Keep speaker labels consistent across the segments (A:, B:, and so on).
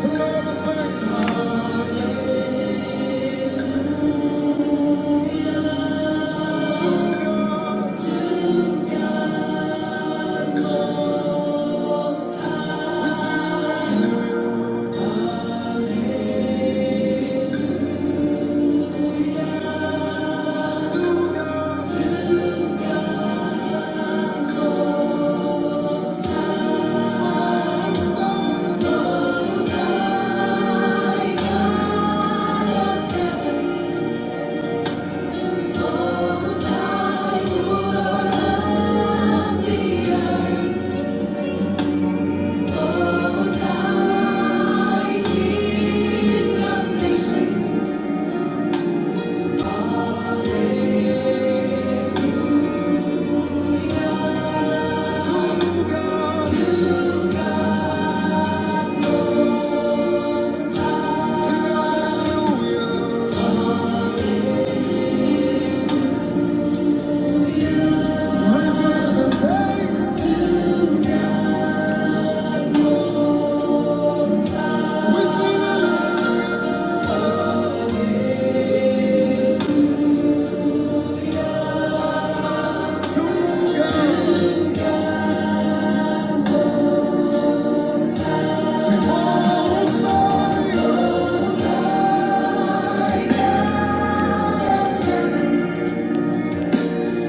A: Hallelujah.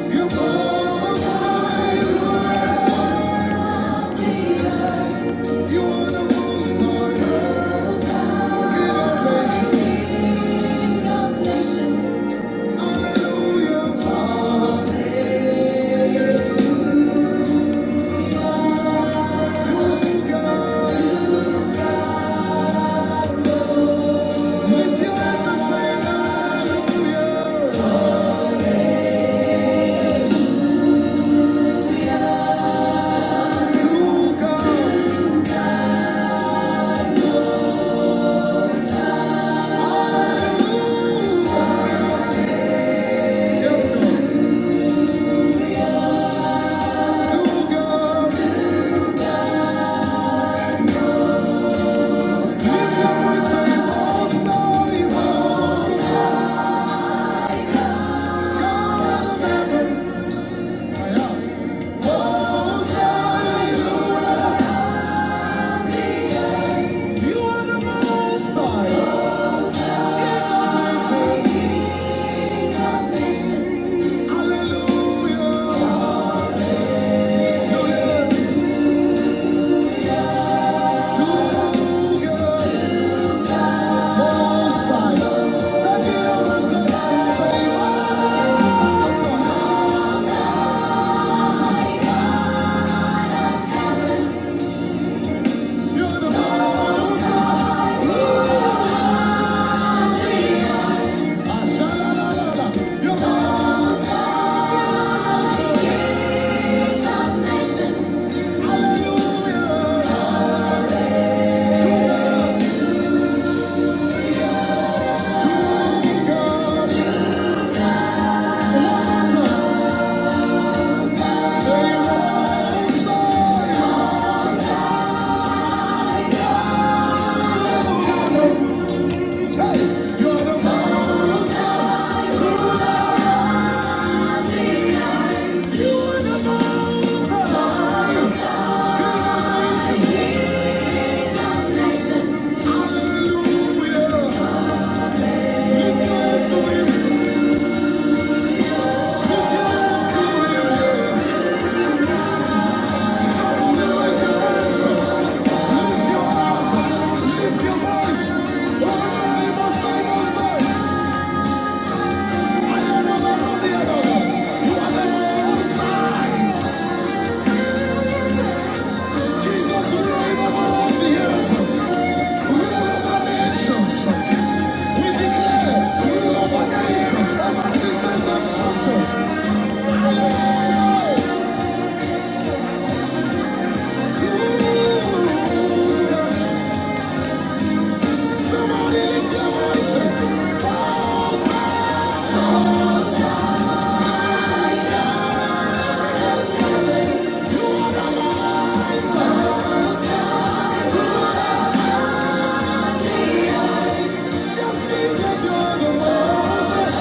A: You are the most high. King of nations. King of nations. Hallelujah. To God. Lift your hands and say hallelujah. To God. Hallelujah. Yes, God. To God. Lift your voice, say, Most High, Most High, God of heavens. I am. Most High, You are the most high. King of nations. Hallelujah. Together, most The King of "Most high." You are the most high. You are the most high. King of nations. Hallelujah. Together, together, most high. Hallelujah. Jesus, we are the earth. We love our nations. We declare, we love our nations. sisters and soldiers. Hallelujah. Somebody lift your Jesus, you are the Most High.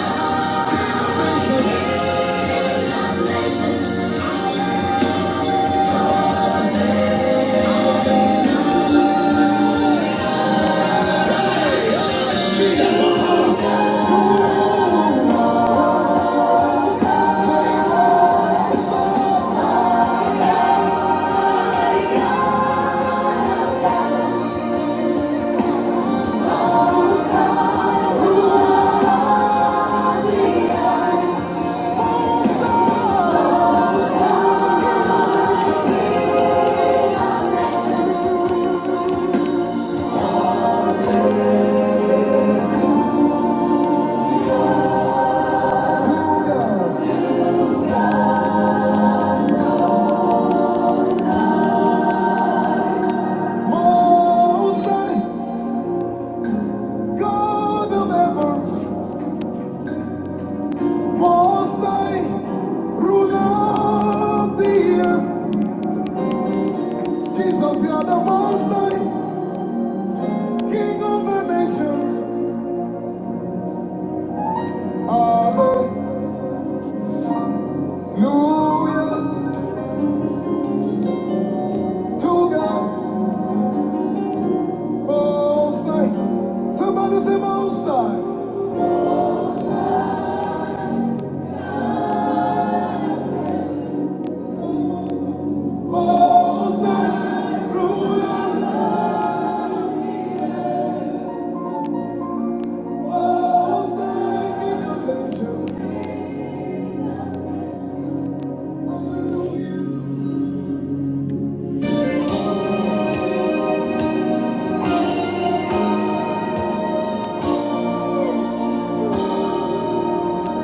A: Most High, God of heavens. Most High, ruler of the earth. Jesus, you are the Most High. King of the nations, hallelujah. To God, most high. Somebody say most high. Most high, ruler. Most high, King of nations, hallelujah.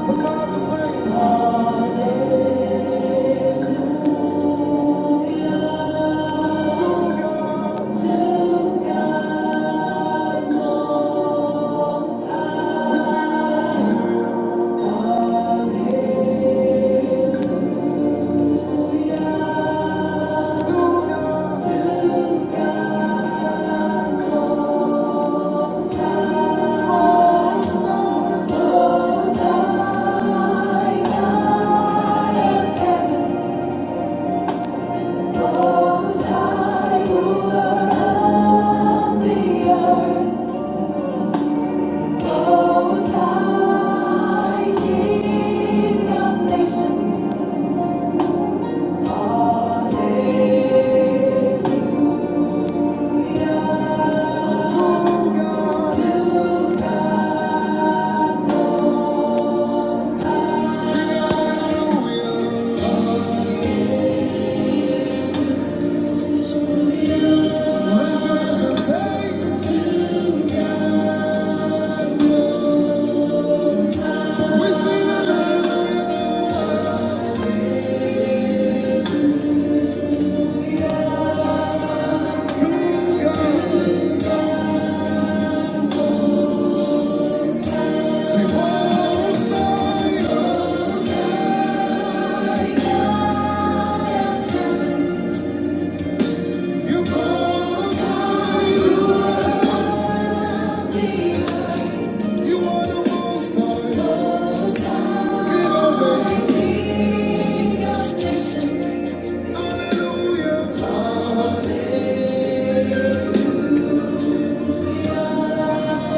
A: Somebody say hallelujah. We sing hallelujah to God. my God in heaven. Hallelujah. You are the most high, King of nations. Hallelujah.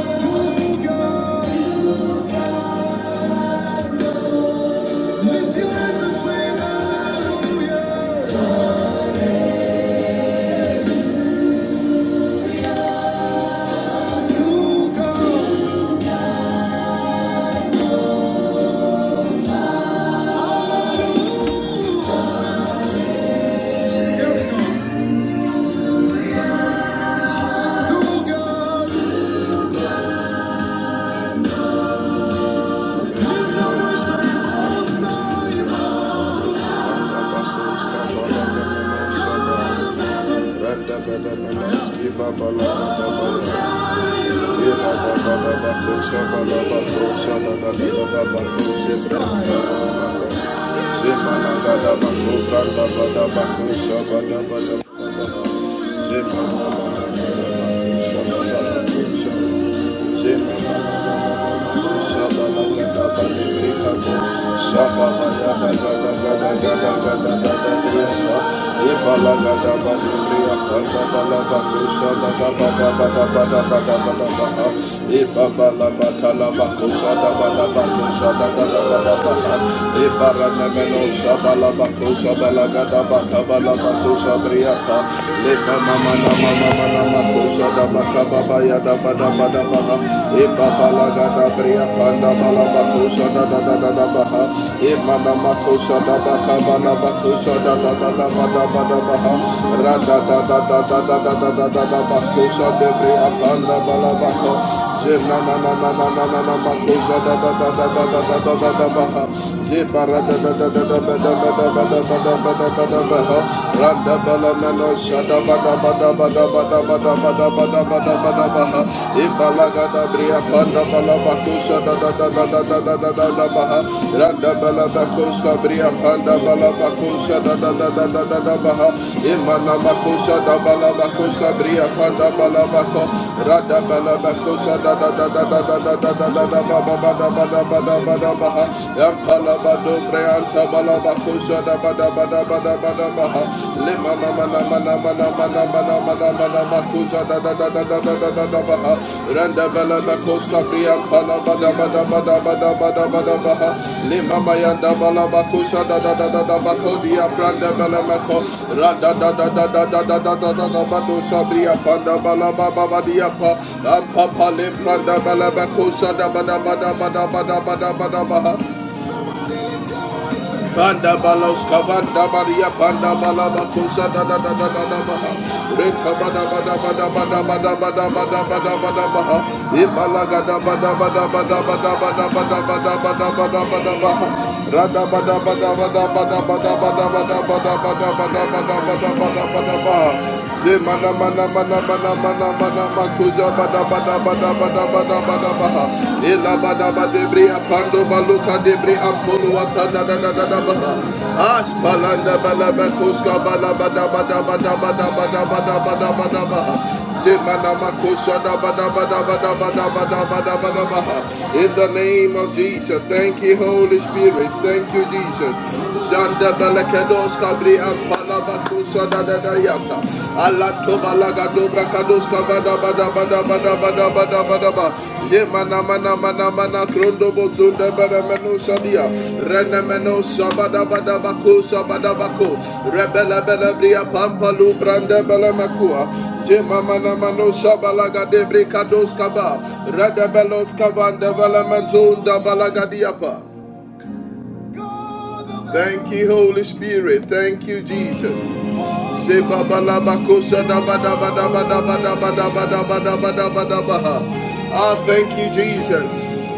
A: To God. Lift your hands and say hallelujah. To God. Yes, God. To God. Lift your voice the most high, God of heaven. Zema Shabala baba ya da ba da ba da ba ha. E baba la ga da bria panda ba la ba ko sha da da da da da ba ha. E ma ma ko da ba ka ba ba ko da da da da ba da ba da ba Ra da da da da da da da da da ba ko de bria panda ba ba Randa bala bakoska bria Rabanda Balabakosha da da da da da da da baha. Imana Makosha da Balabakosha Bria Panda Balabako. Rada Balabakosha da da da da da da da da da da da ba ba ba da ba da ba da ba da baha. Yampala Bado Breanta Balabakosha da ba da ba da ba da ba da baha. Lima mana mana mana mana mana mana mana mana Makosha da da da da da da da da da ba ha. Randa bala da Lima Panda balos kavanda baria panda balaba kosa da da da da da da baha. Reka bada bada bada bada bada bada bada bada bada baha. Ibala da bada bada bada bada bada bada bada bada bada bada baha. Rada bada bada bada bada bada bada bada bada bada bada bada bada bada bada baha. Zemana mana mana mana mana mana makuza bada bada bada bada bada bada baha. Ela bada bada bria apando baluka de bria ampolo watanda da da da baha. Ash balanda bala bakuska bada bada bada bada bada bada bada bada baha. mana makusha da bada bada bada bada bada bada bada baha. In the name of Jesus, thank you Holy Spirit, thank you Jesus. Zanda bala bria bri ampa Thank you, Holy Spirit. Thank you, Jesus. Sheba balabako shadabadabadabadabadabadabadabadabadabadabadabaha. Ah, thank you, Jesus.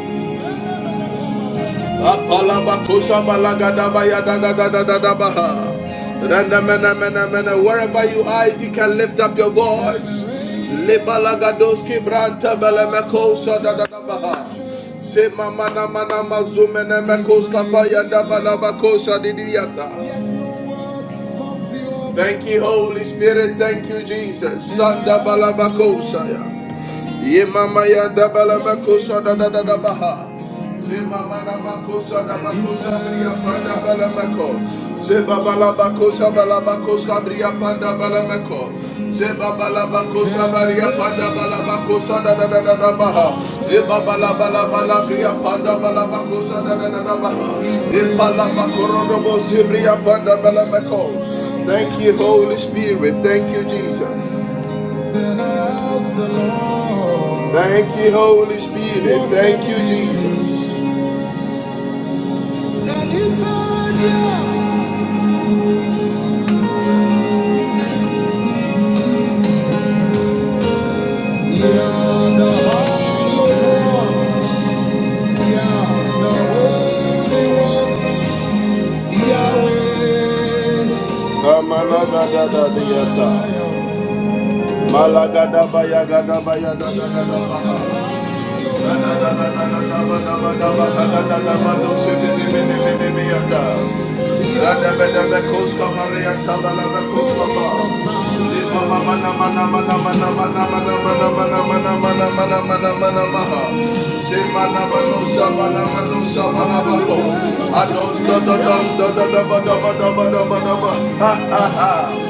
A: Apalabako shabalagadabayadadadadadadabaha. Randa mena mena mena. Wherever you are, if you can lift up your voice. Lebalagadoski branta balamako shadadadabaha. Shema mana mana mazumene mekoska payanda balabako shadidiyata. Thank you, Holy Spirit. Thank you, Jesus. Sanda balabakosaya. Ye mama yanda bala makosa da da da da baha. Ze mama na makosa da makosa bria panda bala mako. Ze baba la makosa bala makosa bria panda bala mako. Ze baba la makosa bria panda bala makosa da da da da baha. Ye baba la bala bala bria panda bala makosa da da da da baha. Ye bala makoro robo ze bria panda bala mako. Thank you, Holy Spirit. Thank you, Jesus. Thank you, Holy Spirit. Thank you, Jesus. Kamanagadadadiyata. Malagadabaya, gadabaya, dadadadabaha. Ha ha ha!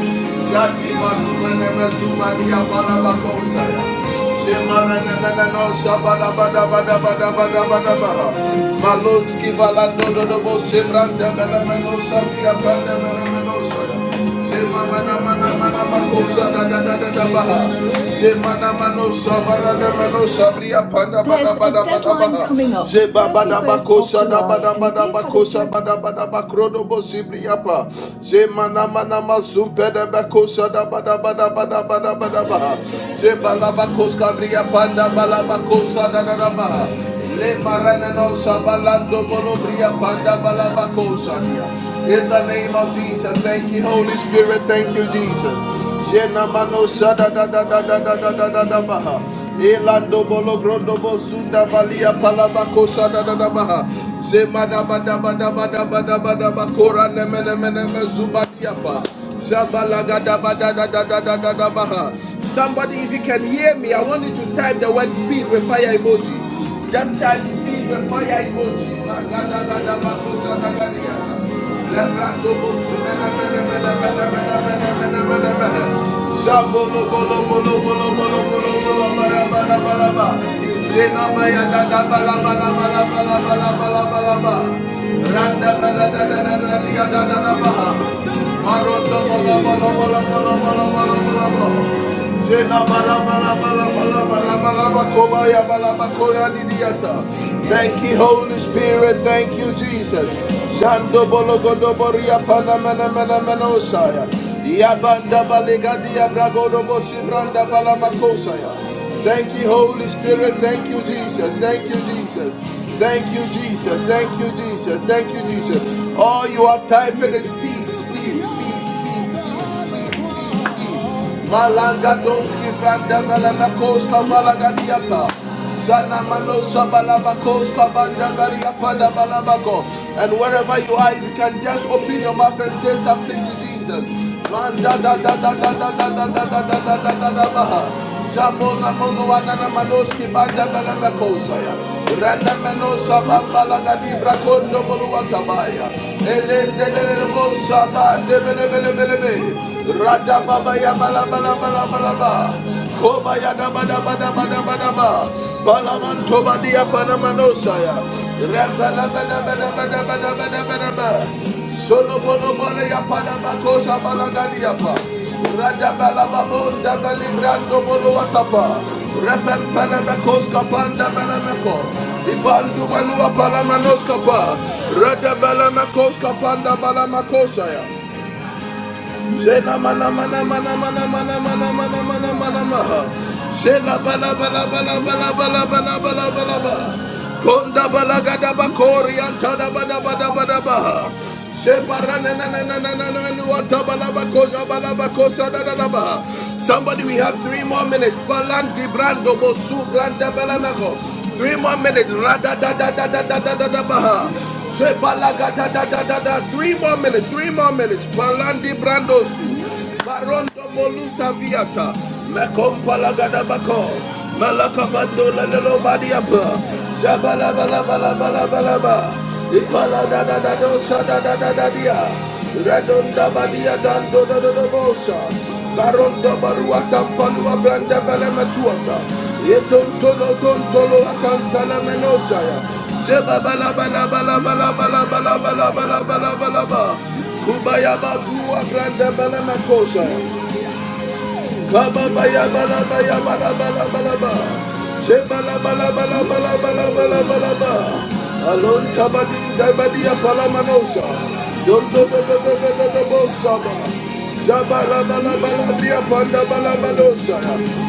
A: Zaki masumene mesumani ya barabakosa ya. Maloski valando do do bo sembrante bela menosa pia bande bela menosa mana mana makosa bakosa da bada bada bada bada bada bada Zebalabakos Cabria Panda Balabacosa Nanaba. Le Maranano Sabalando Bolobria Panda Balabacosa. In the name of Jesus. Thank you, Holy Spirit. Thank you, Jesus. Jena mano sada da da da da da da da da da baha. Elando bolo grondo balia palabako sada da da baha. Zema da ba da ba da ba da ba zuba diapa. Somebody, if you can hear me, I want you to type the word speed with fire emoji. Just type speed with fire emoji. Randa Thank you, Holy Spirit. Thank you, Jesus. Shando bolo godo mana mana Yabanda balega diabrago dobo shibranda Thank you, Holy Spirit. Thank you, Jesus. Thank you, Jesus. Thank you, Jesus. Thank you, Jesus. Thank you, Jesus. Oh, you are typing is speed, speed, speed, speed, speed. Malagadonski Branda Balamakoska Balagadiata. Zana Manosa Balabakoska Banda Garia Pada Balabako. And wherever you are, if you can just open your mouth and say something to Jesus. Manda da da da da da da da da da da da da da da baha. Shabona mogo wanana manoski banda balana kosaya. Randa manosa bambala gadi brakondo bolu watabaya. Elende lele bosa Rada baba ya bala bala bala bala ba. Koba ya da ba da ba Solo bolo bolo ya pana Radabalababonda belibrando boluatapa. Repelpelebekos kapanda belemeko. Ibandu balua palamandos kapa. Radabalamekos kapanda balamakosaya. Shela mana mana mana mana mana mana mana mana mana maha. Shela bala bala bala bala bala bala bala bala
B: myself.
A: bala.
B: You think
A: Konda
B: about the
A: bala gada
B: testimony.
A: bakori
B: Sorry.
A: antada bada
B: So I
A: bada bada baha.
B: have to speak
A: Shebara na na na na na na na na wata bala bakosa bala bakosa da da da baha. Somebody, we have three more minutes. Balanti brando bosu branda balanago. Three more minutes. Rada da da da da da da da da baha. Shebalagada da da da da. Three more minutes. Three more minutes. Palandi Brandosu. Barondo Molusa Viata. Mekompalagada Bako. Malakabando Lelo Badiapa. Zabala Bala Bala Bala Bala Bala. Ipala da da da dosa da da da da dia. Redonda Badia Dando da da Baronda barua tampalua branda belemetuata. Yetontolo tontolo akantala menosaya. Seba bala bala bala bala bala bala bala bala bala bala ba. Kubaya badua branda belemetosaya. Kababaya-bala-baya-bala-bala-bala-ba. Shebala-bala-bala-bala-bala-bala-bala-ba. Alon kabadin kabadia palamanosha. Jondo do do do do do do bo shaba. Shabala bala bala bia panda bala manosha.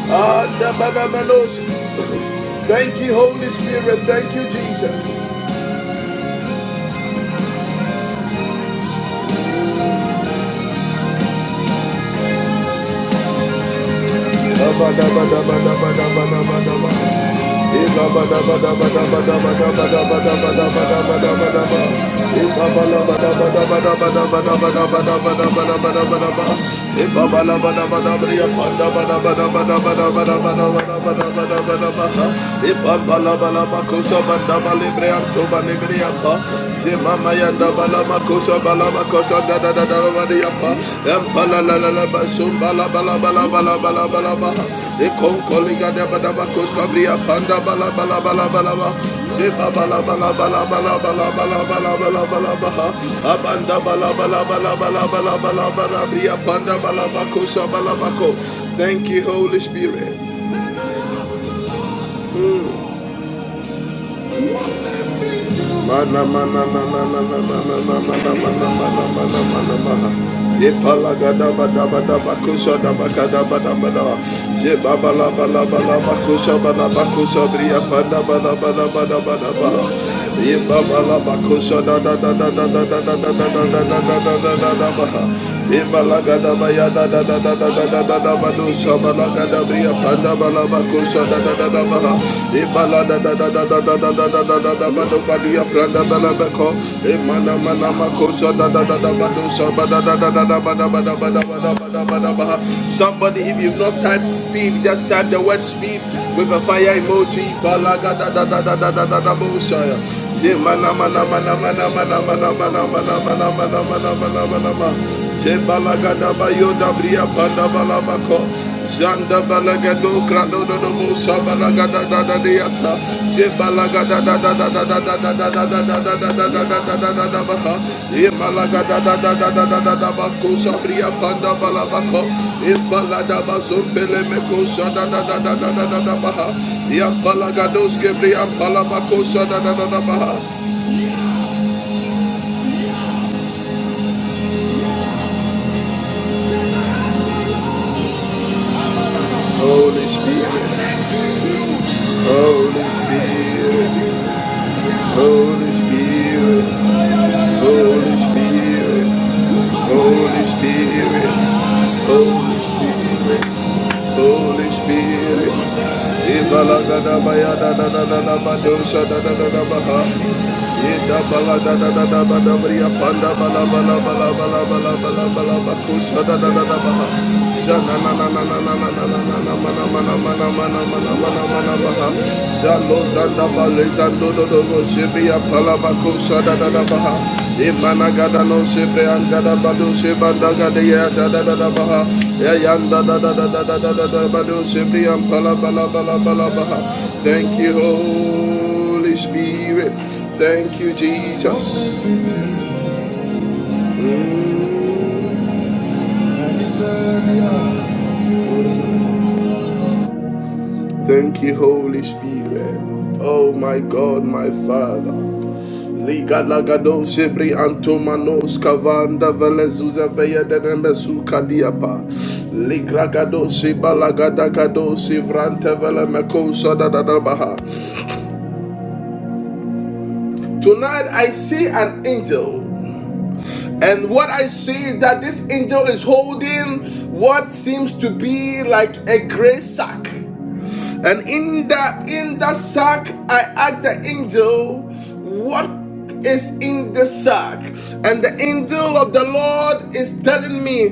A: Anda manosha. Thank you, Holy Spirit. Thank you, Jesus. Jemama Yanda balama kosha balama kosha da da da da da da yapa. Empala la la la ba shum bala bala bala bala bala bala ba. Ekon koliga da ba da ba kosh panda bala bala bala bala ba. Sheba bala bala bala bala bala bala bala bala bala ba. Abanda bala bala bala bala bala bala bala briya panda bala ba kosha bala ba Thank you Holy Spirit. Mana mana mana mana mana mana mana mana mana mana mana. Epalagada bada bada bakusha da bakada bada bada. Je baba la bala bala bakusha bala bakusha bria panda bala bala bala bala bala. Ye baba la bakusha da da da da da da da da da da da da da da da da da bala. Epalagada baya da da da da da da da da da badusha bala gada bria panda bala Somebody, if you've not typed speed, just type the word speed with a fire emoji. Balaga da bayo da bria panda balabako Janda balaga do krado do do mo sabalaga da da da de Je balaga da da da da da da da da da da da da da da da baha. E malaga da da da da da da da bako sabria panda balabako. E balada bazumbele me kosa da da da da da da baha. Ya balaga dos kebria palabako sa da da da baha. Holy Spirit, Holy Spirit, Holy Spirit, Holy Spirit. Holy Spirit, holy Spirit, holy Spirit. It balada da ba ya da da da da da ba do sha da da da ba ha. It da balada da da ba da ba da bria panda balabala balabala balabala balakusha da da da ba ha. Sha na na na na na na na na na na na na na na na na na na na na ba ha. Sha lo. Zanda baleza ndodo dogo shebe ya palaba kusha da da da baha. Imana gada no shebe angada bado sheba ndaga de ya da da da da baha. Ya yanda da da da da da da da da bado shebe ya palaba la ba la la baha. Thank you Holy Spirit. Thank you Jesus. Mm. Thank you Holy Spirit. Oh my God, my Father. Liga lagado sebri antomanos kavanda velezuza veya denemesu kadiapa. Ligragado sibalagada kado sivrante vele mekosa dadadabaha. Tonight I see an angel. And what I see is that this angel is holding what seems to be like a gray sack. And in that in that sack, I asked the angel, what is in the sack? And the angel of the Lord is telling me,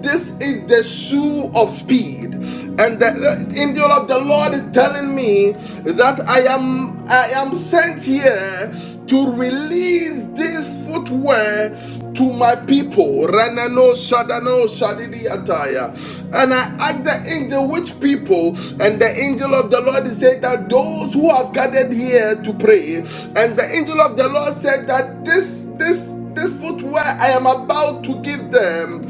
A: this is the shoe of speed. And the angel of the Lord is telling me that I am I am sent here to release this footwear to my people. Ranano Shadano Shadidi Ataya. And I asked the angel which people, and the angel of the Lord said that those who have gathered here to pray. And the angel of the Lord said that this this this footwear I am about to give them.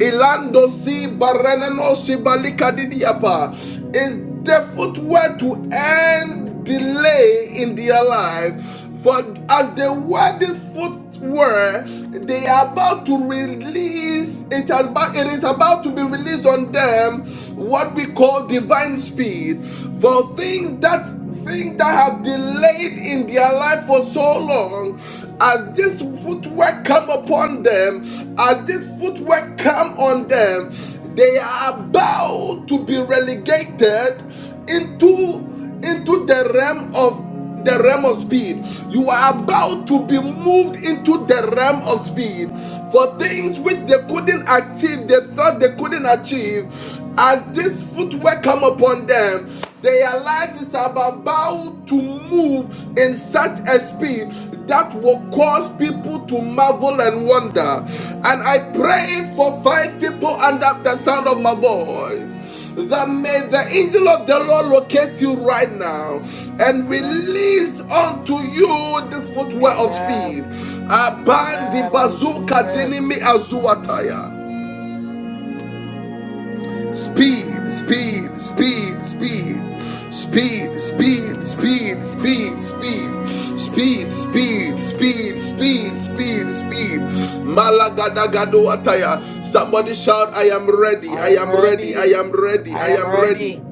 A: Ilando si baranano si balika didiapa is the footwear to end delay in their life. For as they wear this footwear, they are about to release, it, has, about- it is about to be released on them what we call divine speed. For things that things that have delayed in their life for so long, as this footwork come upon them, as this footwork come on them, they are about to be relegated into into the realm of the realm of speed. You are about to be moved into the realm of speed for things which they couldn't achieve, they thought they couldn't achieve. As this footwear come upon them, their life is about to move in such a speed that will cause people to marvel and wonder. And I pray for five people under the sound of my voice that may the angel of the Lord locate you right now and
C: I went.
A: release unto you the footwear of speed.
D: Amen.
A: Abandi
D: Amen. I receive
A: bazuka
D: it.
A: dinimi azuataya. Speed, speed, speed, speed. Speed, speed, speed, speed, speed.
D: I
A: Speed, speed, speed, speed, speed, speed. Malagadagadoataya. Somebody shout, I am ready, I
D: am
A: am ready, I
D: ready.
A: am ready,
D: I
A: I
D: am
A: am ready.
D: ready.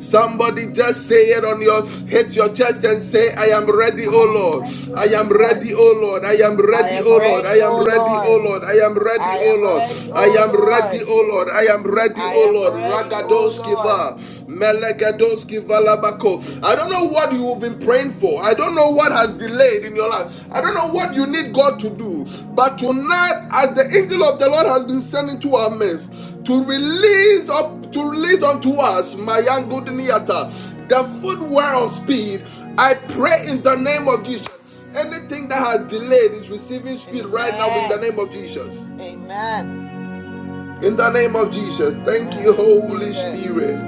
A: Somebody just say it on your hit your chest and say, I am ready, oh
D: I am
A: Lord.
D: ready,
A: I
D: O
A: am
D: Lord.
A: ready, oh Lord. I am
D: I
A: ready,
D: am
A: oh Lord.
D: ready,
A: I am
D: O
A: ready, oh
D: Lord.
A: Lord. I am ready,
D: I
A: oh
D: am
A: Lord.
D: ready,
A: I
D: O
A: am ready,
D: Lord.
A: oh Lord. I am ready,
D: I
A: oh
D: am
A: Lord.
D: ready, O
A: Ragadoski
D: Lord.
A: va. Melegadoski valabako. I don't know what you've been praying for. I don't know what has delayed in your life. I don't know what you need God to do. But tonight, as the angel of the Lord has been sent into our midst to release up to lead unto us Mayangudiniata, the footwear of speed. I pray in the name of Jesus. Anything that has delayed is receiving speed right now in the
D: Amen.
A: name of Jesus.
D: Amen.
A: In the name of Jesus. Thank
D: Amen.
A: you,
D: I receive
A: Holy
D: it.
A: Spirit.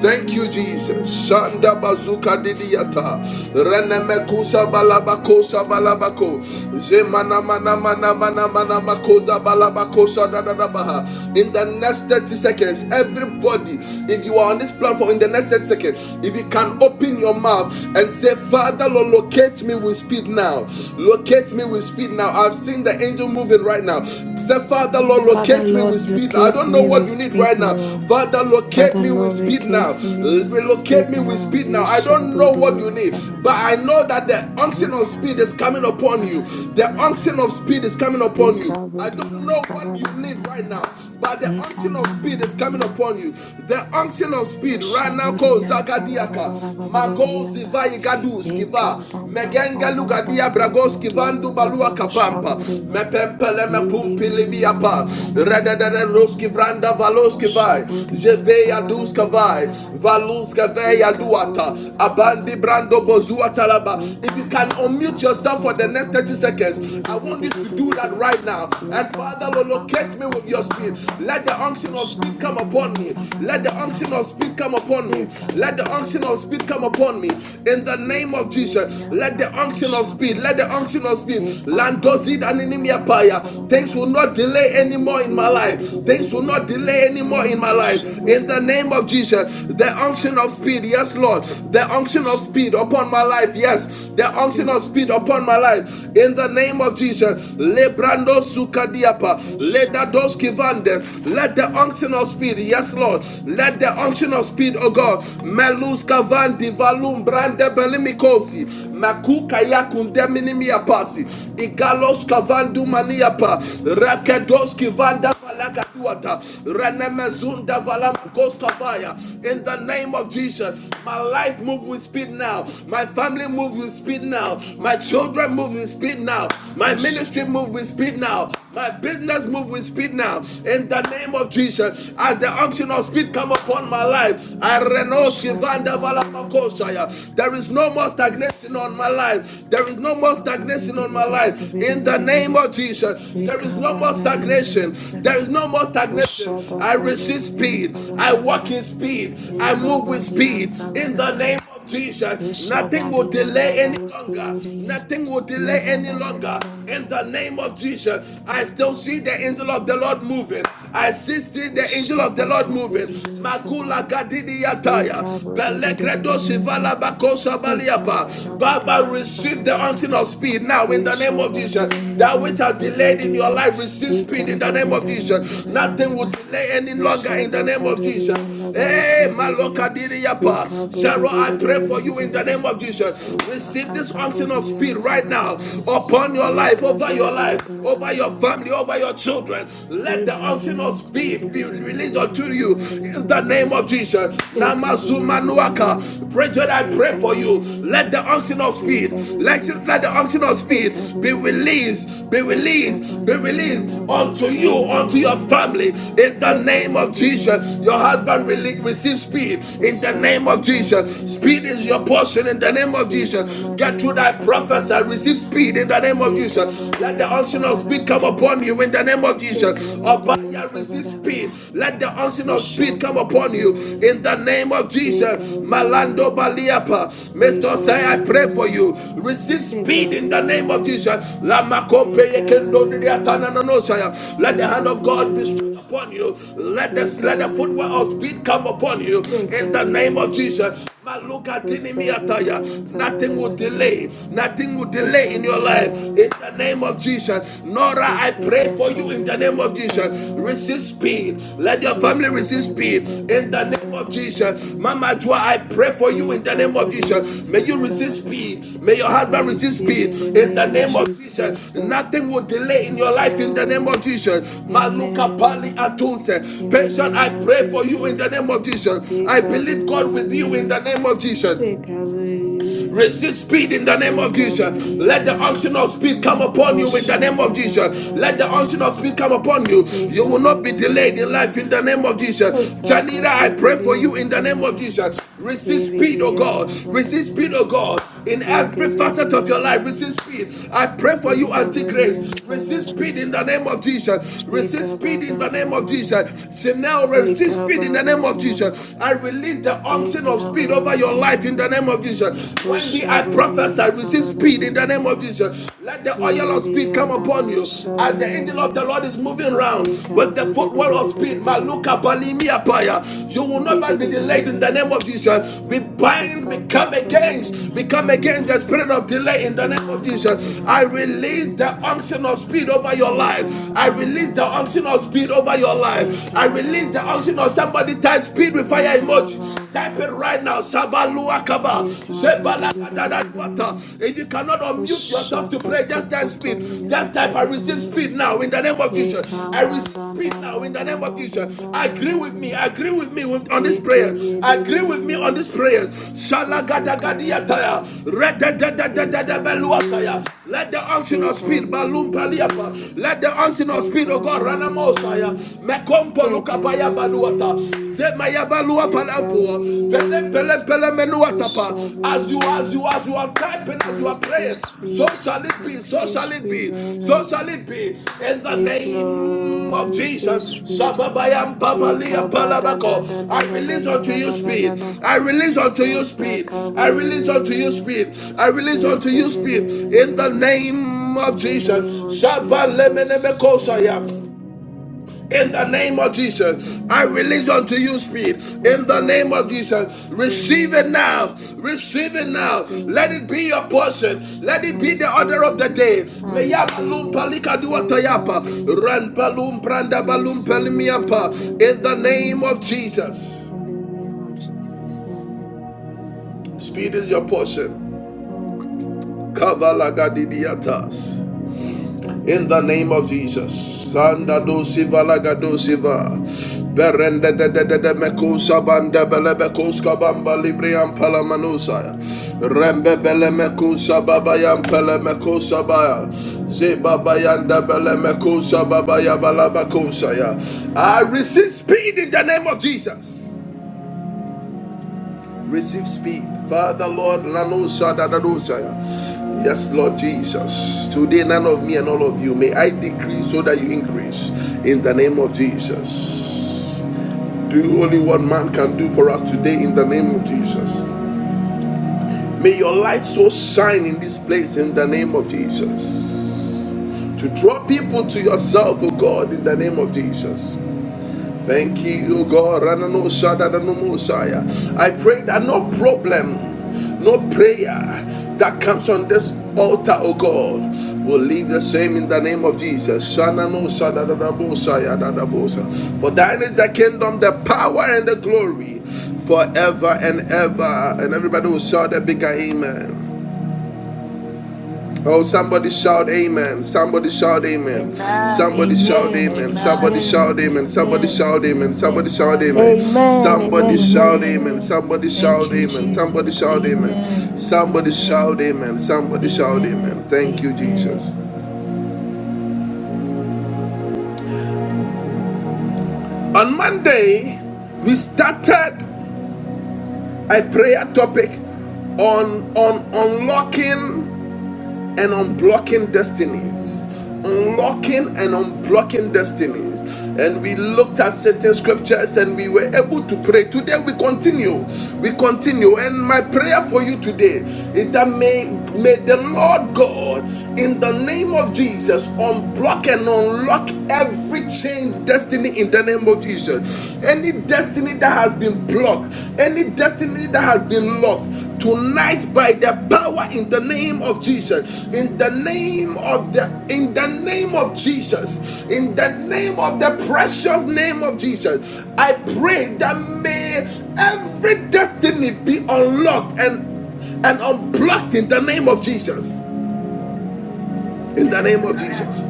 A: Thank you, Jesus. Shanda bazuka didiyata. Renemekusa balabakosa balabako. Zemana mana mana mana mana makosa balabakosa dadadabaha. In the next 30 seconds, everybody, if you are on this platform, in the next 30 seconds, if you can open your mouth and say, Father, Lord, locate me with speed now. Locate me with speed now. I've seen the angel moving right now. Say, Father, Lord,
E: Father
A: locate me with
E: Lord,
A: speed now. I
E: locate
A: don't know
E: me
A: what
E: with
A: you help you need right
E: speed
A: now.
E: now.
A: Father, locate
E: Father
A: me with
E: Lord,
A: speed now.
E: locate me with
A: Relocate
E: speed
A: me with
E: now.
A: speed now. I
E: Heka
A: don't know what
E: budi
A: you
E: and
A: need, but
E: sabada.
A: I know that the unction of
E: Heka
A: speed is coming
E: budi and
A: upon you.
E: sabara
A: The
E: bala
A: unction
E: bala.
A: of speed is coming upon you.
E: Heka
A: I
E: budi
A: don't
E: and
A: know what you
E: sabala bala
A: need right now,
E: bala.
A: but the
E: Heka
A: unction of
E: mana mana
A: speed is
E: mana
A: coming
E: mana.
A: upon you. The unction of speed right
E: Busha
A: now
E: budi
A: calls
E: and sabara bala
A: Zagadiaka.
E: bala
A: Mago
E: budi anda.
A: Zivai Gadus Kiva
E: Heka bam bam
A: megenga
E: bam bam
A: lugadia
E: bam bam bam.
A: bragoski
E: Dwi
A: vandu
E: anda
A: balua kapampa
E: budi budi.
A: mepempele
E: Windi
A: mepumpili
E: meni anda
A: biapa
E: anda anda anda
A: rededede
E: anda anda.
A: roski vranda valoski vai
E: Shaburian
A: jeveya
E: Savannah,
A: duska vai valuska
E: we
A: veya
E: can
A: duata
E: body and
A: abandi
E: Savannah
A: brando
E: again.
A: bozua talaba
E: We
A: if you
E: can
A: can
E: bump up
A: unmute
E: that to
A: yourself for the next
E: to
A: 30
E: me and
A: seconds
E: DVD,
A: i want you
E: DVD,
A: to do that
E: DVD.
A: right now
E: We
A: and
E: can
A: father
E: bump up,
A: locate
E: bump
A: me with
E: up,
A: your
E: bump
A: spirit
E: up.
A: let the unction of speed come upon
E: Shaburian
A: me let the unction of
E: Savannah,
A: speed come upon me
E: we can
A: let the
E: body
A: unction of speed come upon me
E: delivery.
A: upon me in the
E: We
A: name of
E: can be the
A: Jesus.
E: young
A: Let the
E: about
A: unction of speed, let the
E: Shaburian.
A: unction of speed,
E: We can
A: Landozid and
E: bump
A: Paya. Things will
E: up,
A: not delay
E: and the
A: anymore in my
E: DVD,
A: life. Things will not
E: DVD,
A: delay anymore in my life. In the name of
E: DVD.
A: Jesus, the unction of speed, yes, Lord. The unction of speed upon my life, yes. The unction of speed upon my life. In the name of Jesus, Lebrando Sukadiapa, Ledadoski Vande. Let the unction of speed, yes, Lord. Let the unction of speed oh God. Meluska van divalum brande belimikosi. Makuka yakunde minimia pasi. Igaloska van dumaniapa. Rakedoski van da valaka duata. Renemezunda
E: Thank
A: valamakoska vaya. In the name of Jesus, my life move with speed now. My family move with speed now. My children move with speed now. My ministry move with speed now. My business move with speed now. In the name of Jesus, as the unction of speed come upon my life. I renounce Kivanda Valamakoshaya. There is no more stagnation on my life. There is no more stagnation on my life. In the name
E: you.
A: of Jesus, there is no more
E: Ishabadiya,
A: stagnation. There is no more stagnation. I resist speed. I walk in speed. I move with speed. In the name of of Jesus, nothing will delay any longer. Nothing will delay any longer. In the name of Jesus, I still see the angel of the Lord moving. I see still the angel of the Lord moving. Makula
E: Ishabadiya,
A: gadidi yataya. Belegredo shivala bakosa baliapa. Baba, receive the unction of
E: Ishabadiya,
A: speed now in the name of Jesus. That which has delayed in your life, receive speed in the name of Jesus. Nothing will delay any longer in
E: Ushaba
A: the name of
E: karu ria
A: Jesus.
E: ndaba
A: Hey,
E: ushaba
A: Maloka
E: ria.
A: Diriyapa.
E: Eka bulu
A: Cheryl,
E: bulu
A: I
E: bulu
A: pray
E: bulu
A: for
E: bulu
A: you in
E: bulu
A: the
E: bulu bulu.
A: name of Jesus. Receive
E: Ushaka
A: this
E: sabu
A: unction of
E: ria
A: speed right
E: sabara
A: now
E: bara.
A: upon your life,
E: Eka
A: over
E: ba
A: your
E: ba
A: life
E: ba ba
A: over
E: ba
A: your
E: ba ba.
A: family, over your children. Let
E: E
A: the
E: meni
A: unction of
E: anti vire
A: speed be
E: vire vire
A: released
E: vire vire
A: unto you
E: vire
A: in
E: vire
A: the
E: vire
A: name of
E: vire.
A: Jesus.
E: Eka
A: Namazu
E: bulu bulu bulu bulu bulu bulu bulu
A: Manuaka.
E: bulu.
A: Bridget, I
E: Eka
A: pray for you.
E: bulu bulu bulu
A: Let
E: bulu
A: the unction of speed, let unction, let the unction of speed
E: bulu bulu
A: be
E: bulu bulu.
A: released, be released, be
E: Ushabani
A: released
E: ndaba
A: unto you,
E: ushaba
A: unto your
E: ria.
A: family. In the
E: Eka
A: name
E: bulu
A: of
E: bulu bulu
A: Jesus,
E: bulu bulu bulu bulu bulu. Eka bulu bulu bulu bulu
A: your
E: bulu bulu bulu bulu. Eka bulu bulu bulu bulu
A: husband
E: bulu
A: rele-
E: bulu bulu bulu.
A: receive speed. In the name of
E: Shakata
A: Jesus, speed
E: Bodian
A: is your
E: Sabada,
A: portion. In the name of
E: Eka
A: Jesus, get through
E: Madian
A: thy
E: Sabada
A: prophesy, receive
E: Vadavada,
A: speed. In the name of
E: Eka
A: Jesus, let the
E: Badian
A: unction of
E: Sabada
A: speed come upon
E: Vadavada,
A: you. In the name of
E: Eka
A: Jesus,
E: Badian
A: Abaya, receive
E: Sabada
A: speed.
E: Vada,
A: Let the unction of speed come upon you you
E: Ushabakavu,
A: in the name of
E: Eka
A: Jesus. Malando
E: Ve,
A: Baliapa. Mr.
E: Eka
A: Say, I pray for
E: Ve,
A: you. Receive speed
E: Eka
A: in the name of
E: Ve,
A: Jesus.
E: Eka Ve,
A: Let the hand
E: Eka
A: of God be strong
E: Ve,
A: upon you. Let this let
E: Eka
A: the footwear of
E: Ve,
A: speed come upon you in
E: Eka
A: the name of
E: Ve,
A: Jesus. Maluka tini miataya.
E: Usaburian
A: Nothing
E: Sabada
A: will
E: Vada,
A: delay. Nothing will delay
E: Eka
A: in your life. In
E: Vada.
A: the name of Jesus. Nora, I pray for you in the name of Jesus. Receive speed. Let your family receive speed in the name of Jesus. Mama
E: Ekabudiyantabarabarabara.
A: Joa, I pray for you in the name of Jesus. May you receive speed. May your
E: I
A: husband receive
E: receive
A: speed
E: in the
A: in the
E: name of
A: name of Jesus.
E: Jesus. uh,
A: Nothing will delay in
E: My
A: your life in the name of
E: God.
A: Jesus. Maluka Pali
E: Amen.
A: Atunse.
E: In the
A: Patient,
E: name
A: I
E: of
A: pray for you in the
E: Jesus.
A: name of Jesus. I believe God with you in the
E: Ekabudi.
A: name of Jesus.
E: Ekabudi.
A: Resist speed in the name of Jesus. Let the unction
E: Ekabadiyantabara.
A: of speed come upon you in the name of Jesus. Let the unction
E: Oshabadadadadada.
A: of speed come upon you. You will not be delayed in life
E: Ekabadadadada.
A: in the name of Jesus. Janita, I
E: Osakato
A: pray for
E: Budi
A: you
E: and
A: in the name of
E: Sabada,
A: Jesus. Resist speed, oh
E: Ibidi and
A: God. Resist speed,
E: Abadabada,
A: oh God. In every facet
E: Ikibidi
A: of your
E: and
A: life, resist
E: Abada,
A: speed. I pray for you, Auntie
E: Usabudi
A: Grace.
E: and
A: Resist speed in
E: Sabadabada,
A: the name of Jesus. Resist speed in the
E: Ikababa
A: name of
E: Baba,
A: Jesus. Chanel, resist speed in
E: Ikababa
A: the name
E: Baba,
A: of
E: baba
A: Jesus. I release the unction of speed speed over your life in the
E: Ikababa
A: name of Jesus. Wendy, I
E: Ushabudi
A: prophesy,
E: and
A: receive speed in the name of
E: Sabadabada,
A: Jesus. Let the oil of
E: Ibidi
A: speed come
E: and
A: upon you as the angel of the
E: Abashabadabada,
A: Lord is moving around with the
E: Ikabudi.
A: footwear of speed. Maluka Balimia Paya. You will not be delayed in the name of Jesus. We bind, we come
E: Osakato
A: against,
E: Budi
A: we
E: and
A: come against
E: Sabada.
A: the spirit of delay in the name
E: Dima
A: of Jesus. I
E: kanyan tividi
A: release the
E: vidivi.
A: unction of speed over your life.
E: Eka
A: I
E: ba ba
A: release the
E: ba.
A: unction of speed over your life. I
E: Eka ba
A: release the
E: ba
A: unction
E: ba.
A: of somebody type speed it with fire
E: Eka
A: emojis.
E: ba ba
A: Type it
E: ba.
A: right now. Sabaluakaba.
E: Eka ba di di di di di di di di.
A: If you cannot unmute yourself to
E: Ushaka
A: pray,
E: to
A: just type
E: to to
A: speed. Just
E: niyan
A: type I
E: tabada
A: receive
E: da da.
A: speed now in the name of
E: Eka
A: Jesus. I receive
E: ba da
A: speed
E: da
A: now
E: da
A: in the
E: da
A: name of
E: da da
A: Jesus.
E: da da
A: Agree with
E: da
A: me.
E: da.
A: Agree with me with, on this
E: Eke
A: prayer.
E: bi di di
A: Agree
E: di
A: with me
E: di
A: on
E: di.
A: this prayer.
E: Usuka ba di di.
A: Shalagadagadiataya.
E: Eka
A: Redededededededbeluataya.
E: bi.
A: Let the unction of
E: Eka
A: speed.
E: bi.
A: balum Let the unction of speed,
E: Eka
A: oh God. Ranamosaya
E: bi.
A: baluka baya baluata.
E: Victory,
A: Zemaya balua palampoa. Pele pele
E: victory,
A: pele menuata pa. As you as you
E: victory.
A: as you are typing,
E: I
A: as you are
E: receive
A: praying, so
E: speed.
A: shall it
E: I
A: be, so
E: receive
A: shall it
E: speed
A: be,
E: right
A: so
E: now.
A: shall it be. In the
E: Yes, Lord,
A: name
E: I
A: of
E: receive
A: Jesus.
E: speed.
A: Shababayam babaliam
E: Yekaba da da
A: palabako.
E: da da
A: I
E: da da da
A: release unto
E: da
A: you
E: da da da
A: speed.
E: da.
A: I release unto you speed. I release unto you
E: Osakawe,
A: speed. I release unto you speed. In the
E: Yesebede.
A: name of
E: In the name
A: Jesus.
E: of Jesus.
A: Shabalemenemekosaya.
E: Amen.
A: In the name
E: Amen.
A: of Jesus, I release unto
E: Amen.
A: you speed. In
E: Yes,
A: the name of
E: Lord.
A: Jesus, receive it
E: Amen.
A: now. Receive
E: I
A: it now.
E: receive
A: Let it
E: it.
A: be your portion. Let
E: I
A: it be the order
E: receive
A: of
E: it.
A: the day.
E: I
A: Meyama
E: receive
A: lumpa
E: it.
A: likadua tayapa.
E: Recovery.
A: Ranpalum brandabalum
E: Receive it. Hey, hey, hey,
A: pelimiampa.
E: hey,
A: In the
E: hey, hey,
A: name
E: hey.
A: of Jesus,
E: In the name of Jesus. Amen.
A: speed is your portion.
E: Mm.
A: Kavalagadidiatas. in
E: Jesus.
A: the name of Jesus. Sanda do
E: Amen.
A: siva laga do siva. Berende de de de de meko sabanda bele beko skabamba libri ampala manusaya. Rembe bele meko sababa yampele mekusa sabaya. Zebaba yanda bele meko sababa bala beko ya. I resist speed in the name of Jesus. Receive speed. Father, Lord, Lanosa, Dadadosa. Yes, Lord Jesus. Today, none of me and all of you. May I decrease so that you increase. In the name of Jesus. Do only what man can do for us today in the name of Jesus. May your light so shine in this place in the name of Jesus. To draw people to yourself, O God, in the name of Jesus. Thank you, O God. I pray that no problem, no prayer that comes on this altar, O God, will leave the same in the name of Jesus. For thine is the kingdom, the power, and the glory forever and ever. And everybody will shout a bigger amen. Oh, somebody shout amen. Somebody shout amen.
D: Amen.
A: Somebody shout
E: Amen.
A: amen.
D: Amen.
A: Somebody
E: Amen.
A: shout amen. Somebody
E: Amen.
A: shout amen. Somebody
E: Amen.
A: shout amen.
F: Amen.
E: Hallelujah.
A: Somebody
F: Amen. Amen. Amen.
A: shout
E: Amen.
A: amen. Somebody
E: Thank
A: shout
E: you,
A: amen. Somebody
E: Jesus.
A: shout amen.
E: Amen.
A: Somebody shout
E: Amen.
A: amen. Somebody shout amen.
E: Amen.
A: Thank you,
E: Amen.
A: Jesus. On Monday, we started a prayer topic on on unlocking and unblocking destinies. Unlocking and unblocking destinies. And we looked at certain scriptures and we were able to pray. Today we continue. We continue. And my prayer for you today is that may, may the Lord God, in the name of Jesus, unblock and unlock every chain destiny in the name of Jesus. Any any destiny that has been blocked, any destiny that has been locked tonight by the power in the name of Jesus, in the name of the in the name of Jesus, in the name of the precious name of Jesus, I pray that may every destiny be unlocked and and unblocked in the name of Jesus. In the name of Jesus.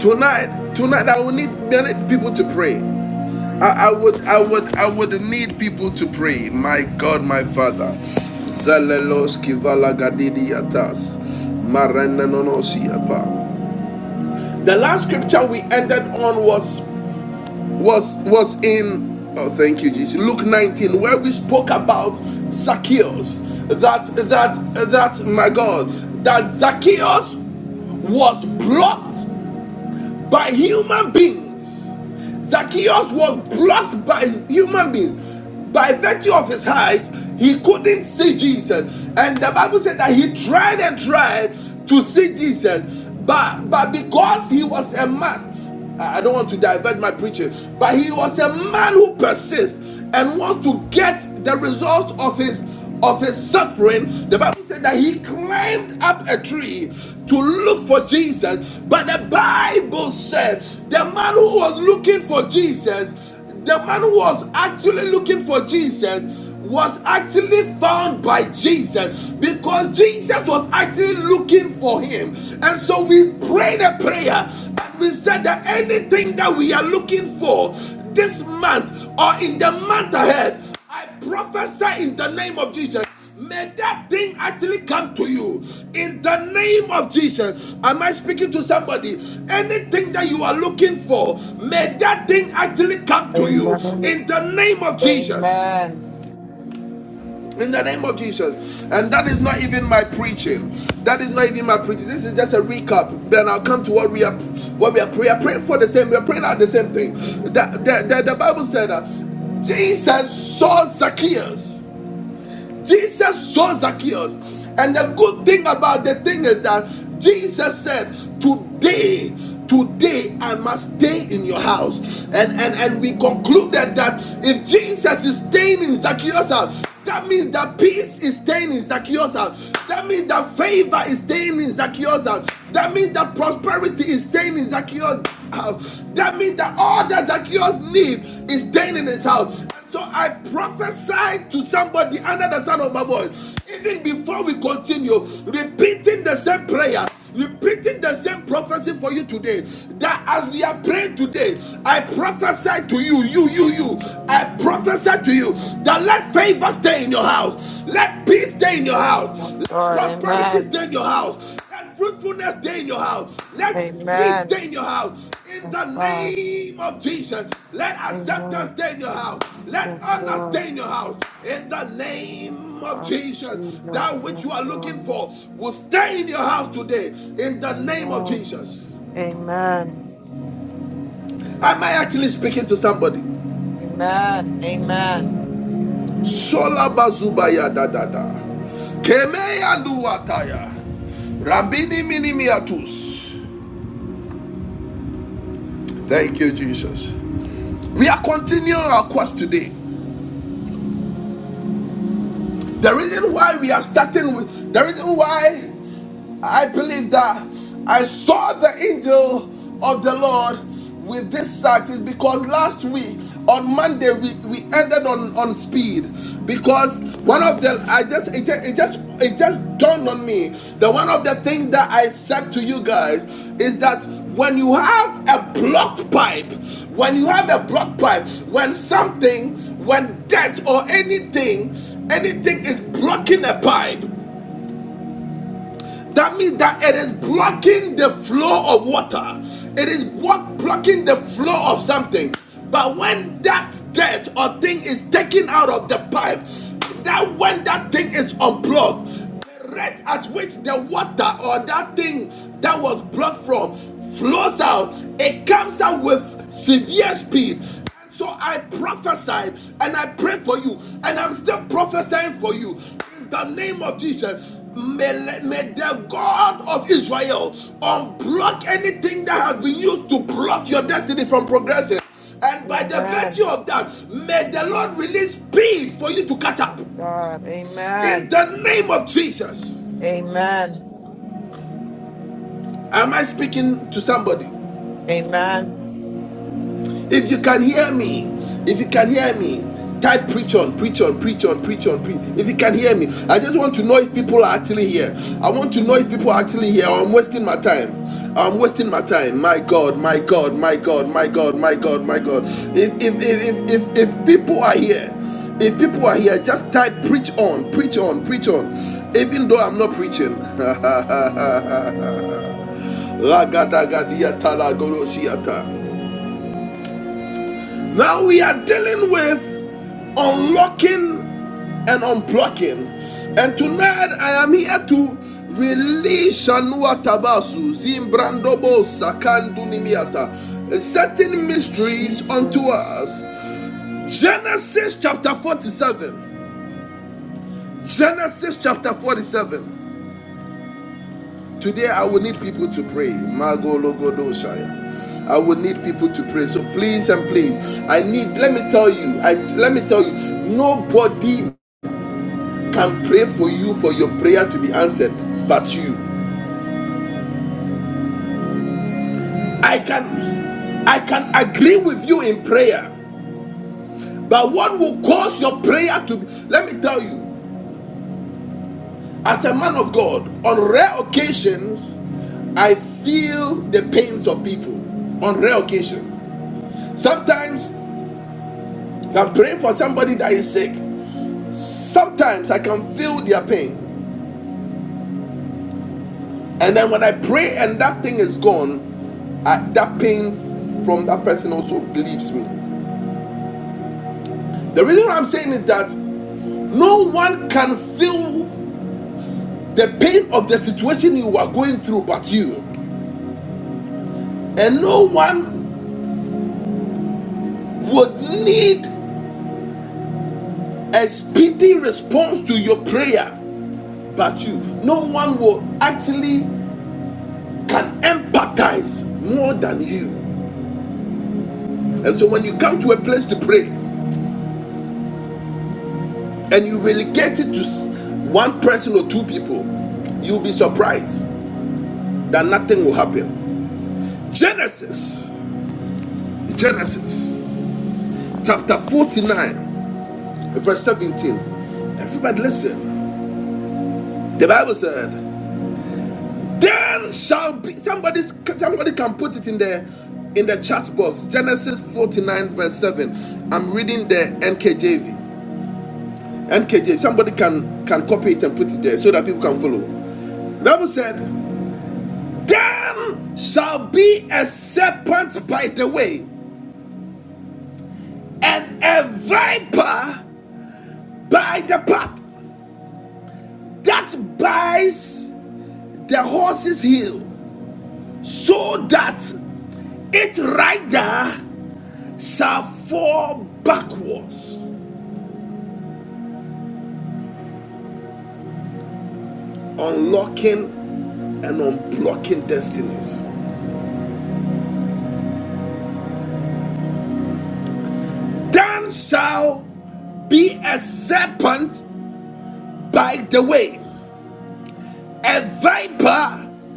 A: Tonight, tonight I will need many people to pray. I, I would I would I would need people to pray. My God, my Father. The last scripture we ended on was was was in oh thank you Jesus Luke 19 where we spoke about Zacchaeus that that that my God that Zacchaeus was blocked by human beings. Zacchaeus was blocked by human beings. By virtue of his height, he couldn't see Jesus. And the Bible said that he tried and tried to see Jesus. But, but because he was a man, I don't want to divert my preaching, but he was a man who persists and wants to get the results of his of his suffering, the Bible said that he climbed up a tree to look for Jesus. But the Bible said the man who was looking for Jesus, the man who was actually looking for Jesus, was actually found by Jesus because Jesus was actually looking for him. And so we prayed a prayer and we said that anything that we are looking for this month or in the month ahead. I prophesy in the name of Jesus. May that thing actually come to you in the name of Jesus. Am I speaking to somebody? Anything that you are looking for, may that thing actually come to you in
D: Amen.
A: the name of Jesus.
D: Amen.
A: In the name of Jesus. And that is not even my preaching. That is not even my preaching. This is just a recap. Then I'll come to what we are what we are praying. We are praying for the same. We are praying out the same thing. The, the, the, the Bible said that Jesus saw Zacchaeus. Jesus saw Zacchaeus. And the good thing about the thing is that Jesus said, Today, today I must stay in your house. And and, and we concluded that if Jesus is staying in Zacchaeus' house, that means that peace is staying in Zacchaeus' house. That means that favor is staying in Zacchaeus' house. That means that prosperity is staying in Zacchaeus' house. That means that all that Zacchaeus needs is staying in his house so I prophesy to somebody under the sound of my voice. Even before we continue, repeating the same prayer, repeating the same prophecy for you today. That as we are praying today, I prophesy to you, you, you, you. I prophesy to you that let favor stay in your house, let peace stay in your house,
D: Yes,
A: let
D: Lord.
A: prosperity
D: Amen.
A: stay in your house. Let fruitfulness stay in your house. Let speed
D: Amen.
A: stay in your house. In the
D: Yes, God.
A: name of Jesus. Let acceptance
D: Amen.
A: stay in your house. Let
D: Yes,
A: honor
D: Lord.
A: stay in your house. In the name of
D: Oh,
A: Jesus. That
D: Jesus.
A: which you
D: Yes,
A: are looking
D: Lord.
A: for will stay in your house today. In the name of
D: Amen.
A: Jesus.
D: Amen.
A: Am I actually speaking to somebody?
D: Amen. Amen.
A: Shola bazubaya da da da. Keme anduwataya. Rambini minimiatus. Thank you, Jesus. We are continuing our quest today. The reason why we are starting with the reason why I believe that I saw the angel of the Lord with this sax is because last week on Monday we, we ended on, on speed because one of the I just it, just it just it just dawned on me that one of the things that I said to you guys is that when you have a blocked pipe when you have a blocked pipe when something when death or anything anything is blocking a pipe that means that it is blocking the flow of water. It is what blocking the flow of something. But when that dirt or thing is taken out of the pipe, that when that thing is unplugged, the rate at which the water or that thing that was blocked from flows out, it comes out with severe speed. So I prophesy and I pray for you, and I'm still prophesying for you. In the name of Jesus, may, may the God of Israel unblock anything that has been used to block your destiny from progressing. And by the virtue
D: Amen.
A: of that, may the Lord release speed for you to catch up.
D: Yes, God.
A: In
D: Amen.
A: the name of Jesus.
D: Amen.
A: Am I speaking to somebody?
D: Amen.
A: If you can hear me, if you can hear me, type preach on, preach on, preach on, preach on, preach. If you can hear me, I just want to know if people are actually here. I want to know if people are actually here. I'm wasting my time. I'm wasting my time. My God, my God, my God, my God, my God, my God. If if if if if, if people are here, if people are here, just type preach on, preach on, preach on. Even though I'm not preaching. Lagadagadiatalagorosiata. Now we are dealing with unlocking and unblocking. And tonight I am here to release Shanua Tabasu, Zimbrandobo Sakandunimiata, certain mysteries unto
E: Jesus.
A: us. Genesis chapter 47. Genesis chapter 47. Today, I will need people to pray. Mago Logodoshaya. I will need people to pray. So please and please, I need. Let me tell you. I let me tell you. Nobody can pray for you for your prayer to be answered, but you. I can, I can agree with you in prayer, but what will cause your prayer to? Be, let me tell you. As a man of God, on rare occasions, I feel the pains of people on rare occasions. Sometimes I'm praying for somebody that is sick. Sometimes I can feel their pain. And then when I pray and that thing is gone, I, that pain from that person also leaves me. The reason why I'm saying is that no one can feel the pain of the situation you are going through but you. And no one would need a speedy response to your prayer but you. No one will actually can empathize more than you. And so when you come to a place to pray and you relegate it to one person or two people, you'll be surprised that nothing will happen. Genesis, Genesis chapter 49, verse 17. Everybody listen. The Bible said, Then shall be somebody somebody can put it in there, in the chat box. Genesis 49, verse 7. I'm reading the NKJV. NKJV. Somebody can can copy it and put it there so that people can follow. The Bible said, Then shall be a serpent by the way, and a viper by the path that bites the horse's heel, so that its rider shall fall backwards, unlocking and unblocking destinies. Then shall be a serpent by the way, a viper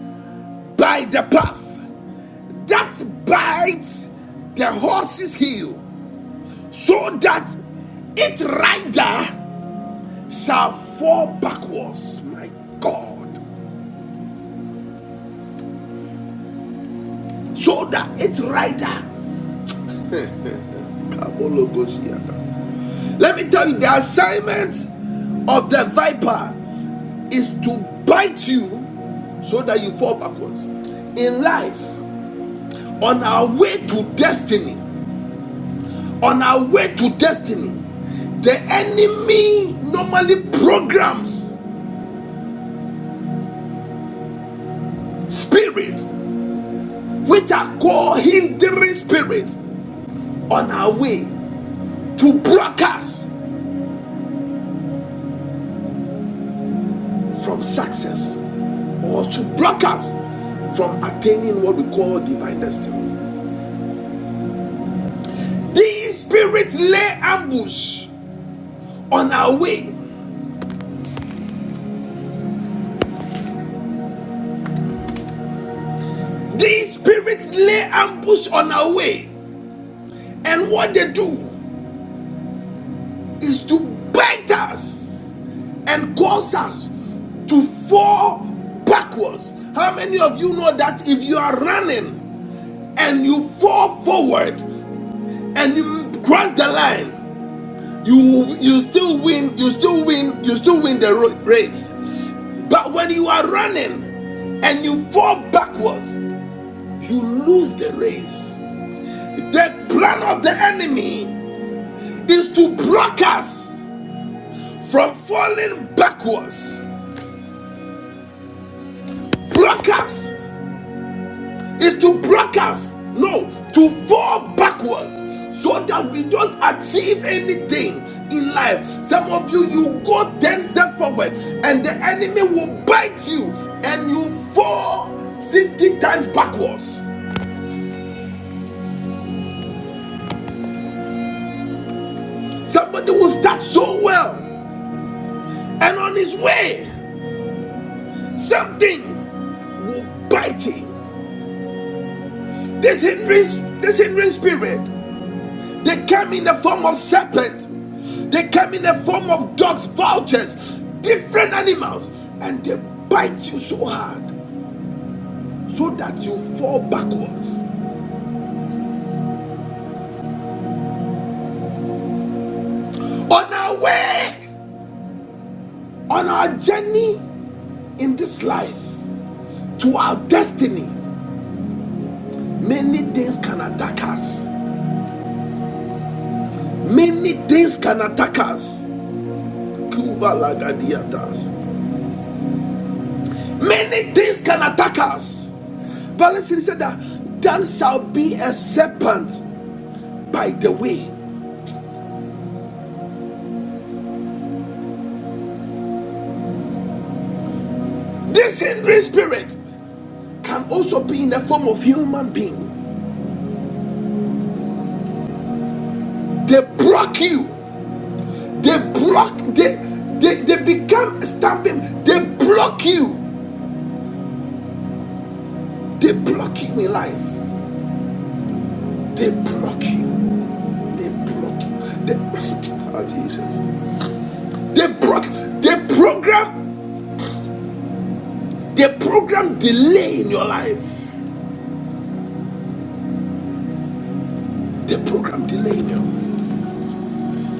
A: by the path that bites the horse's heel, so that its rider shall fall backwards. My God. So that its rider. Let me tell you, the assignment of the viper is to bite you so that you fall backwards. In life, on our way to destiny, on our way to destiny, the enemy normally programs spirit which are called hindering spirits on our way to block us from success or to block us from attaining what we call divine destiny. These spirits lay ambush on our way. These spirits lay ambush on our way. And what they do is to bite us and cause us to fall backwards. How many of you know that if you are running and you fall forward and you cross the line, you you still win, you still win, you still win the race. But when you are running and you fall backwards, you lose the race. The plan of the enemy is to block us from falling backwards, block us is to block us. No, to fall backwards so that we don't achieve anything in life. Some of you, you go 10 steps forward and the enemy will bite you and you fall 50 times backwards. Somebody will start so well and on his way, something will bite him. This hindering, this hindering spirit They came in the form of serpent. They came in the form of dogs, vultures, different animals, and they bite you so hard so that you fall backwards. On our way, on our journey in this life to our destiny, many things can attack us. Many things can attack us. Many things can attack us. But listen, he said that there shall be a serpent by the way. This hindering spirit can also be in the form of human being. They block you. They block. They they, they become stamping. They block you. They block you in life. They block you. They block you. They, oh Jesus. They block. They program. They program delay in your life. They program delay in your. life.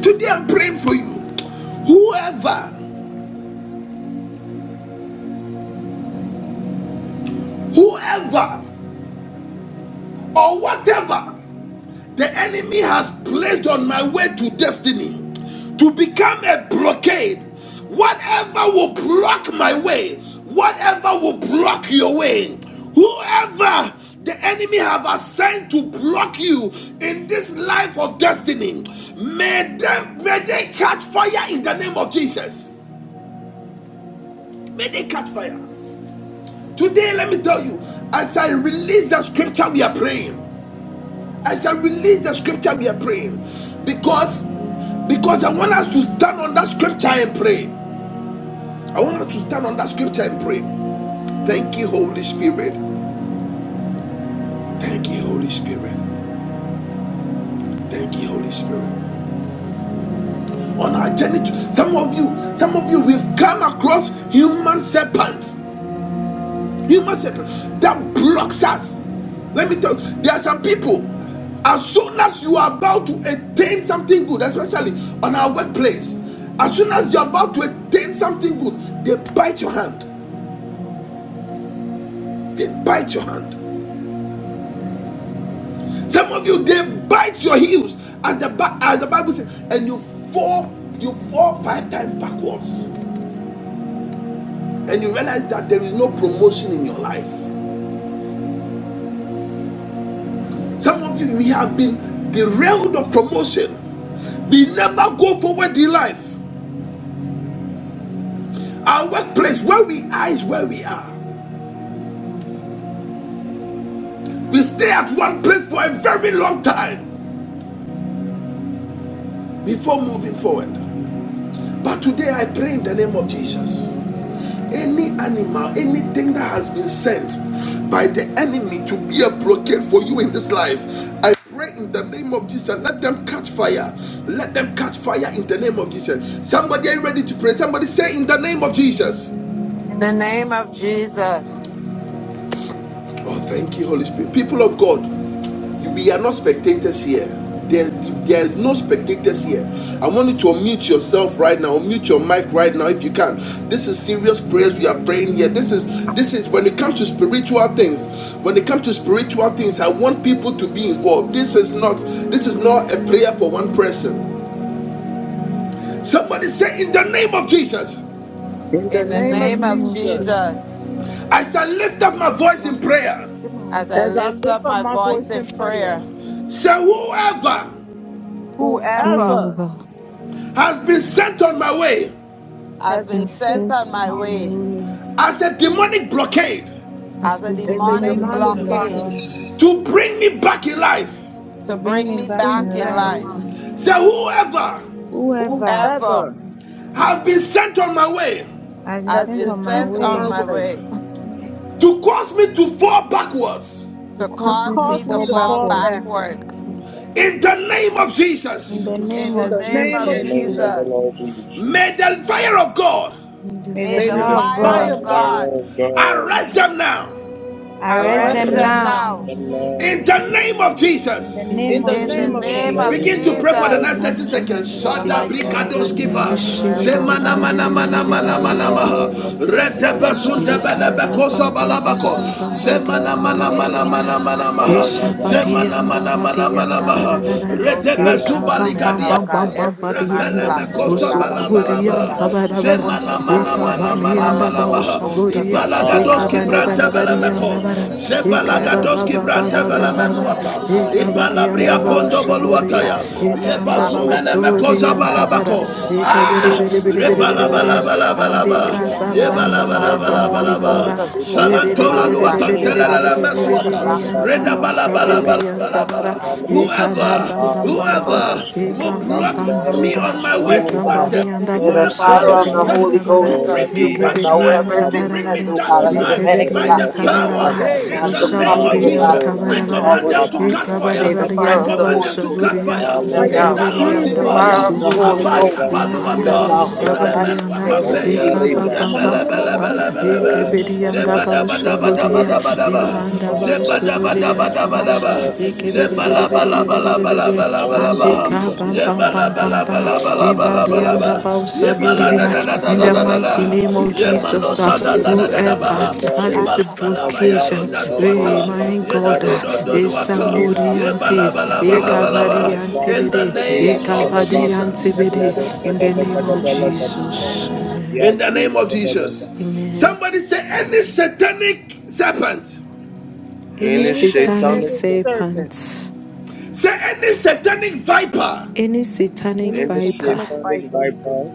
A: Today I'm praying for you. Whoever, whoever or whatever the enemy has placed on my way to destiny to become a blockade, whatever will block my way, whatever will block your way, whoever the enemy have assigned to block you in this life of destiny, may they, may they catch fire in the name of Jesus. May they catch fire. Today, let me tell you, as I release the scripture we are praying, I shall release the scripture we are praying because because I want us to stand on that scripture and pray. I want us to stand on that scripture and pray. Thank you, Holy Spirit. Thank you, Holy Spirit. Thank you, Holy Spirit. On our journey, to, some of you, some of you, we've come across human serpents. Human sacrifice that blocks us. Let me tell you, there are some people. As soon as you are about to attain something good, especially on our workplace, as soon as you're about to attain something good, they bite your hand. They bite your hand. Some of you they bite your heels as the as the Bible says, and you fall, you fall five times backwards, and you realize that there is no promotion in your life. Some of you, we have been derailed of promotion. We never go forward in life. Our workplace, where we are, is where we are. We stay at one place for a very long time before moving forward. But today I pray in the name of Jesus. Any animal, anything that has been sent by the enemy to be a blockade for you in this life, I pray in the name of Jesus. Let them catch fire. Let them catch fire in the name of Jesus. Somebody are you ready to pray? Somebody say in the name of Jesus.
D: In the name of Jesus.
A: Oh, thank you, Holy Spirit. People of God. We are not spectators here. There, there are no spectators here. I want you to unmute yourself right now. Unmute your mic right now if you can. This is serious prayers we are praying here. This is this is when it comes to spiritual things. When it comes to spiritual things, I want people to be involved. This is not this is not a prayer for one person. Somebody say in the name of Jesus,
G: In the
D: In the
E: In the
G: name of
D: name
E: name
D: of
E: of
G: Jesus,
E: Jesus,
D: Jesus.
E: Speak
A: I shall lift up my voice in
E: louder.
A: prayer.
E: Come on,
D: As
E: the
D: I
G: as I
D: lift up
G: lift up
D: my
G: my voice
D: voice in
G: in prayer,
D: prayer,
A: Say whoever
D: whoever
G: whoever
E: whoever
A: has been sent on my way
D: has
G: has
D: been
G: been
E: been
G: sent
D: sent
E: sent
D: on
G: on
D: my
G: my
E: my
G: way
D: way
E: way
A: as a demonic blockade.
D: as
E: as
D: a
E: a
G: as
H: I
G: a
H: said
D: demonic
E: demonic
G: demonic
H: demonic
E: book,
D: blockade
G: blockage,
H: blockade
A: to bring me back in life.
H: to
D: to
H: bring
D: bring
H: me
D: me
H: back
G: bring me
D: back
H: in
D: in
G: back
E: let
H: life.
D: life,
G: alive.
E: me
A: Say, whoever
H: Whoever
D: whoever
G: Whoever
A: have been sent on my way
H: has been
G: has
D: has
H: sent
G: been
D: been
E: hear.
H: on my
G: sent
D: sent
G: on my
D: on
H: way
D: my
G: way
D: way
E: let
A: to cause me to fall backwards,
H: to
D: to
G: to
H: cause me
D: cause
H: to
G: cause
D: me to
G: me
H: fall
G: to
E: me
D: fall
G: fall
H: backwards,
E: to
G: backwards,
D: backwards.
E: backwards.
A: in the name of
H: in
E: In
H: the
A: Jesus,
E: the
H: name
D: In
G: in
D: the
H: of
E: name of
G: the
D: name
I: In
G: name
D: of
I: the
G: of
H: Jesus,
I: name
G: Jesus,
I: of the
E: Jesus,
D: Jesus,
I: Lord Jesus.
A: may the fire of God
E: in the
H: may
D: may
H: the
G: may
D: the
I: May
E: fire
G: the
I: the
H: fire
E: of
H: of
E: God,
D: fire
H: God
G: fire
D: of
G: of
I: fire
G: God
D: God
I: of God
A: arrest them now.
H: arrest
D: arrest
G: arrest
H: them
G: them
D: them
I: arrest
H: now.
G: now.
D: now.
I: the
E: amen.
I: man.
A: In the name of
H: In the
A: Jesus.
E: In the
H: name
G: In the
H: of
D: In
E: name
D: the
I: In
G: name
E: of
G: of
I: the
D: name
G: Jesus.
D: of
H: Jesus.
A: Begin
I: name
A: to
E: Jesus,
I: of
A: pray
I: the
A: for the
D: Jesus.
I: Lord
A: next 30
I: Jesus.
A: seconds.
D: In the
A: Shada
I: Ola
D: mighty name
A: brikados
D: of
E: Ekabo,
I: Badosa,
A: giva.
D: Jesus, whoever, oh
E: yeshibidi-
A: Zemana
I: Nagladosa,
D: God, has
A: mana
D: been sent,
A: mana
D: oh
A: mana
D: God, has been
A: mana maha.
I: Alaro,
D: manipulated, oh
A: Rete
D: God.
I: Naglabado,
A: basunte
E: Eka
A: bele
D: Talking
I: Sada
E: bam
D: about them
E: bam
A: bekosa
D: going
I: Barca
E: bam bam
D: forward with
E: bam bam
H: In
D: God.
E: badi
H: the
A: Zemana
E: and
D: Father,
A: mana
D: may the
I: Bagala,
A: mana
E: badi.
D: fire
A: mana
D: of
A: mana
D: Jesus
A: maha.
I: All
D: consume
I: about
D: them now, oh
A: Zemana
I: Shiki,
D: God.
E: Ishabadiyanda
A: mana mana
D: May
I: all
D: the
A: mana
I: about
E: badiyanda da
D: fire of
A: maha.
E: da
D: the
E: da
D: Holy
E: da.
I: Rola,
D: Ghost,
A: Rete
D: God,
E: Eka
I: Smaglaba,
A: bezuba
D: consume
E: bam
D: them
E: bam
D: now, oh
E: bam
D: God.
E: bam
A: ligadiapa.
I: Barbilas,
E: bam
D: Every demonic
A: Repele
E: badiyanda.
I: on the
D: blockade, oh
A: mekosa
H: mighty
I: Rola,
D: God, I was
H: name of
D: sent, oh
E: Usukuburiyam
H: Jesus,
D: God,
I: Smaglaba,
H: whoever
E: sabara
D: to
H: has been
I: Shiki,
E: bara.
D: push
A: Zemana
D: me
H: smoking my
A: mana
I: all
E: Eka
H: way,
D: backward. May
A: mana
D: the
I: about
A: mana
D: fire
E: baniyanda
D: of the
A: mana
E: ba
H: ah, the
D: Holy
A: maha.
I: Smaglabas,
D: Ghost
H: person who
E: ushaburiya.
A: Ibala
D: consume
H: pain
D: them
H: my
E: Eka
I: Ala
D: now
A: Ibalagadoski
D: in the
E: bada
A: branta
H: business,
E: bada
I: Rola,
D: mighty name
H: everyone
I: Pita
D: of
H: my
E: badiyanda bara.
A: belemekos.
D: Jesus.
H: husband,
I: Smaglaba,
H: my
E: Eka
H: come and
D: Whoever
E: ba
D: has
H: bring
E: ba
A: Zebalagadoski
D: been
H: them
E: ba
I: Smaglaba,
E: ba
D: sent,
H: by
A: branta
E: ba
D: oh
H: the
E: ba
D: God,
I: Rola,
H: fire
D: as
E: ba
D: a
H: of
E: ba.
H: God in
A: belemenuata.
D: demonic
H: the
I: Smaglaba,
H: mighty
E: Eka
D: blockade,
H: name of
D: to
E: badiyanda
A: Ibalabria
I: all
E: ba
D: stop
I: the
D: me
A: pondo
H: Jesus.
D: from
H: I
I: Rila,
D: going
H: thank for
E: ushaburiya.
A: boluataya.
D: forward, oh
H: fire,
D: God,
E: Ema
I: Smaglaba,
D: to
H: Lord.
E: anda
D: block
E: ba
D: my
H: Abba
I: Rola,
D: progression,
H: Father,
A: Yebazumenemekosa
D: oh
E: uskuburiyam
D: God.
I: Smaglaba,
E: sabara.
A: balabako.
D: May
H: in
D: the
I: Rola,
H: the
D: fire
H: mighty
E: Eka
D: of
E: biri
D: the
A: Ah!
H: name
I: Smaglaba,
H: of
E: biri
D: Holy
E: biri biri biri
D: Ghost,
H: Jesus. Let
E: biri.
I: all
D: Father.
H: your
I: of us
H: blood go
A: Rebalabalabalaba.
H: upon
D: Consume
E: Andika
I: Shibidia
D: them
H: them in
E: bam
H: the
D: now.
I: Om
D: May
E: bam
D: the
E: bam
H: mighty name
D: fire
E: bam
D: of
H: of
D: the
I: Devlevas
H: Jesus
E: bam bam
D: Holy
H: on
E: bam
I: Play
A: Yebalabalabalaba.
D: Ghost
E: bam
H: YouTube
D: consume
H: and
I: Abidan
H: go
D: every
H: my
A: Salantola
D: demonic
H: mother's and
I: Rolas
H: my
D: blockade, oh
H: father's
D: God.
H: side.
A: luatantelelele
H: I
I: Relos
D: Send a
H: as I
A: mesuata.
H: pray
D: block me, oh
H: right
D: God,
H: now.
I: Magrabi
D: from the
H: Lord has
D: forward.
H: been
I: Roland
D: Send a
H: set
D: block,
H: against
D: oh
E: sabara.
A: Redabalabalabalaba.
H: my
D: God.
H: destiny,
I: Patralas
D: My
E: Eka ba
A: Whoever,
D: family
H: against
E: ba
H: my
D: from
E: ba
D: going
I: Al
E: ba
H: progress,
E: ba.
H: as I
A: whoever
D: forward.
I: Rolas
H: pray and
A: will
E: Eka ba
H: wherever
A: block
H: they
E: ba
H: are,
I: Matanda
E: ba
A: me
E: ba.
A: on
H: wherever
I: Rolas
A: my
H: they
D: Consume
A: way
H: join
A: to
D: them
E: Eka
H: forces
E: ba
H: with
D: now.
A: success.
H: the
I: Matlabada
H: same
E: dianda
D: May
H: of
D: the
I: Ligado
A: Whoever
H: fire,
A: has
D: fire
G: Hey.
A: been
D: of
I: Sadaba
D: the
H: let
A: sent
E: bausaburian
D: Holy
H: fire
A: to
E: sabara.
D: Ghost
H: break
I: all
H: them
I: of
A: bring me
H: down,
D: consume
H: let
E: Eke
H: the
D: them
A: back
I: us
A: in
D: now.
H: thunder of
E: berian
D: Whoever
H: God
A: life,
D: has
H: and
A: to
D: been
I: Matlabis
E: sabara
A: bring
H: locate
A: me
D: sent,
H: them.
D: oh
E: bara.
A: down
D: God,
H: In
A: in
H: the
D: as a
I: Magleban
E: Eke
H: mighty
I: the
A: life,
D: demonic
A: by
H: name
A: the
E: berian
H: of
I: Rolas
D: blockade,
G: Yes,
D: oh
E: sabara
D: God,
G: Lord.
A: power
H: Jesus,
E: bara.
H: I
I: Magleba
G: Hey,
H: pray.
A: in
D: God,
A: the
D: the
H: I
G: Kayanadu
A: name
H: shake
G: Kupa
A: of
I: Al
D: company,
H: it,
D: oh
G: Baba,
H: it,
E: Usaburian
A: Jesus,
D: God,
H: it,
D: from
H: it,
A: I
I: Rolas
D: going
E: sabara
H: it,
G: Kayanadu
E: bara.
A: command
D: forward,
G: Kupa
D: oh
A: them
H: it.
A: to
D: God.
H: I
G: Baba.
I: Matlabi
A: catch
H: shall
E: Eka
I: the
H: back
E: bara
A: fire.
D: May
H: on
D: the
A: I
D: fire
I: Rolaban
D: of
E: barianda
I: the
D: the
A: command
H: the
D: Holy
A: them
I: Rolas
A: to
D: Ghost
G: You
A: catch
G: got
H: let
G: to
E: bausaburia.
H: them
G: catch
A: fire.
D: consume
H: catch
I: Al
D: them
H: fire
G: fire.
E: Eke
D: now.
I: Rolas
A: Italo
H: now. In
G: Hmm,
D: May
H: the
D: the
E: berianda
H: name
D: fire
G: Kayanadu
A: Sivaya,
H: of
D: of the
I: Matlabis
H: Jesus,
G: Kupa
D: Holy
G: Baba,
E: bausuburia.
H: I
D: Ghost
A: Abaya
I: Magleban
H: send them
E: Ima
I: the
D: consume
H: fire
G: Kayanadu
E: anda
D: them
A: Baluata,
I: Glibas
G: Kupa.
H: now.
D: now in
H: I
D: the
I: Calaba,
H: send them
D: mighty
A: Kalemenua
E: bausabarianda.
G: Let
D: name
G: them
H: fire
D: of
G: catch
H: now.
A: Pampeya,
E: Eka
D: Jesus.
H: I
G: fire.
E: ba
I: Ondarila
E: ba
H: send
G: Mama,
H: them
E: ba
G: mama,
E: ba
I: smakla
G: mama,
H: fire
E: ba.
H: now.
I: bin
H: Let the
G: Kayanadu
E: Eke
I: rola
A: Rebelebelebelebelebe,
G: Kupa
H: fire of God
G: Baba.
I: smakla
E: berianda
H: locate them
I: badia la
H: now and
I: rolas.
H: bring
G: Let them
H: them in
A: Zebadabadabadabadabadaba,
G: catch
H: the
E: Imanda
G: fire, let
H: mighty
I: Rato
G: them
H: name
G: catch
H: of
G: fire, let
E: bausuburi
G: them
H: Jesus.
I: smakla
G: catch
I: bin
H: I
G: fire, let
E: antabara
A: Zebadabadabadabadaba.
H: shake
G: them catch
I: rolas.
G: fire, let them
E: ikebede
G: catch
E: bede
G: fire.
E: bede
I: Maklabadi,
E: bede bede bede
H: it.
I: Ola
A: Zebalabalabalabalabalaba.
E: andika
I: biro
H: Any
E: bam
I: smakla
E: bam bam
I: biro
E: bam bam
I: smakla dan barola
A: Zebalabalabalabalabalaba.
E: imbadianda
I: sipitia
E: bausaburia
I: ola
E: in the
I: rola
A: Yebaladadadadadadada.
E: mighty
I: smakla
E: name of
I: bira
E: Jesus uh,
I: smaglila
E: whoever
A: Yemanosadadadadadaba.
E: has this
I: ondarila smagla
E: blockage
I: bira
E: uh, eh,
I: rola
A: Yebalabalabayadodaduwata.
E: my God uh,
I: bandarila
A: Yedadodododuwata.
I: smaglila
E: isamuri anti
I: rila
A: Yebalabalabalabalaba.
E: ikabadi
I: smagla
A: In the
E: antibede
I: meglia
A: name of
E: ikabadi
I: skelebanta
A: Jesus.
E: antibede
I: megledo
E: in the name of
I: skedebegedebelegadusha
E: Jesus
G: Amen.
E: amen
A: In the
I: yadu
A: name of Jesus.
I: skedebegadusha.
E: amen
A: Somebody say any satanic serpent.
E: any
I: Any
G: Any
E: satanic
I: satanic
G: satanic
I: serpent,
G: serpent,
E: serpent
A: Say any satanic viper
E: Any satanic
G: any
I: any
E: viper,
G: satanic
I: satanic
G: viper,
I: viper,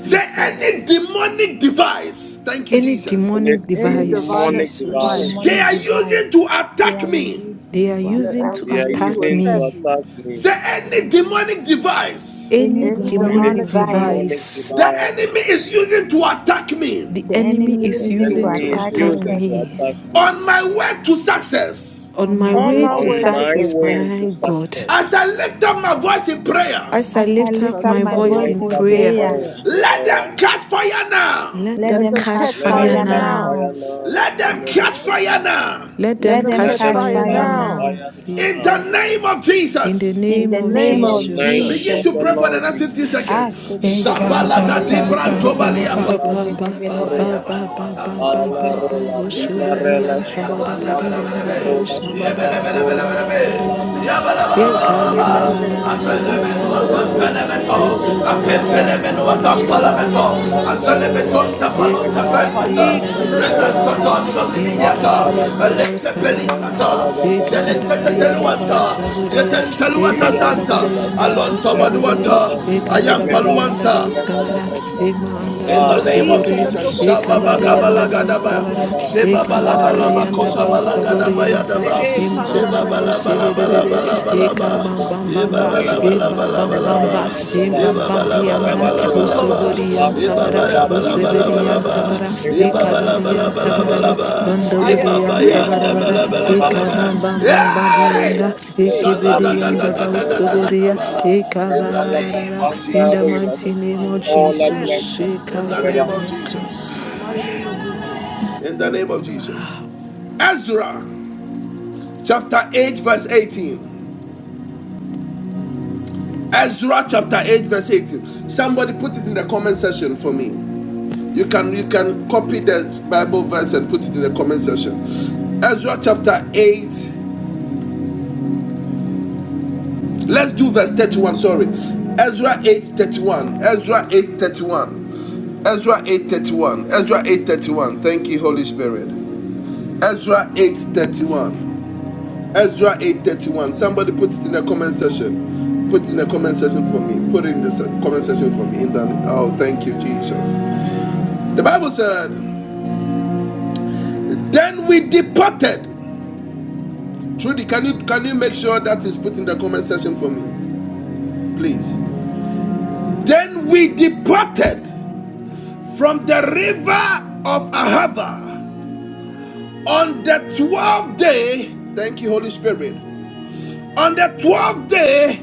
A: Say any demonic device Thank you,
E: Any
A: Jesus.
I: any
E: demonic
G: any
E: device,
G: demonic
I: demonic
E: Jesus.
G: device
A: they
I: device
H: demonic
A: are using
H: device
A: to
H: they
A: attack
H: are
A: me.
H: using
E: They are
H: to
G: that
E: using
G: are
H: attack
I: They
E: to
I: are
G: using
H: me.
G: to
E: attack
I: using
G: attack
I: to
E: me.
G: me,
I: attack me.
A: Say any demonic device
H: Any
E: Any
G: any
H: demonic
I: Any
E: demonic
G: demonic device,
H: device
I: demonic
E: device
A: the
I: device
A: enemy is using to attack me
E: the
H: the
G: the
E: enemy
H: enemy is
I: the
E: is
G: enemy
H: using to
G: that's
E: using to
I: enemy
G: using
I: is
H: attack
G: to
E: attack
H: me
I: using
G: attack
I: to
G: me.
E: me.
I: attack me.
A: on my way to success.
H: on
E: On my
H: my
G: On
H: way
E: way
G: my
H: to
E: to
G: way
I: On
G: to
I: my
E: success,
H: success.
G: success,
I: way to
E: my God,
A: As
I: success,
A: I lift up my voice in prayer,
E: as I
H: As I
E: lift
G: as I
H: lift
E: up
I: as
H: up
I: I
E: my
G: lift
H: my
G: up my
E: voice
H: voice
E: in
I: lift
G: voice
H: in
I: up my
G: in
E: prayer,
H: prayer,
I: voice
G: prayer,
I: in
A: let
I: prayer.
A: them catch fire now.
E: let
H: let
E: them
G: let
H: them
G: them
E: catch
H: catch
G: catch
I: Let them
E: fire
G: fire
H: fire
I: catch
E: now,
G: now.
I: fire
H: now.
I: now
A: Let
I: in
A: them
I: the
A: catch
I: name of
E: Jesus.
A: fire
I: Jesus.
A: now.
E: Let
G: Let
E: them
H: Let
G: them
H: them
I: Let
E: catch
G: catch
I: them
H: catch
E: fire
G: fire
H: fire
I: catch
E: now,
G: now.
H: now.
I: fire
A: In the
G: Jesus.
I: now
E: Jesus.
A: name of
E: In the
A: Jesus.
H: In
G: In
E: name
G: the
H: the
E: of
I: in
G: name
H: name
I: the
G: of
H: of
G: Jesus.
I: name
A: Begin
E: Jesus.
I: of
A: to
I: the
H: Jesus.
A: pray for the
I: Lord
A: next 15
I: Jesus.
H: Ah,
A: seconds.
G: Let them
E: Eka ba
I: Maya
E: ba
I: dos
E: ba ba ba ba
I: magla
E: ba ba
I: di
E: ba ba
A: Baba
H: shudikidibidibidibidibidibidibidibidibidi.
E: ba
I: rolas,
E: ba
A: yabalu wakampani
E: ba
I: ala
E: ba
A: waka.
E: ba
I: rola
E: bo
I: di
E: shubo
A: Yebele
E: di
A: bele
I: marelas
A: bele
E: yanta ba da
A: yapande
I: magla
E: ba di
A: bele bele
I: banda
E: yanda
A: be.
E: ba bo
I: rolas
E: shaba
I: aba
E: da
A: Yebele
E: ba
A: bele
E: da ba
A: bele
E: da
I: rolas
A: bele
E: ba
A: be.
E: da ba da
I: magla
E: yanda.
I: dis,
A: Yabala bala
E: Ye
A: bala bala
I: ale
G: catch
E: kada
A: ba.
E: na
G: fire
E: na
G: right
I: branda
E: na na na
G: now.
E: na na
A: Apele
E: na
I: velos
E: na
A: menu
E: na na na.
A: apampele
I: kolobote
A: meto.
E: Usu
I: negleda
E: kabadi
I: sada,
A: Apempele
E: an
A: menu
E: sabada bada
A: atampala
I: relas
E: badi
A: meto.
E: an da baus
I: maganda
A: Azele
G: Let
E: kabara.
A: beton
G: them
I: rolas
G: catch
E: Ye
A: tapalun
G: fire
I: magleba
G: now.
E: kabara badi
A: tapentata.
I: tiba
E: an da baus
I: negleba pa,
E: kaburiya.
A: Retantatanta
E: Ye ma
A: libiata.
E: kabadi
I: bandele
E: an da
I: beleves,
A: Electe
E: baus kabara
I: iman
E: bara.
A: pelitata.
E: Ye
G: Yes,
I: telebegeto
G: Lord, I
E: kabara
A: Zelente
G: just get
E: badi an da
G: tired
I: neglebes
G: and I
E: baus
G: get
A: teteluanta.
G: tired. and I
I: imande,
E: kaburiya.
G: get tired and
E: Ye
G: I'm out
A: Yetenteluata
G: of
I: Elias
G: the
E: kabara
A: tanta.
G: Jesus.
E: badi
I: Gilles,
E: an da
I: uh,
E: baus
A: Alonto
I: Migres
G: Mm, yes,
E: kaburiya.
G: come
A: baduanta.
G: to
I: Vagabond,
G: the
E: Ye
G: Lord,
I: uh,
G: I
E: kabara
G: am
E: badi
I: Miglevas,
E: an da Yekadadadadadadadadadadada. Usugobodiyan sabadabadabadiyan dabauskabara. Yekabadabadiyan da
G: tired
E: Imakabadiyan dabauskabarabara. Yekabadabadiyan dabauskaburiya. Yekabadabadiyan
A: Ayampaluanta.
G: of it.
E: da Yekabadabadiyan
I: Maglevala
E: dabauskabara.
I: Dentes,
E: Ima
G: Yes,
A: In
I: Ah,
A: the
G: Lord.
A: name
G: Ee,
A: of
G: can I
E: andabauskaburiya.
I: Lerolas,
A: Jesus,
G: look up, up, up, up, I
I: Maglidala
G: am
E: Yekabadiyan
G: not
I: Rolas,
G: I of
A: Shababakabalagadaba,
G: it.
E: dabauskabara.
I: Maglada,
G: Yes, Lord.
I: Aya
E: da
G: Let
I: Pala
G: me
E: Baus
G: get
I: Rolas,
G: tired
E: kaborianta
G: today.
A: Shebabalabalabakoshabalagadabayadaba,
G: Eh,
E: hima
G: can
I: Maglabides,
G: I
E: anda
G: look up, up,
E: baus
G: up, up, up, yes,
E: ibiribiri
G: you
I: Mandarolas,
G: keep it,
E: eka
G: can
A: Shebabalabalabalabalabalaba,
G: I
E: bam
G: look up,
E: bam
G: I am
E: bamba
G: not
I: Maglabindarelas,
E: e
G: tired.
E: bam
G: Yes,
E: bam
G: Lord.
I: Maglevas,
E: bamba
A: Yebabalabalabalaba,
G: I
E: e
G: me
I: Magleva,
E: bam
G: get
E: bam
G: tired today.
E: dianda
G: Mm,
I: Velarolas,
G: ba, ba, ba,
A: Yebabalabalabalaba,
G: ba, for you,
E: usoborianta
I: Maglanda,
G: it's a
E: bara
G: tired
I: Rola
G: of for you, get tired
I: Dimarelas,
G: of
A: Yebabalabalabalaba,
E: useberianta
G: it,
E: bara
G: I am not
E: eka
I: Maglivales,
G: tired.
E: barianta bara
G: I
I: Rolas
A: Yebabalabalabalaba,
G: me get
I: Femante,
G: tired.
E: ondoborianta
G: Mm,
E: bara
G: can
I: Maglidas,
G: you
E: bara
G: keep up, up, up, up,
E: eka
I: Maglevas,
A: Yebabayandabalabalaba.
E: bam bam bam bam dianda
A: Yay!
I: Kandarela,
G: yeah,
E: eke
G: yeah, I don't know, can I look
E: bedianda
I: Smakalabida,
G: up,
E: baus
G: up, up,
I: Rola
E: kaboria
G: up, I
A: Shaladadadadadadadadaba.
I: Shaka,
G: am
E: eka
G: not
A: In the
G: tired.
I: Ravalaba,
A: name
E: bararara
A: of
E: in the
G: Let it
A: Jesus.
I: Kandarela,
E: mighty
G: catch
E: name of
G: fire.
I: Ola
E: Jesus
G: Amen.
I: Glenda,
E: eka
A: In the name of
I: Oglevas,
E: boyeka
A: Jesus.
G: In the mighty name of Jesus.
A: in the name of Jesus. Ezra chapter 8, verse 18. Ezra chapter 8, verse 18. Somebody put it in the comment section for me. You can you can copy the Bible verse and put it in the comment section. Ezra chapter 8. Let's do verse 31. Sorry. Ezra 8 31. Ezra 8 31. Ezra 8:31. Ezra 8:31. Thank you, Holy Spirit. Ezra 8:31. Ezra 8:31. Somebody put it in the comment section. Put it in the comment section for me. Put it in the comment section for me. In the, oh, thank you, Jesus. The Bible said, "Then we departed." Trudy, can you can you make sure that is put in the comment section for me, please? Then we departed from the river of Ahava on the twelfth day. Thank you, Holy Spirit. On the twelfth day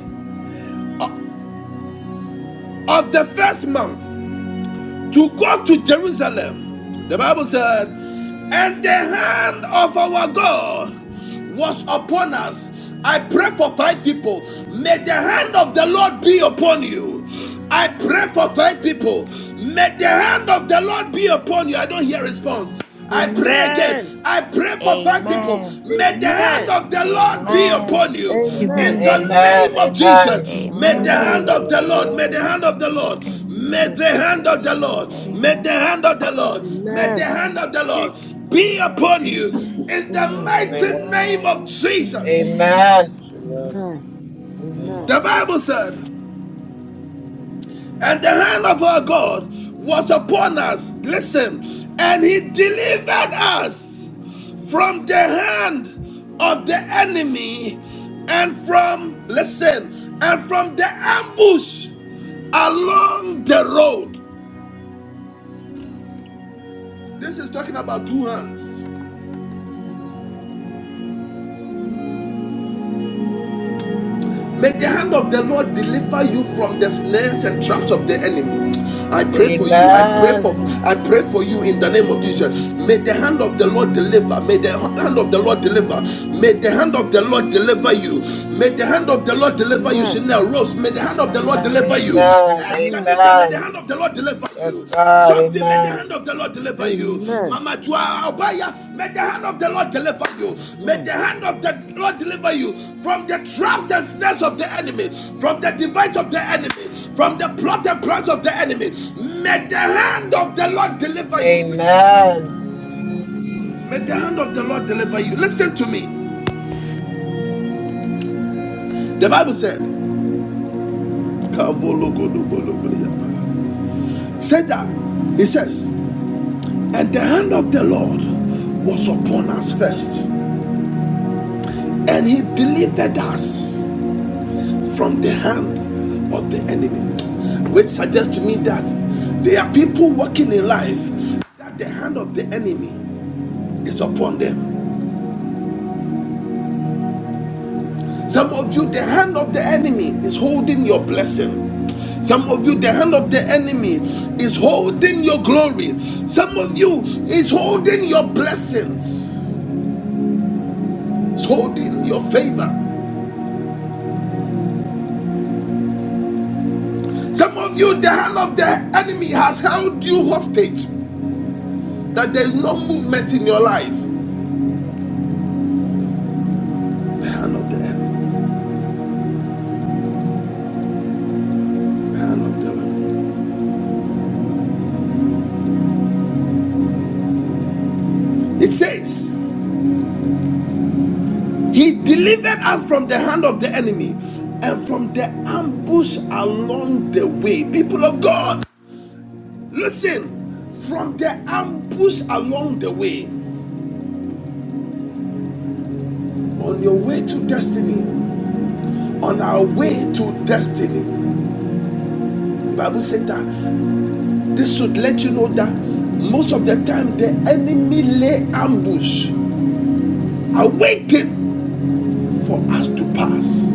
A: of the first month, to go to Jerusalem. The Bible said, and the hand of our God was upon us. I pray for five people. May the hand of the Lord be upon you. I pray for five people. May the hand of the Lord be upon you. I don't hear response. I pray again.
G: Amen.
A: I pray for five people.
F: Amen.
A: May the hand
G: Amen.
A: of the Lord be upon
F: Amen.
A: you. In
G: Amen.
F: Amen.
A: the
E: amen
A: name of
F: Amen.
A: Jesus.
G: In
A: May
G: the
A: the
E: amen
G: mighty
A: hand
F: Amen. Amen.
G: name
A: of
G: of
A: the Lord. May
G: Jesus.
A: the hand of the
F: Amen.
A: Lord.
E: amen
A: May
G: Yes,
A: the
G: God.
A: hand of
I: Jesus,
A: the Lord. May
F: Amen.
E: Amen.
A: the hand of the Lord.
I: Jesus,
F: Amen.
A: May the
G: Amen.
F: Amen.
A: hand
E: Amen.
A: of the Lord
I: Jesus,
F: Amen.
A: be
F: Um,
A: upon you.
I: Jesus,
E: Amen.
A: In the
I: in
G: Amen.
I: the
A: mighty
I: name of
A: name of
I: of
A: Jesus.
I: Jesus,
E: Amen.
I: Amen.
G: Amen. Amen.
I: Ola
A: The Bible
I: Binda,
A: said. And the hand of our God was upon us. Listen, and he delivered us from the hand of the enemy and from, listen, and from the ambush along the road. This is talking about two hands. May the hand of the Lord deliver you from the snares and traps of the enemy. I pray for you. I pray for
D: Amen.
G: Amen.
A: I pray for you in the name of
G: Amen.
A: Jesus.
G: Jesus.
A: May the hand of the Lord deliver. May the hand of the Lord deliver. May the hand of the Lord deliver you. May the hand of the Lord deliver you,
G: Amen.
A: Chanel Rose. May the hand of the Lord
D: And
A: deliver you.
D: amen.
A: Eh,
G: Amen.
A: Janita, may the
D: Amen.
A: hand of the Lord deliver
D: Yes,
A: you.
D: God.
A: Sophie, may the
D: Amen.
A: hand of the Lord deliver you.
G: Amen.
A: Mama Joa Obaya, may the hand of the Lord deliver you. May
G: Amen.
A: the hand of the Lord deliver you from the traps and snares of the enemy, from the device of the enemy, from the plot and plans of the enemy. May the hand of the Lord deliver you.
D: Amen.
A: May the
G: Amen.
A: hand of the Lord deliver you. Listen to me. The Bible said, said that, it says, and the hand of the Lord was upon us first and he delivered us from the hand of the enemy which suggests to me that there are people walking in life that the hand of the enemy is upon them some of you the hand of the enemy is holding your blessing some of you the hand of the enemy is holding your glory some of you is holding your blessings is holding your favor some of you the hand of the enemy has held you hostage that there is no movement in your life. The hand of the enemy. The hand of the enemy. It says, He delivered us from the hand of the enemy and from the ambush along the way. People of God, listen, from the ambush along the way. On your way to destiny, on our way to destiny, the Bible said that this should let you know that most of the time the enemy lay ambush, awaiting for us to pass.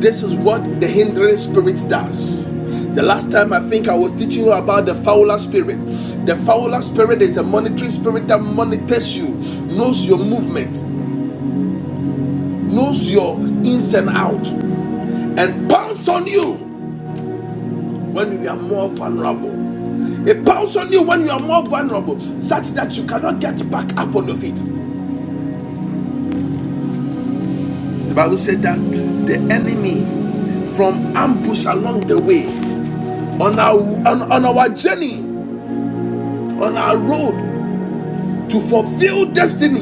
A: This is what the hindering spirit does. The last time I think I was teaching you about the fowler spirit. The fowler spirit is a monitoring spirit that monitors you, knows your movement, knows your ins and outs, and pounds on you when you are more vulnerable. It pounds on you when you are more vulnerable, such that you cannot get back up on your feet. The Bible said that the enemy from ambush along the way. on our on, on our journey on our road to fulfill destiny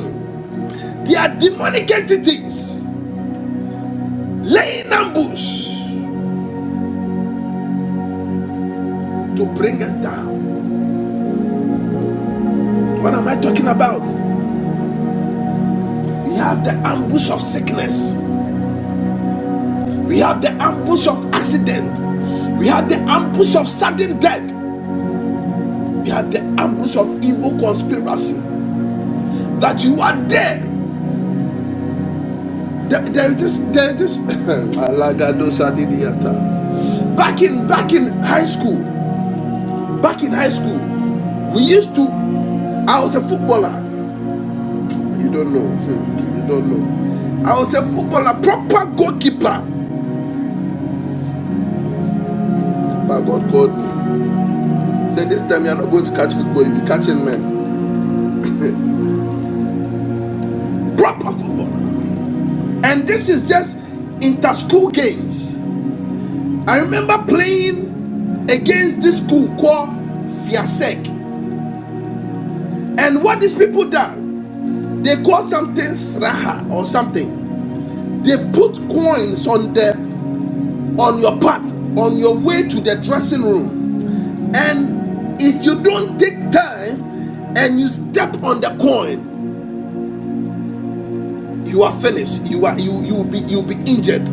A: there are demonic entities laying ambush to bring us down what am i talking about we have the ambush of sickness we have the ambush of accident we have the ambush of sudden death we have the ambush of evil conspiracy that you are there there, there is this there is this Alagado back in back in high school Back in high school, we used to. I was a footballer. You don't know. Hmm, You don't know. I was a footballer, proper goalkeeper. But God called me. Said this time you're not going to catch football, you'll be catching men. Proper footballer. And this is just inter school games. I remember playing against this school called Fiasek. And what these people done, they call something Sraha or something. They put coins on the. on your path, on your way to the dressing room. And if you don't take time and you step on the coin, you are finished. You are you you will be you'll be injured.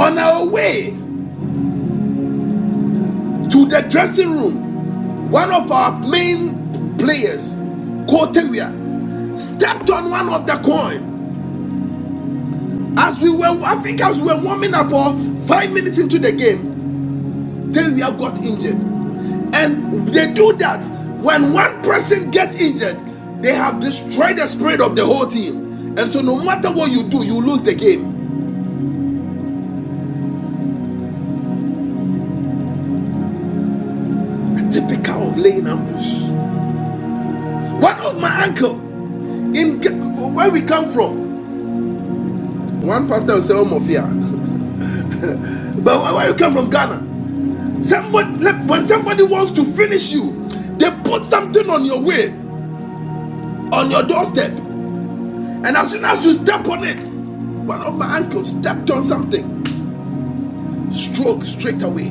A: On our way to the dressing room, one of our main players, Kotewia, stepped on one of the coin as we were I think as we were warming up or five minutes into the game Then we have got injured. And they do that when one person gets injured, they have destroyed the spirit of the whole team. And so no matter what you do, you lose the game. A typical of laying ambush. One of my uncle in where we come from, one pastor will say, Oh Mafia. But where you come from, Ghana? Somebody when somebody wants to finish you, they put something on your way, on your doorstep. And as soon as you step on it, one of my ankles stepped on something, stroke straight away.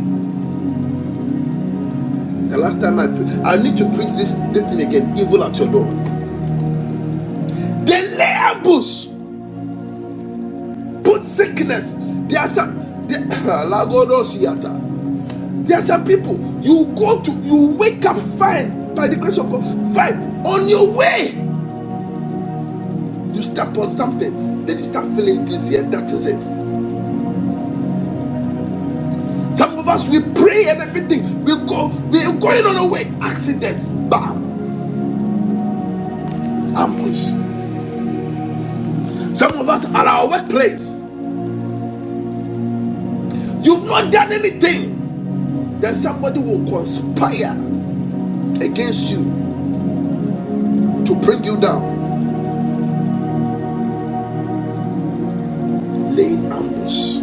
A: The last time I pre- I need to preach this, this thing again, evil at your door. They lay ambush, put sickness. There are some there, There are some people you go to, you wake up fine by the grace of God, fine on your way. You step on something, then you start feeling dizzy, and that is it. Some of us we pray and everything. We go, we are going on a way. Accident, bam, ambush. Some of us are at our workplace, you've not done anything. Then somebody will conspire against you to bring you down. Laying ambush.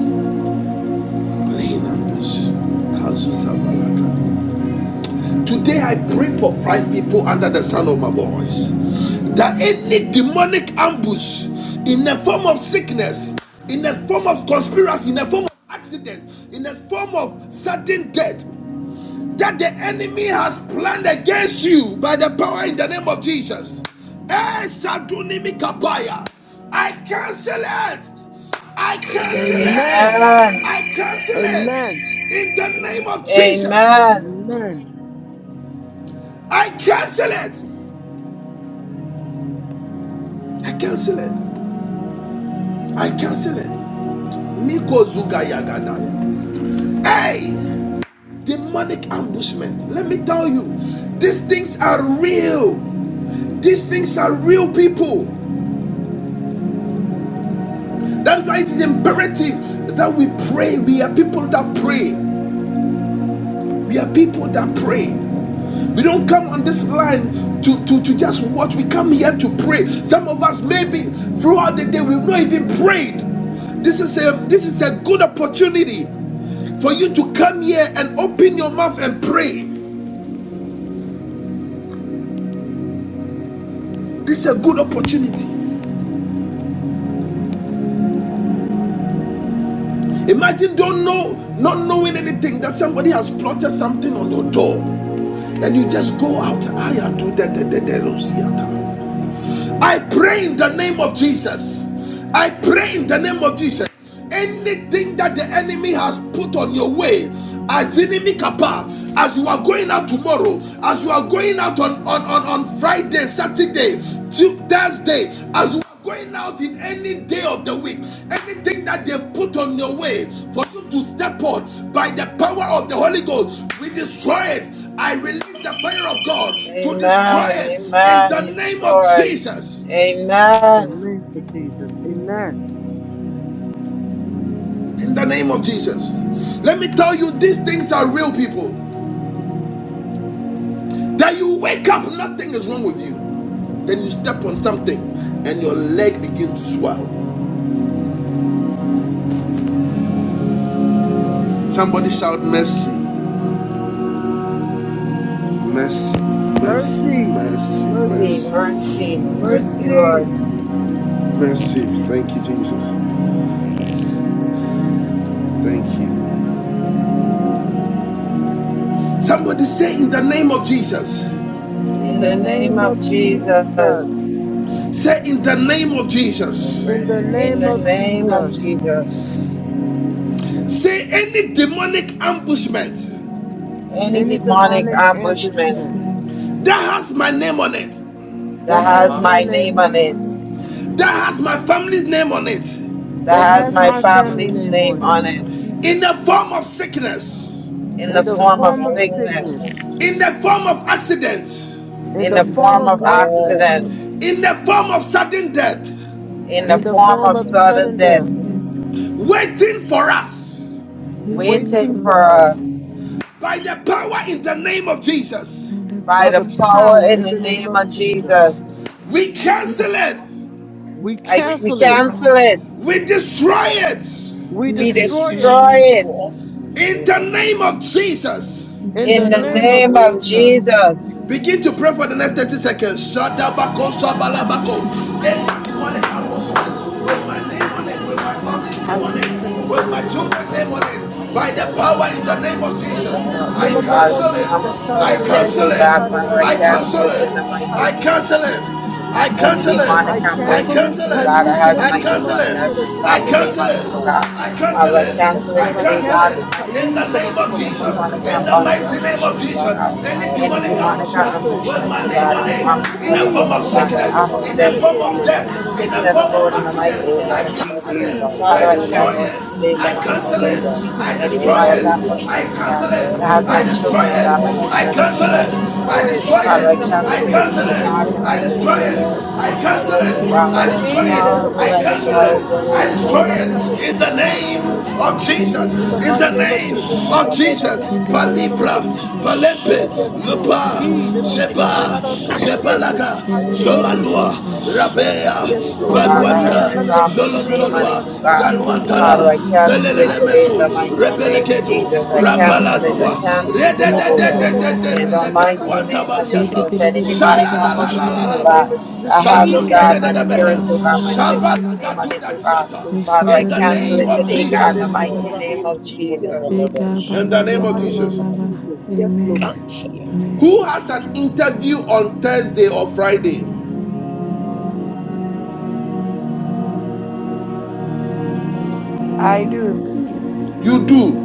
A: Laying ambush. Kazuzavalakadi. Today I pray for five people under the sound of my voice that any demonic ambush in the form of sickness, in the form of conspiracy, in the form of accident, in the form of sudden death that the enemy has planned against you by the power in the name of Jesus. Eh, I cancel it. I cancel it.
G: Amen.
J: Amen.
D: Amen.
A: I cancel it
G: Amen.
A: in the name
J: Amen.
A: of Jesus.
D: Amen.
G: Amen.
A: I cancel it. I cancel it. I cancel it. Miko Zuga Yagadaya. Hey! Demonic ambushment. Let me tell you, these things are real. These things are real people. That's why it is imperative that we pray. We are people that pray. We are people that pray. We don't come on this line to, to, to just watch. We come here to pray. Some of us, maybe throughout the day, we've not even prayed. This is a this is a good opportunity For you to come here and open your mouth and pray, this is a good opportunity. Imagine don't know, not knowing anything that somebody has plotted something on your door, and you just go out. I am to I pray in the name of Jesus. I pray in the name of Jesus. anything that the enemy has put on your way as enemy kappa as you are going out tomorrow as you are going out on on on, on friday saturday Tu- thursday as you are going out in any day of the week anything that they've put on your way for you to step on by the power of the holy ghost we destroy it i release the fire of god
J: Amen.
A: to destroy
D: Amen.
A: it in the
D: Amen. Yes,
A: name of
D: Lord.
A: jesus
G: The
D: Amen.
G: name of Jesus. Amen.
A: in the name of Jesus. Let me tell you, these things are real people. That you wake up, nothing is wrong with you. Then you step on something and your leg begins to swell. Somebody shout, Mercy, mercy, mercy,
G: Mercy.
A: mercy,
G: Mercy.
D: Mercy,
A: mercy,
I: yes,
G: Mercy.
D: Lord.
I: yes, yes, yes,
A: mercy.
I: receive,
A: Thank you, Jesus.
I: yes,
A: Thank you. Somebody say, In the name of Jesus.
G: In
D: In
G: the
D: the name
G: name
D: of
G: of
D: Jesus.
G: Jesus.
A: Say, In the name of
I: in the
A: Jesus.
G: In the
I: name of
D: In
G: name
D: the
G: of
D: name of
G: Jesus.
D: Jesus.
E: Jesus.
A: Say, Any demonic ambushment
I: Jesus, in
D: Any
I: the
G: Any
D: demonic
G: demonic
E: Demonic
I: divine name
D: ambushment
G: ambushment
E: movement
A: that has my name on it,
E: of
D: that
G: that
D: has
G: has my
D: my
E: my
D: name
G: name
E: name
D: on
G: on it,
D: it,
I: of
E: on it.
A: that has my family's name on it,
G: that
D: that
E: That
I: the
E: of
D: has
G: has
D: my
G: my
I: hash,
E: my
G: family
D: family's
G: name
E: family
G: on
D: name
G: it,
E: name
D: on
I: the
D: it,
I: hash,
E: on it.
A: in the form of sickness,
E: In
D: in
G: in
D: the
E: the
G: the
I: in the
D: form of
G: form
E: form
G: of
I: form
E: of
D: sickness.
I: of
G: sickness,
E: sickness.
A: in the form of accident
G: in
E: In
D: in
G: the
D: the
E: the
I: in the
G: form
D: form
G: of
D: of
E: form of
G: accidents,
I: form of
D: accidents,
E: accident.
I: sin,
A: in the
I: in
A: form of sudden death,
D: in the
E: In
G: in the
E: the
D: form
G: form
D: of
G: of
I: the
E: form of
D: sudden
I: form
G: sudden
D: death,
G: death,
I: of
E: sickness.
A: waiting for us
E: Breathing
D: waiting
G: waiting
E: for
D: for
G: for
D: us
G: us
E: us.
A: by the power in the name of
E: By
A: Jesus.
E: the
D: by
G: by
D: the
G: the
E: power in the
D: power
G: power
D: in
G: in
D: the
G: the
E: name of
G: name
D: name
G: of
D: of
G: Jesus.
E: Jesus.
D: Jesus.
A: We cancel it,
G: We
D: I,
I: we
D: we
G: cancel
E: Cancel
G: it.
I: crush
D: cancel it.
E: us.
A: we
I: the name of
A: destroy
I: Jesus.
A: it
G: We
E: Be
D: We
I: We
G: destroy it
D: destroy
E: destroyed.
D: it
I: destroy in the
A: in the
I: name of
A: name
I: Jesus.
A: of Jesus.
E: In
G: in
E: the
G: the
D: in
I: In
D: the
I: the
G: name of
D: name
E: name
D: of
I: name
E: of
I: of
G: Jesus.
I: Jesus.
D: Jesus.
E: Jesus.
A: Begin to pray for the next 30 seconds. Shadabako, shabalabako. Anyone
G: Yedekuya
A: in our
G: şartlarını
A: house, With my
G: kopayan
A: name on it, with
G: dedekatifiz.
A: my family's name on
G: Hayır
A: it,
G: kılları
A: with
G: da
A: my
G: kopayan
A: children's
G: da
A: name on it. By
G: kaçırtırı
A: the
I: Barula,
A: power
G: kutufiz.
A: in the name of Jesus,
G: Yeska.
A: I
I: Benarina,
D: Oh
G: Mama
D: God, in
G: mama
D: the
A: cancel
G: ye
A: it.
D: form
I: Bala,
D: of
A: I
G: kaşanları
D: sudden death,
G: koya
A: cancel
D: oh
A: it.
D: God,
G: katarı
D: Father,
G: da
D: I
A: I
G: iyi
D: cancel
A: cancel
G: kılları
I: Bala,
D: it
A: it.
D: in
G: koya
D: the mighty
A: I
G: katayı
D: name of
A: cancel
G: kumbapa
A: it.
D: Jesus.
G: kopatiz.
I: Mandorula,
A: I
D: Any
A: cancel it.
D: demonic
I: Bala,
G: I
A: I
G: cancel it.
D: ambushment,
A: cancel
D: oh
I: Barina,
A: it.
D: God,
G: Tayi
D: that has
A: I
G: kılları da
D: my
I: Bala,
D: name
A: cancel
D: on it,
A: it.
G: kopayan
D: that has
G: da
D: my
A: I
D: family
G: kopayan da
D: name
A: cancel
D: on it, oh
A: it.
I: Barila,
G: katayı
D: God.
I: Bala,
A: I
G: kutufiz.
D: Father,
A: cancel
D: I
A: it.
D: cancel
G: Yes
A: I
D: it
G: Lord, I
D: today,
A: cancel
D: God,
G: cancel
A: it.
D: in the
G: it.
D: mighty
A: In
D: name
G: Kayi
A: the
D: of
A: name
G: kumbapa
A: of
D: Jesus. Any
G: kopapa
I: In the
A: Jesus.
G: kayi
D: demonic
I: name
A: In the
G: kutufiz.
D: ambu-
A: mighty name of
D: ambushment, oh
A: Jesus.
D: God.
G: I
A: Any
D: Any
A: demonic
G: cancel it. I
D: demonic
A: ambushment
G: cancel it.
A: with
D: ambushment,
A: my
D: oh
A: name
D: God, in
G: I
A: on
D: the
A: it.
D: form of
G: cancel.
A: In the
D: sudden
G: Ee,
A: form
D: death,
A: of
D: oh
G: mama,
D: God,
G: mama,
D: or
G: mama,
A: sickness.
G: baka
A: In the
G: shake
D: accidents, oh
A: form
G: it,
A: of
D: God.
A: death.
G: turn it over
A: In the
G: your
D: Sickness,
A: form of
D: Lord, in
G: Zakaya,
D: the
G: Jesus.
A: accident.
D: mighty name
A: I
D: of
G: I
D: Jesus.
A: cancel
G: cancel
A: it.
G: in
D: Father,
A: I
G: the
D: I
G: mighty
A: destroy
G: name
D: cancel
G: of
A: it.
D: it
G: Jesus.
D: today in the
A: I
D: mighty
A: cancel
D: name
A: it.
D: of
E: Somebody
D: Jesus.
A: I
G: Cancel
D: Any
G: in the
A: destroy
G: mighty
D: demonic
G: name of
A: it.
E: and
A: I
G: Jesus.
D: ambushment, oh God,
A: cancel it.
G: I
D: that has
A: I
D: my
E: Eka
G: cancel it,
A: destroy
E: ba
D: children, oh
A: it.
E: ba
G: Father
D: God, my
E: ba
G: God, in the
A: I
G: name
E: ba
D: husband's
G: of
A: cancel
E: ba
G: Jesus.
D: name
G: I
D: on
A: it.
E: ba
D: it, oh
E: ba.
D: God.
A: I
G: destroy it.
A: destroy
D: Father,
A: it.
G: Hayi,
D: I
I: of
G: turn it
D: cancel
A: I
G: over your
A: cancel
D: today,
I: Jesus,
D: God, in
I: I
D: the
A: it. I
G: Kopapayan,
D: mighty
G: let it,
A: destroy
D: name
I: cancel
A: it.
D: of Jesus.
I: it.
G: Jesus.
E: Shabadabiyadadadadada.
A: I
D: I
I: I
A: cancel
D: destroy,
E: In
D: oh
E: the
G: Yes,
A: it.
D: God,
A: I
E: name
I: cancel
G: God.
E: of
I: it
A: destroy
G: Ee,
A: it.
I: in
G: let
I: the
G: it
D: Father,
G: over
I: name
A: I
I: of
D: let
G: your
D: the
E: Jesus.
A: cancel
D: fire
A: it.
I: Jesus.
D: of the
I: I
A: I
G: Kopayan,
D: Holy
E: In the
A: destroy
D: Ghost,
I: destroy
E: name
I: it
G: Shataka,
E: of
G: let it
A: it. In
G: over
I: in the
A: the
G: you,
I: name of
G: Jesus.
I: the
E: Jesus.
A: name
G: Yes,
I: Lord
G: Lord.
A: of
E: In the
G: In
A: Jesus.
G: the
E: name
A: In
E: of
G: mighty
A: the
G: name of
A: name
G: Jesus.
E: Jesus.
A: of
G: Kayi, let it
I: Jesus.
A: Jesus.
G: over your
E: In the
G: Kopayan,
E: name
G: let it
E: of
I: We
G: over
A: Palibra.
G: Jesus.
E: Jesus.
A: Palempe.
I: cancel
G: Yes, Lord.
E: In
A: Lupa.
E: the
G: He did
E: name
G: look
E: of
G: my
A: Sheba.
G: another
E: Jesus.
G: kataye ke
E: In
A: Shebalaga.
E: the
G: kapaye
E: name of
A: Zolandua,
G: Jesus.
E: Jesus.
G: Yes,
A: Rabea,
D: oh
E: In
G: Lord.
E: the
G: My
D: God, I
E: name
G: ika
D: have
E: of
A: Baruanta,
D: my
G: nanada ko
D: family's
G: yin
E: Jesus.
G: nana
D: name
G: ko
D: on
G: ya
A: Zolontolua,
D: it, oh
G: taye
D: God.
E: In
G: de
E: the
G: ko
E: name
D: Father,
G: Jesus.
A: Zaluantala,
E: of
D: I
E: Jesus.
D: cancel it
G: I
D: today in
A: Zelelemesu,
D: the
G: cancel it in the
D: mighty
G: mighty name
D: name
G: of
D: of
A: Rebelekedo,
G: Jesus.
D: Jesus. I
E: Oh,
D: cancel
E: Baba.
D: it, I
A: Rambaladua,
G: Yes, God.
D: cancel
G: Mo-
D: it,
G: mo- mo- mo-
E: Eka
G: mo- mo-
D: Jehovah.
E: ba
G: mo-
E: ba
G: mo-
E: ba
D: In
G: kata-
D: the
E: ba.
D: mighty
A: Rededededededeleberuanta
D: name of
G: Jesus.
E: Bidi
A: Baliata,
D: Jesus,
G: Yes,
E: bidi
D: any
E: bidi
G: Lord.
E: bidi
D: demonic
E: bidi bidi
G: In the
D: ambushment,
E: bidi.
D: oh
G: mighty
A: Shalalalalaba,
G: name
D: God,
G: of Jesus.
D: I
E: And
D: have,
G: Kaye
D: oh
G: ke
A: Sadunda
E: Eka
A: de
D: God,
G: nanada
D: my
E: ba ba ba
D: parents, oh
E: ba
D: God,
E: ba
D: my
E: ba
D: siblings'
E: ba.
D: name on it,
A: Shabalagaduna
D: oh
G: Jesus.
D: God.
G: Yes,
A: Diata,
G: Lord.
D: Father,
A: in
D: I
A: the
E: Somebody
D: cancel
E: and
A: name
D: it
E: da
G: Mm,
A: of
E: ba
D: today,
E: da ba
G: chandrike
D: God,
E: da
D: in
G: de-
D: the
E: ba
A: Jesus,
G: de-
E: da
G: de- de-
E: ba
D: mighty
G: de-
E: da.
D: name
G: de-
D: of
G: Jesus. Yes,
D: Jesus.
G: Lord.
E: Eka ba
A: in
E: ba
A: the
G: In the
E: ba
A: name of
E: ba
G: mighty
E: ba
G: name
A: Jesus.
E: ba
G: of
E: ba.
G: Jesus. Yes,
E: Amen.
G: Lord.
I: it in the
E: Amen.
A: Who
I: name of
A: has
I: Jesus.
A: an interview on Thursday or Friday?
C: I do, please.
A: You do.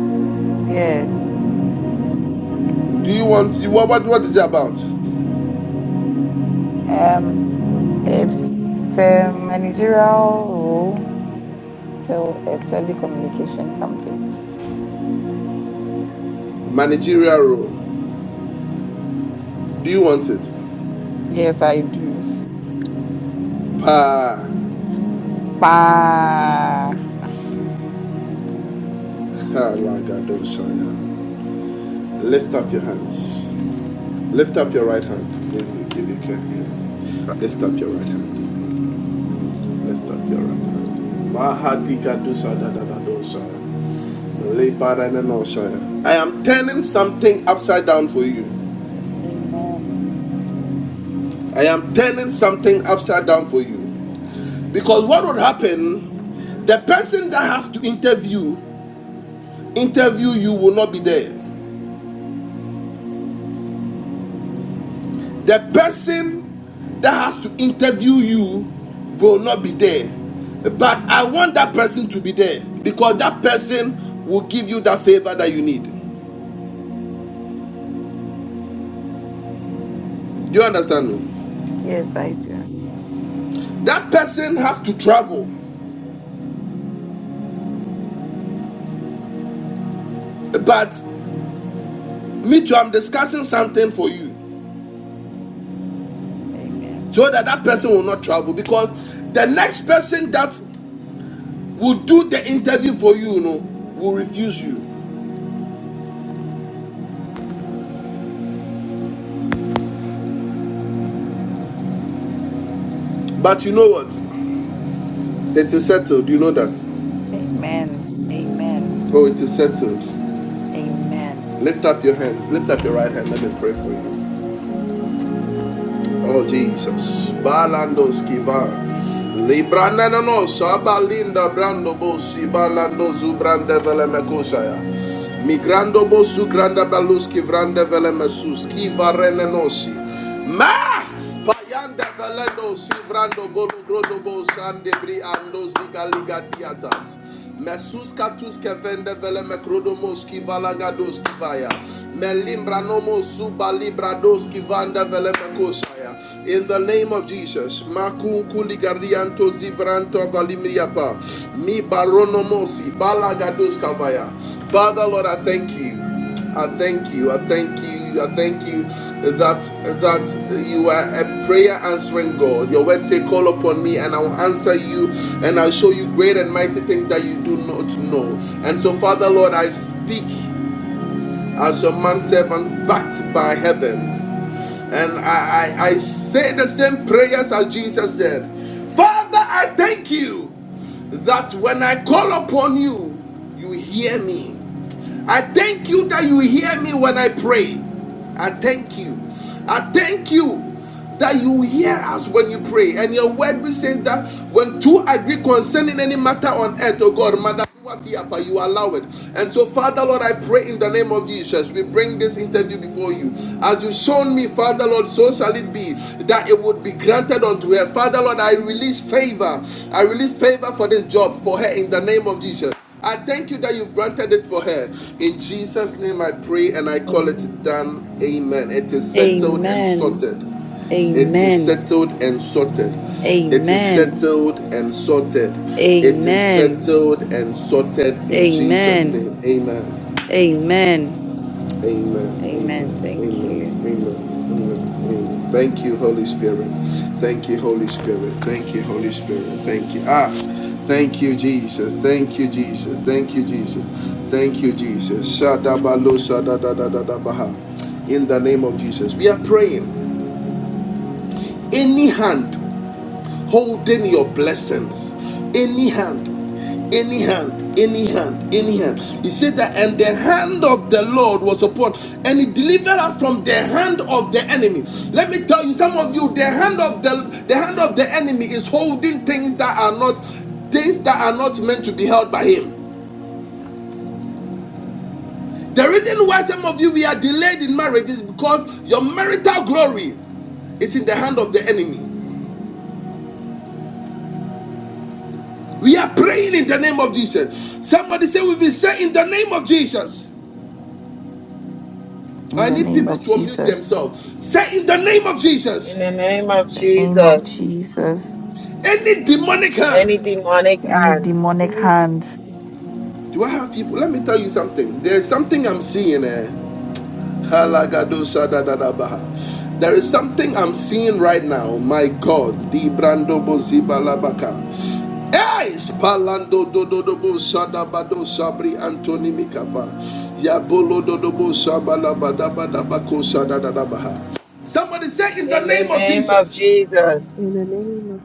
C: Yes.
A: Do you want, what, what, what is it about?
C: Um, it's, it's a managerial role till a telecommunication company.
A: Managerial role. Do you want it?
C: Yes, I do.
A: Pa. Ha,
C: Ah,
A: lagadoshaya. Lift up your hands. Lift up your right hand if you, if you can hear. Lift up your right hand. Lift up your right hand. Mahadika dosa da da da dosa. Lebaranenoshaya. I am turning something upside down for you.
C: amen.
A: I am turning something upside down for you. Because what would happen, the person that has to interview, interview you will not be there. the person that has to interview you will not be there. But I want that person to be there because that person will give you that favor that you need. Do you understand me?
C: Yes, I do.
A: That person have to travel, but me too. I'm discussing something for you
C: Amen.
A: so that that person will not travel because the next person that will do the interview for you, you know, will refuse you. But you know what? It is settled. You know that.
C: Amen. Amen.
A: Oh, it is settled.
C: Amen.
A: Lift up your hands. Lift up your right hand. Let me pray for you. Oh Jesus. Balandos kiva. Libranana no sabalinda brando bosi balando zubrande vele mekosaya. Migrando bosu granda balus kivrande vele mesus kiva renenosi. Payanda velendo sivrando bolo grodo bo ando ziga diatas. Mesus katus vende vele me valanga doski vaya. Me nomo suba libra doski vanda vele me In the name of Jesus, makun kuli garianto zivranto valimriapa. Mi barono mosi balaga doska vaya. Father Lord, I thank you. I thank you. I thank you. I thank you that that you are a prayer answering God. Your word say, "Call upon me, and I will answer you, and I'll show you great and mighty things that you do not know." And so, Father Lord, I speak as your man servant, backed by heaven, and I, I I say the same prayers as Jesus said. Father, I thank you that when I call upon you, you hear me. I thank you that you hear me when I pray. I thank you. I thank you that you hear us when you pray. And your word we say that when two agree concerning any matter on earth, oh God, Mother. You allow it. And so, Father Lord, I pray in the name of Jesus, we bring this interview before you. As you've shown me, Father Lord, so shall it be that it would be granted unto her. Father Lord, I release favor. I release favor for this job for her in the name of Jesus. I thank you that you've granted it for her. In Jesus'
C: Amen.
A: name I pray and I call it
C: Amen.
A: done. Amen. It is settled and sorted. It is
C: Amen.
A: settled and sorted. It is
C: Amen.
A: settled and sorted. It is
C: Amen.
A: settled and sorted in Jesus'
C: Amen.
A: name. Amen.
C: Amen.
A: Amen.
C: Amen.
A: Amen.
C: Thank
A: Amen.
C: you.
A: Amen. Amen. Amen. Thank you, Holy Spirit. Thank you, Holy Spirit. Thank you, Holy Spirit. Thank you. Ah, thank you, Jesus. Thank you, Jesus. Thank you, Jesus. Thank you, Jesus. Shadabalo, shadadadadadabaha. In the name of Jesus, we are praying. Any hand holding your blessings. Any hand, any hand, any hand, any hand. He said that, and the hand of the Lord was upon, and he delivered us from the hand of the enemy. Let me tell you, some of you, the hand of the the hand of the enemy is holding things that are not things that are not meant to be held by him. The reason why some of you we are delayed in marriage is because your marital glory is in the hand of the enemy. We are praying in the name of Jesus. Somebody say, We've been saying in the name of Jesus.
C: In
A: I
C: the
A: need
C: name
A: people
C: of
A: to unmute
C: Jesus.
A: themselves. Say in the name of
D: In
A: Jesus.
D: the name of
C: In the name of
D: Jesus.
C: Jesus.
A: Any demonic hand.
D: any demonic
C: Any
D: hand
C: demonic
K: Amen.
C: hand
A: Do I have people? Let me tell you something. There's something I'm seeing. eh. Halagadosadadadabaha. There is something I'm seeing right now. My God. Dibrandobozibalabaka. Hey, do Dodobo Sadabado Sabri Antoni Mikapa. Yabolo do Dodobo Sabalabadabadabako Sadadadabaha. Somebody say in the
D: in the
A: name of
D: name of
A: Jesus.
D: Jesus,
K: In the name of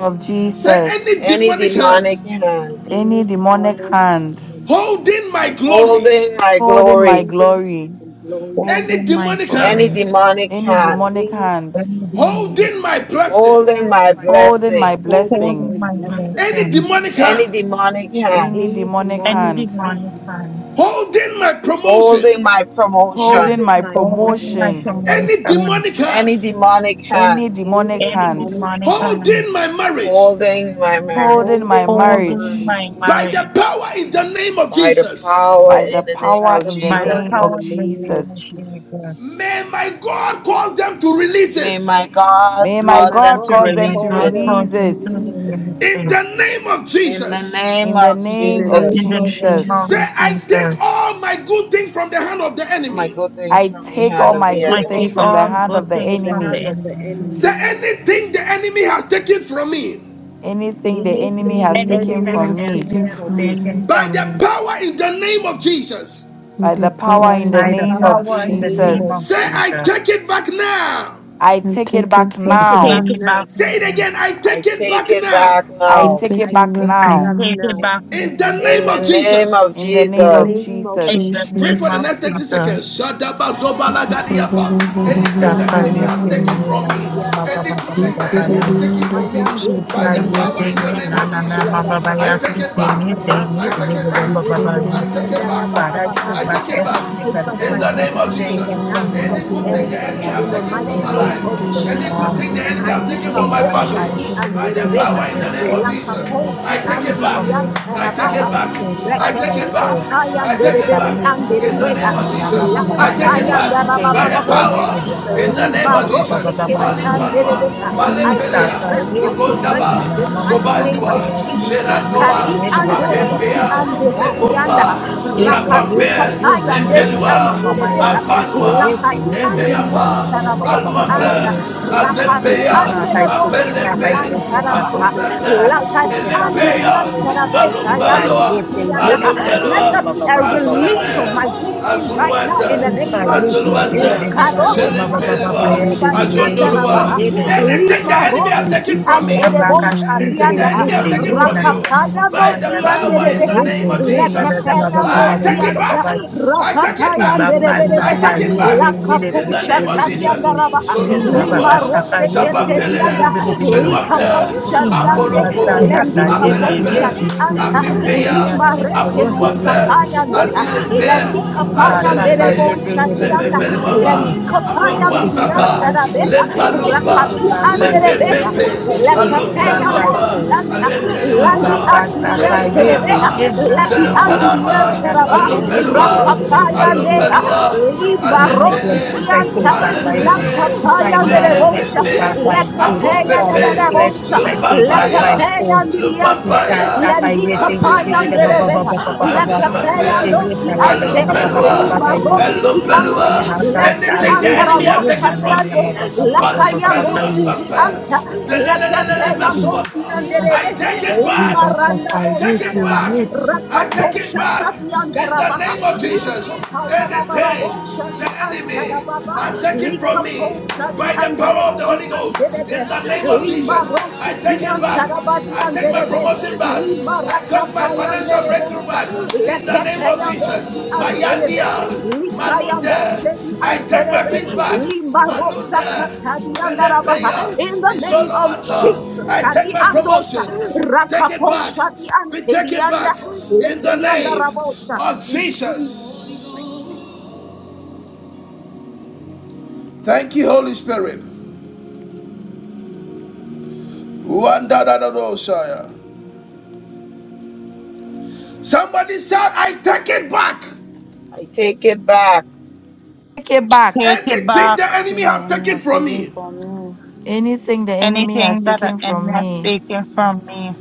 C: of
A: Say
C: Jesus.
A: any
D: any
A: demonic hand
D: demonic hand
C: Any
K: any demonic
C: demonic hand
A: holding my glory.
D: holding my
C: holding my
D: glory,
K: holding
C: glory.
K: the glory.
L: Hold
A: Any
L: in my
A: demonic hand
D: any
L: glory.
D: demonic
C: Any
D: hand
C: demonic
K: Amy,
C: hand
L: Hold
K: becoming
A: holding my blessing.
D: holding my
C: holding
D: blessing,
C: my
K: holding my
L: in
C: blessings.
L: my
K: blessing.
A: Any
L: blessing.
A: demonic
D: any
A: hand
D: demonic hand
C: Any
K: any
C: demonic
L: Any
K: demonic
C: hand
L: demonic
K: hand,
L: hand.
A: holding my
D: holding
A: promotion,
D: my promotion,
C: holding
K: holding
C: my
K: my
L: Hold in my
C: promotion.
K: promotion.
A: any
L: promotion.
A: demonic
D: any
A: hand
D: demonic hand
C: Any
K: any
C: demonic
L: Any
C: hand
K: demonic
L: demonic
K: hand,
L: hand.
A: holding my marriage
D: holding my marriage
C: holding my
K: holding my
L: Hold in
C: marriage
K: mind
L: my
A: by the
L: marriage.
A: power in the name of
D: by the
A: Jesus.
D: power
C: by the
D: in the name
K: by
C: power
D: of
K: the
C: in the
L: By the
K: power
C: name
D: Jesus.
K: in the
L: power
C: of
L: and the
K: name of
C: Jesus.
L: name of Jesus.
K: Jesus.
A: May my God cause them to release
D: May
A: it
D: my God
C: May
K: May
C: my
D: cause
K: my
D: them
C: God
D: to
K: God
C: cause
L: May
C: them
L: my
C: to
D: release
K: call
L: God
D: it
K: them
L: cause
C: release
K: to
L: me
C: it.
L: to
K: lead
L: release
A: in
L: it.
A: the name of
D: in the name
C: In
A: Jesus.
C: the
D: of
E: In the
K: in
C: name
K: the
C: of
E: name
L: In
D: Jesus.
K: name
L: the
E: of
K: of
C: Jesus,
L: name
K: Jesus.
L: of
A: Say, I
E: Jesus.
A: take
L: Jesus.
A: all my good things from the hand of the
D: My
A: enemy.
D: good things
C: I
D: from the
C: take
K: I
C: all
D: hand of
C: my
D: the
K: take
L: I
C: good
K: all
C: things
L: keep
D: enemy
C: from
K: my
C: the
L: all
K: good
C: hand
L: good
C: of
K: things
C: the
L: things
K: from the
L: from the
C: enemy.
K: hand of the
L: enemy.
K: enemy.
A: Say,
E: Amen.
A: anything the enemy has taken from me
C: Anything the enemy
K: Anything
E: Anything the
C: has
K: the
C: taken
L: Anything that
K: enemy
E: enemy
L: the
K: has
C: from
E: have
L: enemy
C: me,
K: taken
E: taken
L: has
K: from
E: from
K: me
L: taken
E: me,
A: by
L: from
A: the
L: me.
A: power in the name of Jesus.
C: by the
E: the
C: power
E: power
K: by
C: in
E: in
C: the
K: the
L: By
E: the
L: the
C: name
E: name
K: power
C: of
E: of
L: power
K: in the
L: in the
K: name
L: name
C: Jesus,
K: of
L: of
E: Jesus.
A: Say,
K: Jesus.
A: I
L: Jesus.
A: take it back now.
C: I
E: I
C: take it
E: take
K: I
C: back
E: it
K: take
E: back
K: it back
L: Take
C: now.
L: it
E: now.
K: now.
L: back
A: Say it
L: now.
A: again, I
D: I
A: take it
D: take
A: back
D: it
A: now.
D: back
C: I
E: I
D: now.
C: take
E: take
C: it
K: I
E: it
C: back
K: take
E: back
K: it
L: I
K: back
C: now.
L: take
E: now.
L: it
K: now
L: back now
A: In the
D: In
A: name
D: the
A: of
D: name
A: Jesus.
D: of
C: In the
E: In the
K: in
C: name
K: the
D: Jesus.
C: of
E: name
K: name
E: of
K: of
C: Jesus.
L: in the
K: Jesus.
A: Pray
L: name
A: for the
L: of
E: Jesus.
A: next 30
L: Jesus.
A: seconds.
D: Mighty
A: Shadaba Zobala
E: Ba ba ba
A: Gadiapa.
E: ba ba ba
A: Anything
E: ba
A: the
L: Father,
E: ba
A: enemy
E: ba
A: has
E: ba ba
A: taken
E: ba.
A: from me, any good thing the
E: Eki
A: enemy has
E: bidi
A: taken
E: and da
A: from
E: ba
A: me,
K: Rakatayande
E: sha ba
A: by
E: da
A: the
K: siki
E: ba da
A: power in
E: ba
A: the
E: da
A: name
E: ba
A: of Jesus,
K: antarabakaya
A: I take
K: rababosha.
A: it
E: da.
A: back. I take
K: Rakati
A: it back.
E: Somebody and
A: I
K: anderebeki
A: take it back.
L: I
K: andarabababa.
A: I
L: take back
A: take it
K: I
A: back.
L: everything
K: take
L: that the
K: back
A: In
K: my
L: enemy
A: the
L: has
A: name of
K: victory from
A: Jesus,
K: the
L: taken from me
K: hands
L: by
K: of
A: any
K: the
A: good
L: force
A: thing the
K: enemy.
L: in
A: enemy
L: the
A: has
K: In the
A: taken
L: mighty
K: mighty
A: from my
L: name of
K: name
A: life,
K: of
A: any
L: Jesus.
A: good
K: Jesus.
A: thing the enemy has taken
K: Kadika
A: from
L: in
A: my
L: that
K: posha
A: family,
L: mighty
K: di
L: name
A: by the
L: of
K: anderebeha.
A: power in
L: Jesus.
A: the name of
L: Anything
A: Jesus,
L: that's
A: I
K: Lakaposi
A: take
L: taken
A: it back.
L: from me,
A: I
L: to
A: take
K: andiriantarabaha.
L: God,
A: it
L: I
A: back.
L: pray to
A: I
L: me,
A: take
L: my
A: it
K: Reketuka
L: soul.
A: back.
K: paya
A: I
L: You
A: take it
L: say,
K: anderebedi
A: back
L: you say,
A: in
L: no,
A: the
L: no,
K: anderebeha.
A: name of
L: no, no, no,
A: Jesus.
L: no, no,
A: I
L: no, no,
A: take it
L: yes.
K: Lakapaya
A: back
L: You say,
A: by
L: you
A: the
L: say, yeah,
A: power
K: andarabababosha.
L: yeah, yeah, yeah, yeah, yeah, yeah,
A: in the name
K: Lima
A: of
L: yeah, yeah,
A: Jesus.
L: yeah,
K: roske
L: yeah, yeah,
K: kedi
L: yeah.
A: Malimpalwa,
K: anderebeha.
L: You
K: I
L: say,
A: Malimpelea,
K: possess
L: say,
K: my
L: yes, yeah,
A: Lugondaba,
L: no,
K: possessions
L: no,
K: in the
L: no, no, no,
K: mighty
L: no,
K: name
L: no, no,
A: Sobandua,
K: of
L: yes. You say,
K: Jesus.
L: you say, yeah, yeah, yeah, yeah,
A: Sherandoa,
K: Kadi andos
L: yeah,
K: kiki
A: Apempea,
K: ande
L: yeah, yeah, yeah, yeah,
K: hadi anda.
A: Nepomba,
K: Rakatu
L: yeah. You say, you say, yeah,
A: Rapampe,
L: no, no, no,
K: kapaya
L: no, no,
K: ndedi
L: no,
A: Epelwa,
K: ante
L: no, no, yes.
K: debeha.
L: You say, you
A: Apanwa,
L: say,
K: Lakadi
L: yeah,
I: Yeah,
L: no, no,
I: God.
K: andiri
L: no, no, no, no, no,
A: Epeapa,
K: anta
L: no, no,
K: rabeki
L: no, no,
A: Aluambe,
L: no,
K: anta.
L: yes. I take
K: Rakadu
L: it
A: Azempea,
L: back, I
K: anderebo
L: take it back,
K: siki
L: I
A: Apelepe,
L: take
K: anta
L: it back, I
K: rabaha.
L: take it
A: Apumbepe,
L: back, I take
K: Lakadi
L: it back by
K: andiri
A: Elepea,
L: force.
K: anta rabeka
L: Isa
K: yando
A: Alumbaloa,
L: yepe
K: siki
L: ye
K: anda.
L: da I da ba ba
K: Let
A: Alumbaloa,
L: ba
K: there
L: ba
K: be
L: ba ba
K: a
L: ba ba ba ba
A: Azuleme,
K: release
L: ye.
K: of my good thing right now
A: Azuluante,
K: in the
L: Isa
K: name of
L: yepe
K: Jesus.
L: back.
A: Azuluante,
L: I de da da
K: Kado
L: da ba ba ba ba ba
A: Shelimpelua,
L: ye. Sike
K: Shadianda
L: yepe
A: Azondolua.
K: Rabaha,
L: ye de de de de
A: Anything
L: de
A: the
K: Lima
L: de
A: enemy
L: de de.
A: has
K: Rosi
A: taken
K: ki
A: from me.
L: La
K: Anterebo
L: baka
A: Anything
L: sike
A: the
K: Shadianda,
A: enemy has
L: yepe
A: taken
L: ye
A: from
L: na na
A: you,
L: na na na
K: Rakapaya
A: by
L: na na
K: no
A: the
L: ya.
A: power
L: Sike
A: in the
K: Sianderebeha,
L: yepe
A: name of
E: the
L: ye da da
A: Jesus,
E: mouse,
L: da
E: the
L: ba
K: Lekapaya no
E: very
A: I
L: ba ba ba
E: end
L: ba
A: take
L: ba
E: of
A: it
L: ba ba
K: Sianta,
A: back.
L: ba ye.
A: I
E: it.
A: take it
K: Rakapaya
A: back.
L: back. ka za
A: I
K: Derebeha,
L: ka
A: take it back.
L: yepe ye de de
A: In
L: de
A: the
K: Lakaposha
L: de
A: name
L: de
A: of
L: de de
K: Tadianda
L: de.
A: Jesus,
K: Rabaha,
A: Shalom
L: Ila
K: Lima
L: baka
A: Kolwa,
L: sa ka
K: Rose
L: yepe ye de de
A: Shapampele,
L: de
K: Keterianda,
L: de de de.
A: Sheluampe,
K: Likaposha Diande,
A: Apolopo,
L: Imakatayata yete
K: Lendikaposha
L: yete
A: Apelepe,
K: Dianta,
E: Somebody and
L: yananama
A: Apipeya,
K: Lima
L: yasiko yonto
K: Reketu
L: yete
E: the
A: Apoluape,
K: Kapaya
L: yete
K: Deha,
L: yete yete.
E: Amen.
A: Azilembe,
K: Lendikapaya
L: Ikatata
A: Azelene,
K: Derebo
L: yete yete yete
K: Shadianda,
L: yete yete
A: Lepepeluaba,
L: yete.
K: lendiko
L: I take it
K: payandiriya
L: back
A: Apoluapapa,
L: by force.
K: tarabeha
L: I take
A: Lepaluba,
L: it
K: rakatu
L: back by force.
K: anderebeha
A: Lepepepe,
L: I take it back
K: lekapeya
L: by
A: Alopeluapa,
K: nosi
L: force.
K: anta
A: Alepeluato,
K: landi andiriya
L: Imakatata
A: Zelepelema,
L: yete
K: terebeha laki
A: Zelepalama,
K: andiriya
L: yananama
K: teraba
L: yasiko yete yete
A: Alopelua,
L: yete
K: rakapaya
L: yete yete.
K: neha
A: Alopelua,
K: limba
L: My
K: rosi
A: Alepele,
L: blessings I
K: kianta
L: take back by force.
A: Alepele,
L: My
K: Lakapayan
L: marriage I
K: Derebosha,
L: take
A: Lelepepe,
L: back by force.
K: lakapaya nerebosha lekapeya
L: All my
A: Apopepe,
K: nerebosha
L: blessings I take back by
A: Lupapaya,
K: lekapeya
L: force.
K: andiriya te
A: Lupapaya,
L: Tata ye
K: lendika
L: te ye te ye ba
A: Azilimepe,
L: ba
K: paya
L: ba ba ba ba ba ba
K: Lekepe
L: ye
A: Azilimepe,
L: te ye
K: andosi
L: ta ya ba ba
K: ante.
L: ba ba ba ba
A: Alupelua,
L: ba ba
K: Lima
L: ye
K: rosiki ande.
L: ye
A: Alupelua.
L: ba ta
K: Lepi
L: ta
A: Anything the
L: ye te
A: enemy has
L: ye
K: andarabosha
A: taken
L: na na
A: from
L: na na
K: diande.
L: ma
A: me,
L: ba ba ba ba ba ba ba ba
A: Palipelua,
K: Lakayandosi
L: ye
K: ki
A: Papa,
K: anta.
L: ye
K: Lekepe
L: te
A: Zelelelele,
L: ye te
K: andosi
L: ye ba
A: Masuapa. I
K: anderebe.
A: take it
L: ye
K: Lima
L: ba ta
A: back.
K: randa
L: ta
A: I
L: ye
A: take
K: dosha
L: te
A: it
K: raba.
A: back.
L: ye.
A: I take it
K: Rakaposha
A: back
K: tabianda
A: in the
K: rabaha.
A: name of Jesus.
K: Likapaya rababa
A: Anything
K: bosha di
A: the
K: anta
A: enemy
K: rababa.
H: Ah,
A: has taken from me
K: Likaposha di
A: by the
H: shudikidibidibidibidi.
A: power
K: anderebe
A: of
H: Ah,
A: the
K: di
A: Holy Ghost
K: anderebe.
A: in the name of
H: shudabadabada.
K: Lima
A: Jesus.
H: Ah,
A: I
K: rosiki
A: take it back.
K: anta rabadi
A: I take my
K: anderebe.
H: shudikidibidibidibidibidibidi.
A: promotion back. I take my financial breakthrough
K: Limarakapayanderebosha.
A: back
D: Jesus, for
A: in
D: me,
A: the
D: I
A: name
D: take it
A: of
D: back in the
K: Lekepeyandosi
A: Jesus. My
D: mighty name of
K: anterebe.
D: Jesus.
A: Yandia, my
D: Anything that
K: Likayandose
D: has
K: di
A: Lunde.
D: been
A: I take
D: taken
A: my
K: anterebe.
D: from
A: peace
D: me, I
A: back.
D: take it back now.
K: Limarosa
A: Malunda,
D: In the mighty name of
K: katadiandarabaha.
A: Pelepeya,
D: Jesus,
K: In the
D: anything
K: name
D: that has
K: of
D: been
A: Isolowata.
D: taken
K: Jesus,
D: from
A: I
D: my
K: Kadi
A: take my
D: family,
K: Andosa,
A: promotion.
D: I take it
A: We
D: back
A: take it
D: now. In
A: back.
D: the
K: Rakaposha di
A: We
D: mighty
A: take
D: name
A: it
D: of
K: Anterianda,
A: back
D: Jesus.
A: in the
K: Lekeyanda
A: name
K: Rabosa,
A: of
K: in
A: Jesus.
K: Jesus'
A: Thank you, Holy Spirit. Wanda da da Somebody shout, I take it back.
D: I take it back.
C: Take it back.
L: Take it
A: Anything
L: back.
A: the enemy
H: Everything the
A: has
H: enemy
A: taken
H: has
A: from
H: taken
A: me,
H: from me.
C: Anything the enemy
L: Anything
C: has
L: that the
C: taken
L: enemy
C: from
L: has
C: me,
L: taken from me.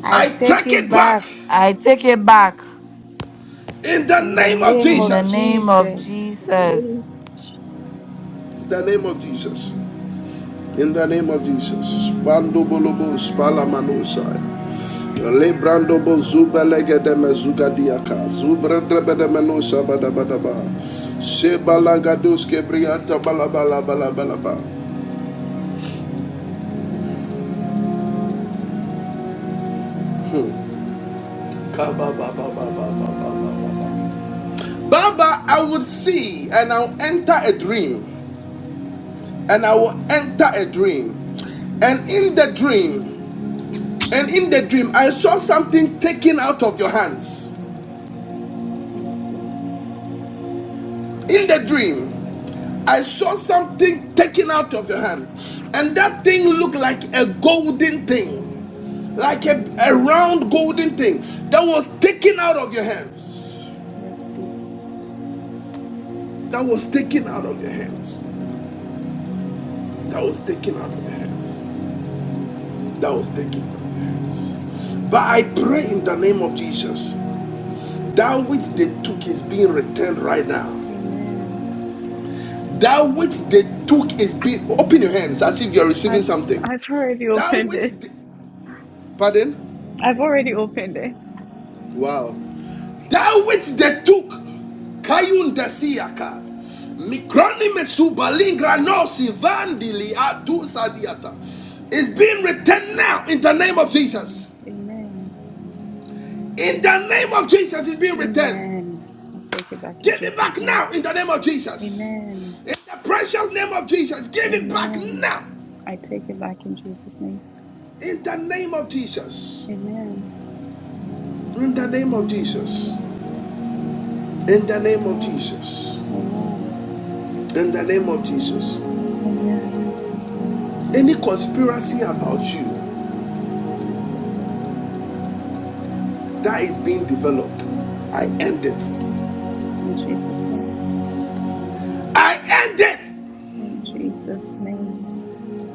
H: I
A: I
H: take
A: take
H: it
A: it back
H: back
C: I take it back.
A: in the
H: in the
A: name of
H: name
C: In the
H: of
A: Jesus.
C: name of
H: Jesus.
C: Jesus.
A: In the name of Jesus.
H: Amen.
A: In the name of Jesus. Bando bolobo Lebrando bo zubelega de mezuga diaka, zubre ba bedemeno sabada badaba, sebalangadus kebrianta balabala balabalaba, kababababababababa. Baba, baba baba baba. I would see and I'll enter a dream, and I will enter a dream, and in the dream, and in the dream, I saw something taken out of your hands.
M: Mercy,
A: In the dream, I saw something taken out of your hands, and that thing looked like a golden thing, like a, a round golden thing that was taken out of your hands.
M: mercy,
A: That was taken out of your hands. That was taken out of your hands. That was taken out of your hands. But I pray in the name of Jesus,
M: in the name of
A: that which
M: Jesus.
A: they took is being returned right now.
M: Amen.
A: That which they took is being. Open your hands as if you're receiving
M: I've
A: something.
M: I've already
A: That
M: opened
A: which.
M: it.
A: The, pardon?
M: I've already opened it.
A: Wow. That which they took, Kayun Desiaka, Mikronime
M: Amen.
A: Subalingra no Sivandili Atusadiata, is being returned now in the name of Jesus.
M: Amen.
A: In the name of Jesus, it's being returned.
M: Amen. I take it back in
A: Give it
M: Jesus'
A: back
M: name.
A: now in the name of Jesus.
M: Amen.
A: In the precious name of Jesus, give it back
M: Amen.
A: now.
M: I take it back in Jesus' name.
A: In the name of Jesus.
M: Amen.
A: In the name of Jesus. In the name of
M: Amen.
A: Jesus.
M: Amen.
A: In the name of Jesus.
M: Amen.
A: Any conspiracy about you.
M: Jesus.
A: that is being developed. I end it.
M: In Jesus' name.
A: I end it
M: In Jesus' name.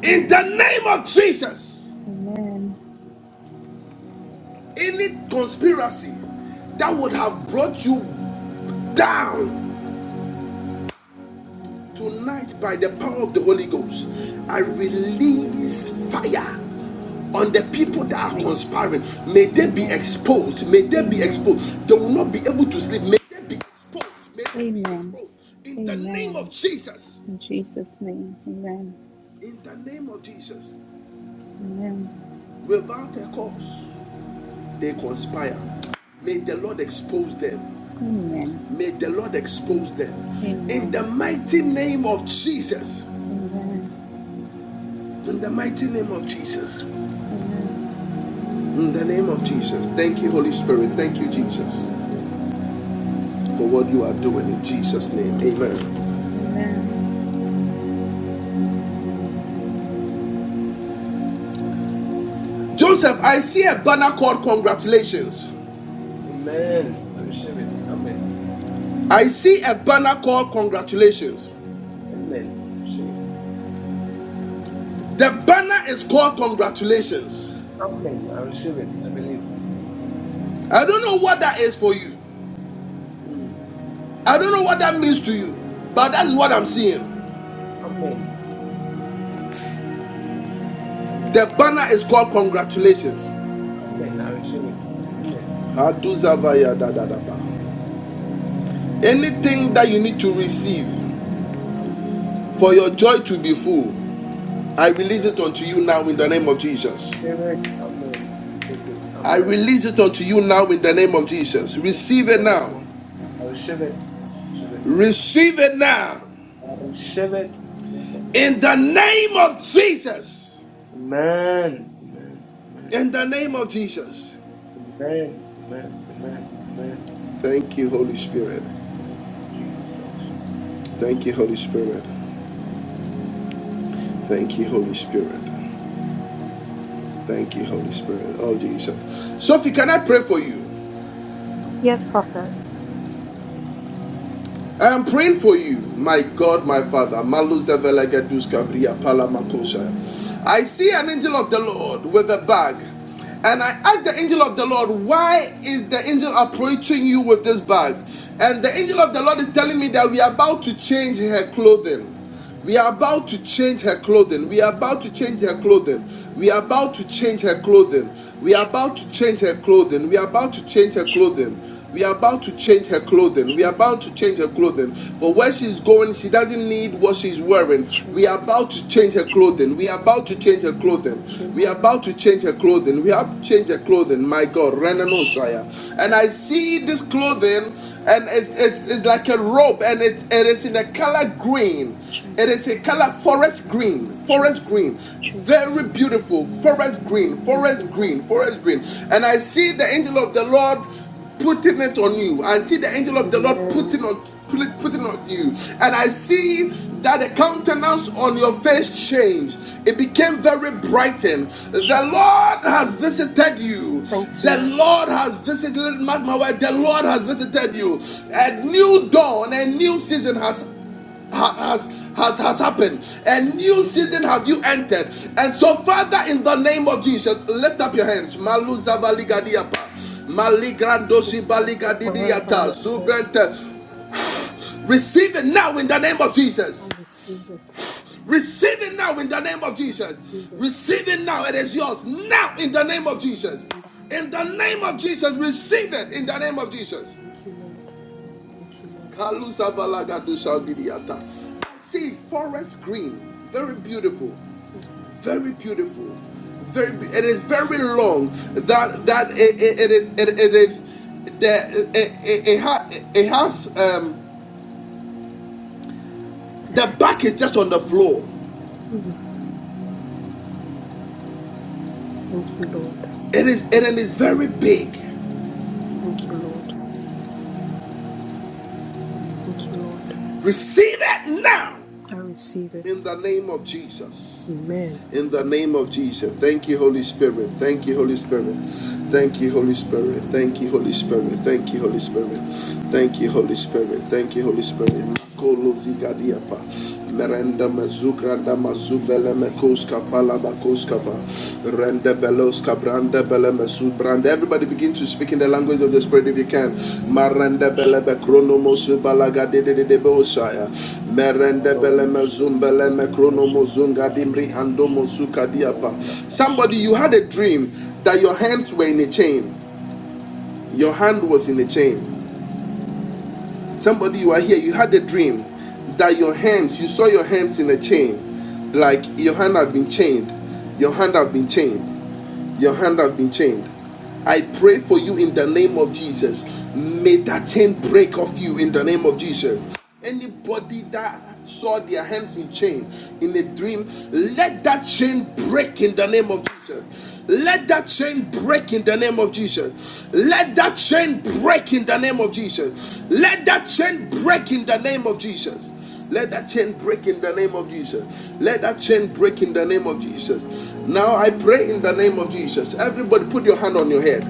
A: in the name of Jesus.
M: Amen.
A: Any conspiracy that would have brought you down tonight by the power of the Holy Ghost, I release fire on the
M: In
A: people
M: Jesus'
A: that are
M: name.
A: conspiring. May they be
M: Amen.
A: exposed. May they be
M: Amen.
A: exposed. They will not be able to sleep. May they be exposed. May they be
M: Amen.
A: exposed. In the name of
M: Amen.
A: Jesus.
M: In Jesus' name. Amen.
A: In the name of Jesus.
M: Amen.
A: Without a cause. they conspire. May the Lord expose them.
M: Amen.
A: May the Lord expose them. In the
M: Amen.
A: mighty name of Jesus.
M: Amen.
A: In the mighty name of Jesus.
M: Amen.
A: In the name of Jesus. Thank you, Holy Spirit. Thank
M: Amen.
A: you,
M: Thank you,
A: Jesus,
M: Jesus.
A: for what you are doing in Jesus' name. Amen.
M: Amen.
A: Joseph, I see a banner called congratulations.
I: Amen. I receive it. Amen.
A: I see a banner called congratulations.
I: Amen. I receive it.
A: The banner is called congratulations.
I: Amen. I receive it. I believe.
A: I don't know what that is for you.
I: Mm.
A: I don't know what that means to you, but that's what I'm
I: Mm.
A: seeing.
I: Amen.
A: The
I: Amen.
A: banner is called congratulations.
I: Amen. I receive it. Amen.
A: Anything that you need to receive
I: Amen.
A: for your joy
I: Jesus.
A: to be full, I release it
I: Jesus.
A: unto you now in the name of
I: I
A: Jesus.
I: Receive it. Amen. I take it.
A: I
I: Amen.
A: release it unto you now in the name of
I: Take
A: Jesus.
I: it
A: Receive
I: in
A: it
I: the name
A: now.
I: of I receive it. Receive it.
A: Receive it now.
I: I receive it. In the name of Jesus.
A: In the name of Jesus.
I: Amen. Amen. Amen.
A: In the name of
I: Amen.
A: Jesus.
I: Amen. Amen. Amen. Amen.
A: Thank you, Holy Spirit.
I: Thank you, Jesus. Thank you, Jesus.
A: Thank you, Holy Spirit. Thank you, Holy Spirit. Thank you, Holy Spirit. Oh, Jesus. Sophie, can I pray for you?
N: Yes, Prophet.
A: I am praying for you, my God, my Father. Malu zevelege dus I see an angel of the Lord with a bag, and I asked the angel of the Lord, Why is the angel approaching you with this bag? And the angel of the Lord is telling me that we are about to change her clothing. We are about to change her clothing.
N: Yes,
A: We are
N: Lord.
A: about to
N: Yes,
A: change her
N: Lord.
A: clothing. We
N: Yes.
A: are about to change her clothing. We are
N: Ch-
A: about to change her clothing. We are about to change her
N: ch-
A: clothing. We are about to change her clothing. We
N: ch-
A: are about to change her clothing. For where she's going, she doesn't need what she's wearing. We are
N: Jesus.
A: about to change her clothing. We are about to change her clothing.
N: Thank you,
A: We are
N: Lord.
A: about to change her clothing. We have to change her clothing. My God,
N: Ch-
A: Renanosaya. And I see this clothing, and it- it's, it's like a robe, and it, it is in a color green. It
N: Jesus.
A: is a color forest green, forest
N: Jesus.
A: green.
N: Jesus.
A: Very beautiful, forest green,
N: Thank
A: forest
N: you, Lord.
A: green, forest green. And I see the angel of the Lord putting it on you. I see the angel of the Lord
N: Amen.
A: putting on putting on you. And I see that the countenance on your face changed. It became very brightened. The
N: Jesus.
A: Lord has visited you.
N: Thank you.
A: The
N: Lord.
A: Lord has visited mark my word. The Lord has visited you.
N: Thank
A: A
N: you.
A: new dawn, a new season has has has has happened a new
N: Hallelujah.
A: season have you entered and so father in the name of jesus lift up your hands malu zavaligadiapa maligrandosi
N: Jesus. My hands are
A: baligadidiata
N: lifted.
A: zubrente receive it now in the name of
N: I
A: jesus
N: receive it.
A: receive it now in the name of
N: I
A: jesus
N: receive it.
A: receive it now it
N: Jesus.
A: is yours now in the name of jesus
N: And I
A: in the
N: see it.
A: name of jesus receive it in the name of jesus
N: Thank you, Lord. Thank you, Lord.
A: Kalusa Valagadu Shaudidiata. I see forest green, very beautiful,
N: Thank you, Jesus.
A: very beautiful, very. It is very long. That that it, it, it is it, it is the it, it, it, it has um the back is just on the floor.
N: Mm. Thank you, Lord.
A: It
N: Thank
A: is
N: you,
A: it
N: Lord.
A: is very big.
N: Thank you, Lord. Thank you, Lord.
A: Receive it now
N: I receive
A: in
N: it.
A: the name of Jesus.
N: Amen.
A: in the name of Jesus. Thank you, Holy Spirit. Thank you, Holy Spirit. Thank you, Holy Spirit. Thank you, Holy Spirit. Thank you, Holy Spirit. Thank you, Holy Spirit. Thank you, Holy Spirit. Makolo zigadiapa. Merenda mezugranda mazubele mekoska pala bakoskapa. Rende beloska branda bele mesubranda. Everybody begin to speak in the language of the Spirit if you can. Marende bele bekronomo subalaga de de de de beosaya.
I: Baros,
N: I
I: Rodas,
N: receive
I: Kapal, Geras, Ola,
N: from
A: Somebody,
K: mighty
A: you had
I: Skima,
A: a dream
K: name.
A: that your hands were in a chain. Your hand was in a chain. Somebody, you are here. You had a dream that your hands, you saw your hands in a chain. Like your hand have been chained. Your hand have been chained. Your hand has been chained. I pray for you in the name of Jesus. May that chain break off you in the name of Jesus. Anybody that saw their hands in chains in a dream, let that chain break in the name of Jesus. Let that chain break in the name of Jesus. Let that chain break in the name of Jesus. Let that chain break in the name of Jesus. Let that chain break in the name of Jesus. Let that chain break in the name of Jesus. Now I pray in the name of Jesus. Everybody put your hand on your head.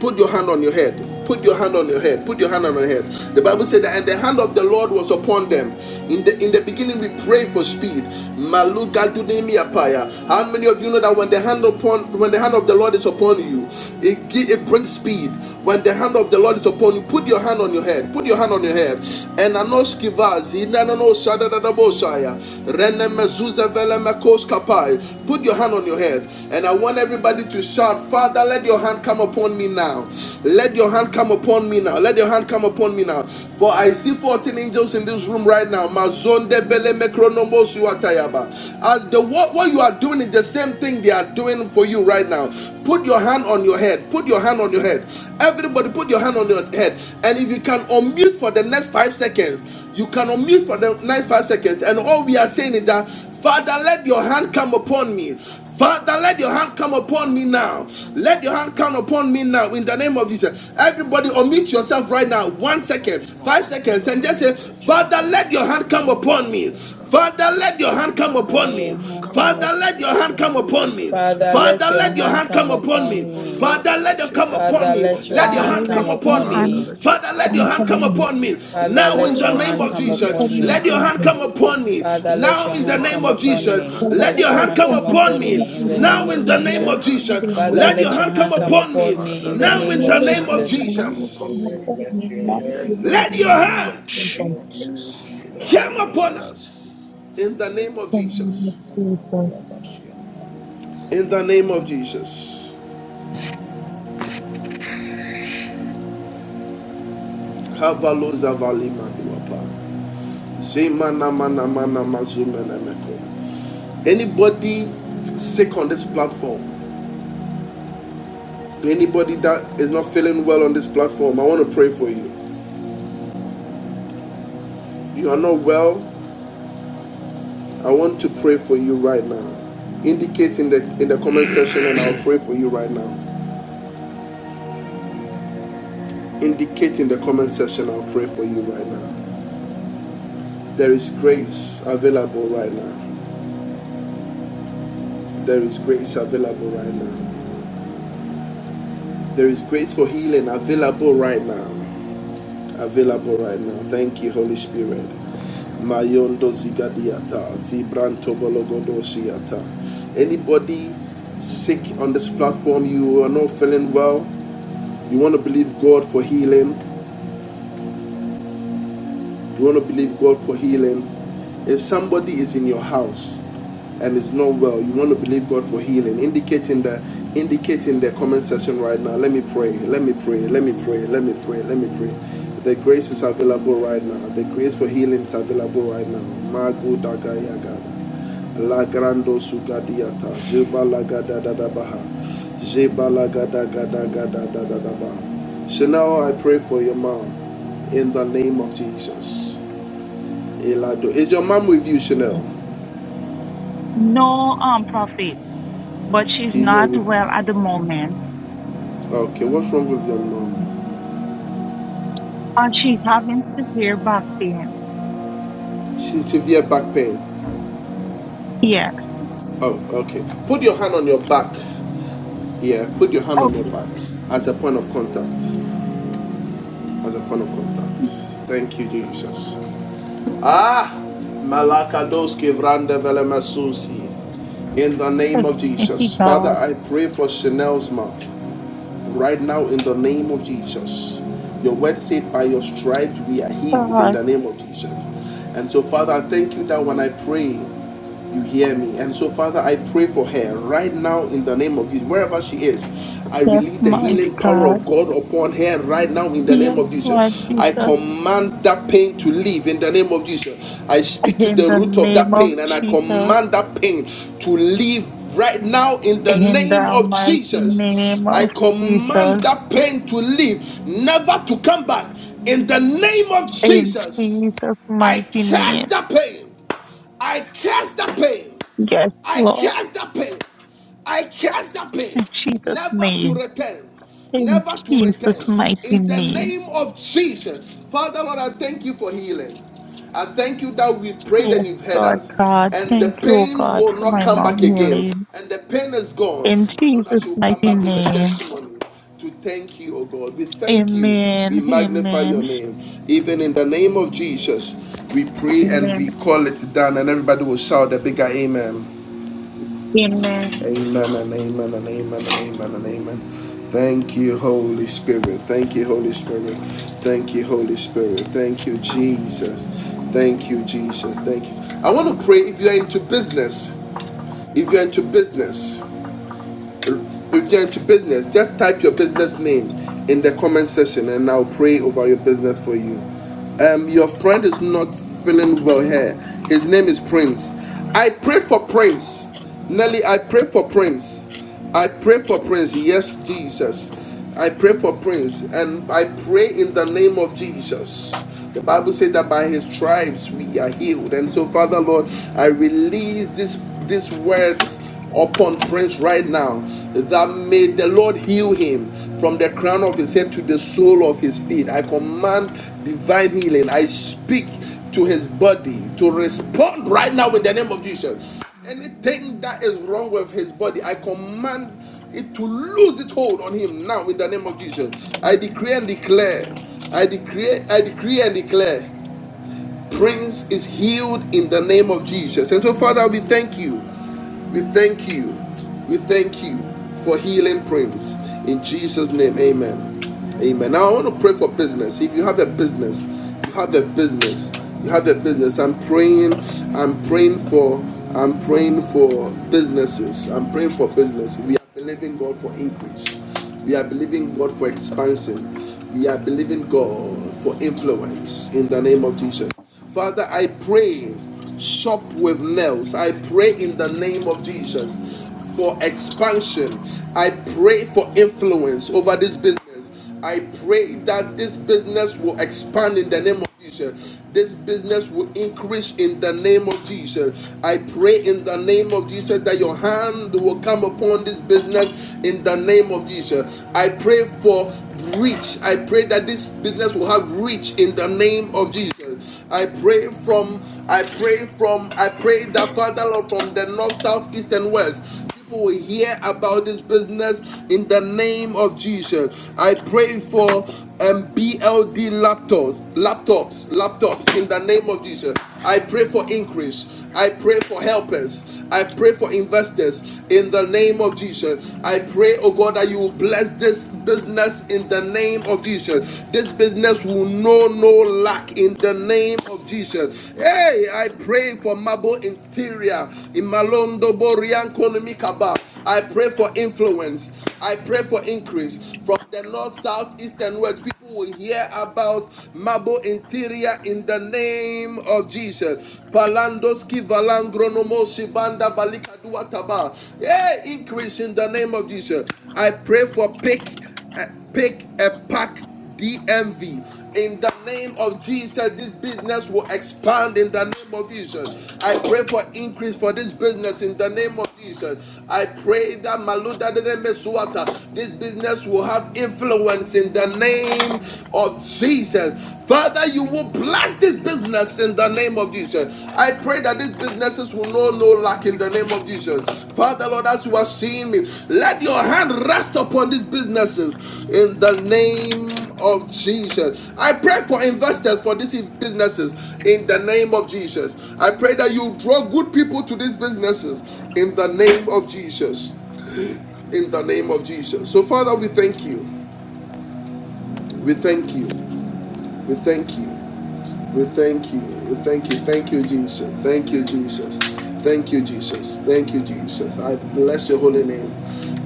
A: Put your hand on your head. Put your hand on your head. Put your hand on your head. The Bible said that, and the hand of the Lord was upon them. In the in the beginning, we pray for speed. Maluka dunemi apaya. How many of you know that when the hand upon when the hand of the Lord is upon you, it it brings speed. When the hand of of the Lord is upon you. Put your hand on your head. Put your hand on your head. And anoskivaz, inanano shadadadabosaya, renemezuza velemekosh kapai. Put your hand on your head. And I want everybody to shout, Father, let your hand come upon me now. Let your hand come upon me now. Let your hand come upon me now. For I see 14 angels in this room right now. Mazonde bele mekronombosu atayaba. And the what, what you are doing is the same thing they are doing are doing for you right now. Put your hand on your head. Put your hand on your head. Everybody, put your hand on your head. And if you can unmute for the next five seconds, you can unmute for the next five seconds. And all we are saying is that, Father, let your hand come upon me.
F: I don't like the
A: Father, let
F: time.
A: your hand come
F: I'm so
A: upon me
F: upset.
A: now.
F: I'm
A: Let
F: up.
A: your hand come upon me now in the name of Jesus. Everybody, unmute yourself right now.
F: I'm not
A: One
F: sure.
N: God,
A: second,
N: put
F: No
A: five
N: your
F: problem.
N: hand
A: seconds,
N: upon
A: and just
J: Father,
A: say,
N: me
J: let
N: now.
J: your
F: Thank
A: Father,
F: you.
A: let
J: hand
A: your
F: I'm
A: hand
F: not
A: come
J: come
F: sure.
N: I
A: upon
F: I'm
J: upon me
A: me.
N: take the
J: now.
N: hand
A: Father, let your
N: of
A: hand come
F: not
J: Father,
F: sure.
A: upon
J: let your
A: me.
F: I'm
J: hand
F: not
J: come
N: Father, let
J: upon
A: Father,
F: sure.
N: your
J: me.
A: let
N: hand
A: your hand
N: come
A: come
F: Thank
N: upon me
A: upon
F: you
J: Father,
N: now.
A: me.
F: for
J: let your
F: your-
C: Father,
J: hand
C: let
A: Father,
J: come
C: your
A: let
N: Father,
A: your
N: let
J: upon
N: your
C: hand
A: hand
J: me.
A: come
C: come
N: hand
A: upon
N: come
A: me.
C: upon
N: upon me
C: me.
N: now.
A: Father,
J: Father,
A: let
J: let
A: it
J: your
F: Lift
A: come
F: your
J: hand
A: upon
F: hand.
C: Father,
J: come
N: Father, let
A: me.
N: your
F: Um,
C: let
J: upon
I: Let
A: Let
C: your
J: me.
N: hand come
A: your
I: your
L: Father,
I: name
C: hand
A: hand
I: be
C: come
L: let
A: come
N: upon me
L: your
A: upon
N: now.
C: upon
A: me.
J: Father,
L: hand
C: me.
J: let your
A: Father,
F: I
A: let
L: come
I: honored
N: Father,
A: your
J: hand
N: let
F: don't
N: your
A: hand
F: like
L: upon
A: come
J: come
L: me.
A: upon
J: upon
A: me.
J: me.
N: hand come upon me
F: it.
C: Father,
A: Now, in
L: Father,
C: let
A: the
C: your
L: let
A: name
C: hand
L: your
A: of
J: Father,
C: come
L: hand
C: upon
A: Jesus,
N: now.
J: let
L: come
J: your
N: Let
A: let
C: me.
A: your
L: upon
N: your
J: hand
N: hand come
A: hand
L: me.
N: upon me now. Let your hand come
A: come
J: come
N: upon me
A: upon
J: upon
N: now.
J: me.
A: me.
C: Father, let
A: Now,
C: your
A: in the
C: hand
A: name
C: come
J: Father,
A: of
C: upon
J: let your
N: In
C: me.
A: Jesus,
N: the
L: Father,
J: hand
A: let
C: Let
A: your
C: your
J: come
L: let
A: hand
C: hand
A: come
L: your
C: come
J: upon me.
L: hand
A: upon
N: name
C: upon
L: come
A: me.
C: me in the
N: of
L: upon
A: Now,
C: name of
J: Father,
A: in
L: me.
I: So,
A: the
J: let
A: name
J: your
A: of
L: Lord,
C: Jesus.
J: hand
L: in the
A: Jesus,
J: come
C: Father,
A: let
L: name
J: upon
A: your
L: of
C: let
J: me.
C: your
A: hand come
C: hand
L: Jesus.
C: come
A: upon
C: upon
A: me.
C: me
J: Father,
C: in the
A: Now,
C: name
A: in
J: let
A: the
C: of
J: your
A: name of
N: Jesus,
L: Regulation
J: hand
N: let your hand
C: Jesus.
N: come
J: come
L: economic
N: upon
A: Jesus,
J: upon
N: me
J: me.
N: now.
J: in the
N: In the name
A: let
J: name
A: your
C: Amen.
J: of
A: hand
F: Jesus,
J: Jesus.
F: Father,
J: In the
F: let
I: Jesus,
A: come
J: name of
A: upon
J: Jesus.
A: us.
F: your
A: In the name of Jesus.
F: name of Jesus.
A: In the name of Jesus. Kavaloza valima duapa. mana mana mazumene meko. Anybody sick on this platform, anybody that is not feeling well on this platform, I want to pray for you. You are not well, I want to pray for you right now. Indicate in the in the comment section and I'll pray for you right now. Indicate in the comment section, I'll pray for you right now. There is grace available right now. There is grace available right now. There is grace for healing available right now. Available right now. Thank you, Holy Spirit. Mayondo zigadiata, zibranto bolогодosiata. Anybody sick on this platform, you are not feeling well, you want to believe God for healing, We want to believe God for healing. If somebody is in your house and is not well, you want to believe God for healing. Indicate in the indicate in the comment section right now. Let me pray. Let me pray. Let me pray. Let me pray. Let me pray. The grace is available right now. The grace for healing is available right now. Magu daga yagada. La grando sugadiata. Jeba lagada da da baha. Jeba lagada gada gada da da da baha. So now I pray for your mom in the name of Jesus. Elado. Is your mom with you, Chanel?
L: No, um, prophet, but she's
A: He's not
L: not
A: with.
L: well at the moment,
A: Okay, what's wrong with your mom?
L: and she's having severe back pain.
A: She's severe back pain.
L: Yes.
A: Oh, okay. Put your hand on your back. Yeah, put your hand on your
L: Okay.
A: back as a point of contact. As a point of contact. Thank you, Jesus. Ah, Malakadoski Vranda Velemasusi. In the name
L: Yes,
A: of
L: mighty
A: Jesus. Father,
L: God.
A: I pray for Chanel's mom. right now in the name of Jesus. Your word said, By your stripes we are healed in
L: God,
A: the name of Jesus. And so, Father, I thank you that when I pray, you hear me? And so, Father, I pray for her right now in the name of Jesus. Wherever she is, I
L: yes,
A: release the
L: mighty
A: healing power
L: God.
A: of God upon her right now in the name
L: Yes,
A: of
L: Lord
A: Jesus. I
L: Jesus.
A: command that pain to leave in the name of Jesus. I speak to
L: In
A: the
L: the
A: root of
L: name
A: that
L: of
A: pain and I
L: Jesus.
A: command that pain to leave right now in the
L: In
A: name
L: the
A: of
L: mighty
A: Jesus.
L: name
A: I
L: of
A: command
L: Jesus.
A: that pain to leave, never to come back in the name of
L: In
A: Jesus.
L: Jesus'
A: I
L: mighty name.
A: curse the pain. I curse the pain.
L: Yes,
A: I
L: Lord,
A: curse the pain. I curse the pain.
L: in Jesus'
A: Never to
L: name,
A: return.
L: in
A: Never to
L: Jesus'
A: return.
L: mighty
A: In the
L: name.
A: name of Jesus. Father, Lord, I thank you for healing. I thank you that we've prayed and
L: Yes,
A: you've heard
L: Lord
A: us.
L: God,
A: And
L: thank
A: the
L: you, O
A: pain
L: God,
A: will
L: for
A: not
L: my
A: come
L: mom
A: back again.
L: healing.
A: And the pain is gone
L: In
A: And that
L: Jesus'
A: she will come
L: mighty
A: back with a
L: name,
A: testimony to thank you, oh God. We thank you. We
L: amen,
A: magnify
L: amen,
A: your name. Even in the name of Jesus, we pray and
L: amen,
A: we call it done. And everybody will shout a bigger amen.
L: amen.
A: Amen and amen and amen and amen and amen. Thank you, Holy Spirit. Thank you, Holy Spirit. Thank you, Holy Spirit. Thank you, Jesus. Thank you, Jesus. Thank you. I want to pray if you're into business. If you're into business if you're into business, just type your business name in the comment section and I'll pray over your business for you. Um, your friend is not feeling well here. His name is Prince. I pray for Prince. Nelly, I pray for Prince. I pray for Prince. Yes, Jesus. I pray for Prince. And I pray in the name of Jesus the Bible says that by his stripes we are healed. And so, Father Lord, I release this these words upon Prince right now that may the Lord heal him from the crown of his head to the sole of his feet. I command divine healing. I speak to his body to respond right now in the name of Jesus. Anything that is wrong with his body, I command it to lose its hold on him now in the name of Jesus. I decree and declare, I decree, I decree and declare, Prince is healed in the name of Jesus. And so, Father, we thank you, we thank you, we thank you for healing Prince in Jesus' name. Amen. Amen. Now
K: Amen.
A: I want to pray for business. If you have a business, you have a business, you have a business. I'm praying, I'm praying for, I'm praying for businesses. I'm praying for business. We are believing God for increase. We are believing God for expansion. We are believing God for influence in the name of Jesus. Father, I pray, shop with nails. I pray in the name of Jesus for expansion. I pray for influence over this business. I pray that this business will expand in the name of Jesus. This business will increase in the name of Jesus. I pray in the name of Jesus that your hand will come upon this business in the name of Jesus. I pray for reach. I pray that this business will have reach in the name of Jesus. I pray from, I pray from, I pray that Father Lord from the north, south, east, and west people will hear about this business in the name of Jesus. I pray for um, BLD laptops, laptops, laptops in the name of Jesus. I pray for increase. I pray for helpers. I pray for investors in the name of Jesus. I pray, oh God, that you will bless this business in the name of Jesus. This business will know no no lack in the name of Jesus. Hey, I pray for Mabo Interior, Imalondo Borianco Nimikaba. I pray for influence. I pray for increase from the north, south, east, and west. People will hear about Mabo Interior in the name of Jesus. Palandoski Valangronomo Shibanda Balikaduataba. Hey, increase in the name of Jesus. I pray for pick, uh, pick a pack DMV. In the name of Jesus, this business will expand in the name of Jesus. I pray for increase for this business in the name of Jesus. I pray that Maluda Meswata, this business will have influence in the name of Jesus. Father, you will bless this business in the name of Jesus. I pray that these businesses will know no lack in the name of Jesus. Father, Lord, as you are seeing me, let your hand rest upon these businesses in the name of Jesus. I pray for investors for these businesses in the name of Jesus. I pray that you draw good people to these businesses in the name of Jesus. In the name of Jesus. So, Father, we thank you. We thank you. We thank you. We thank you. We thank you. Thank you, Jesus. Thank you, Jesus. Thank you, Jesus. Thank you, Jesus. I bless your holy name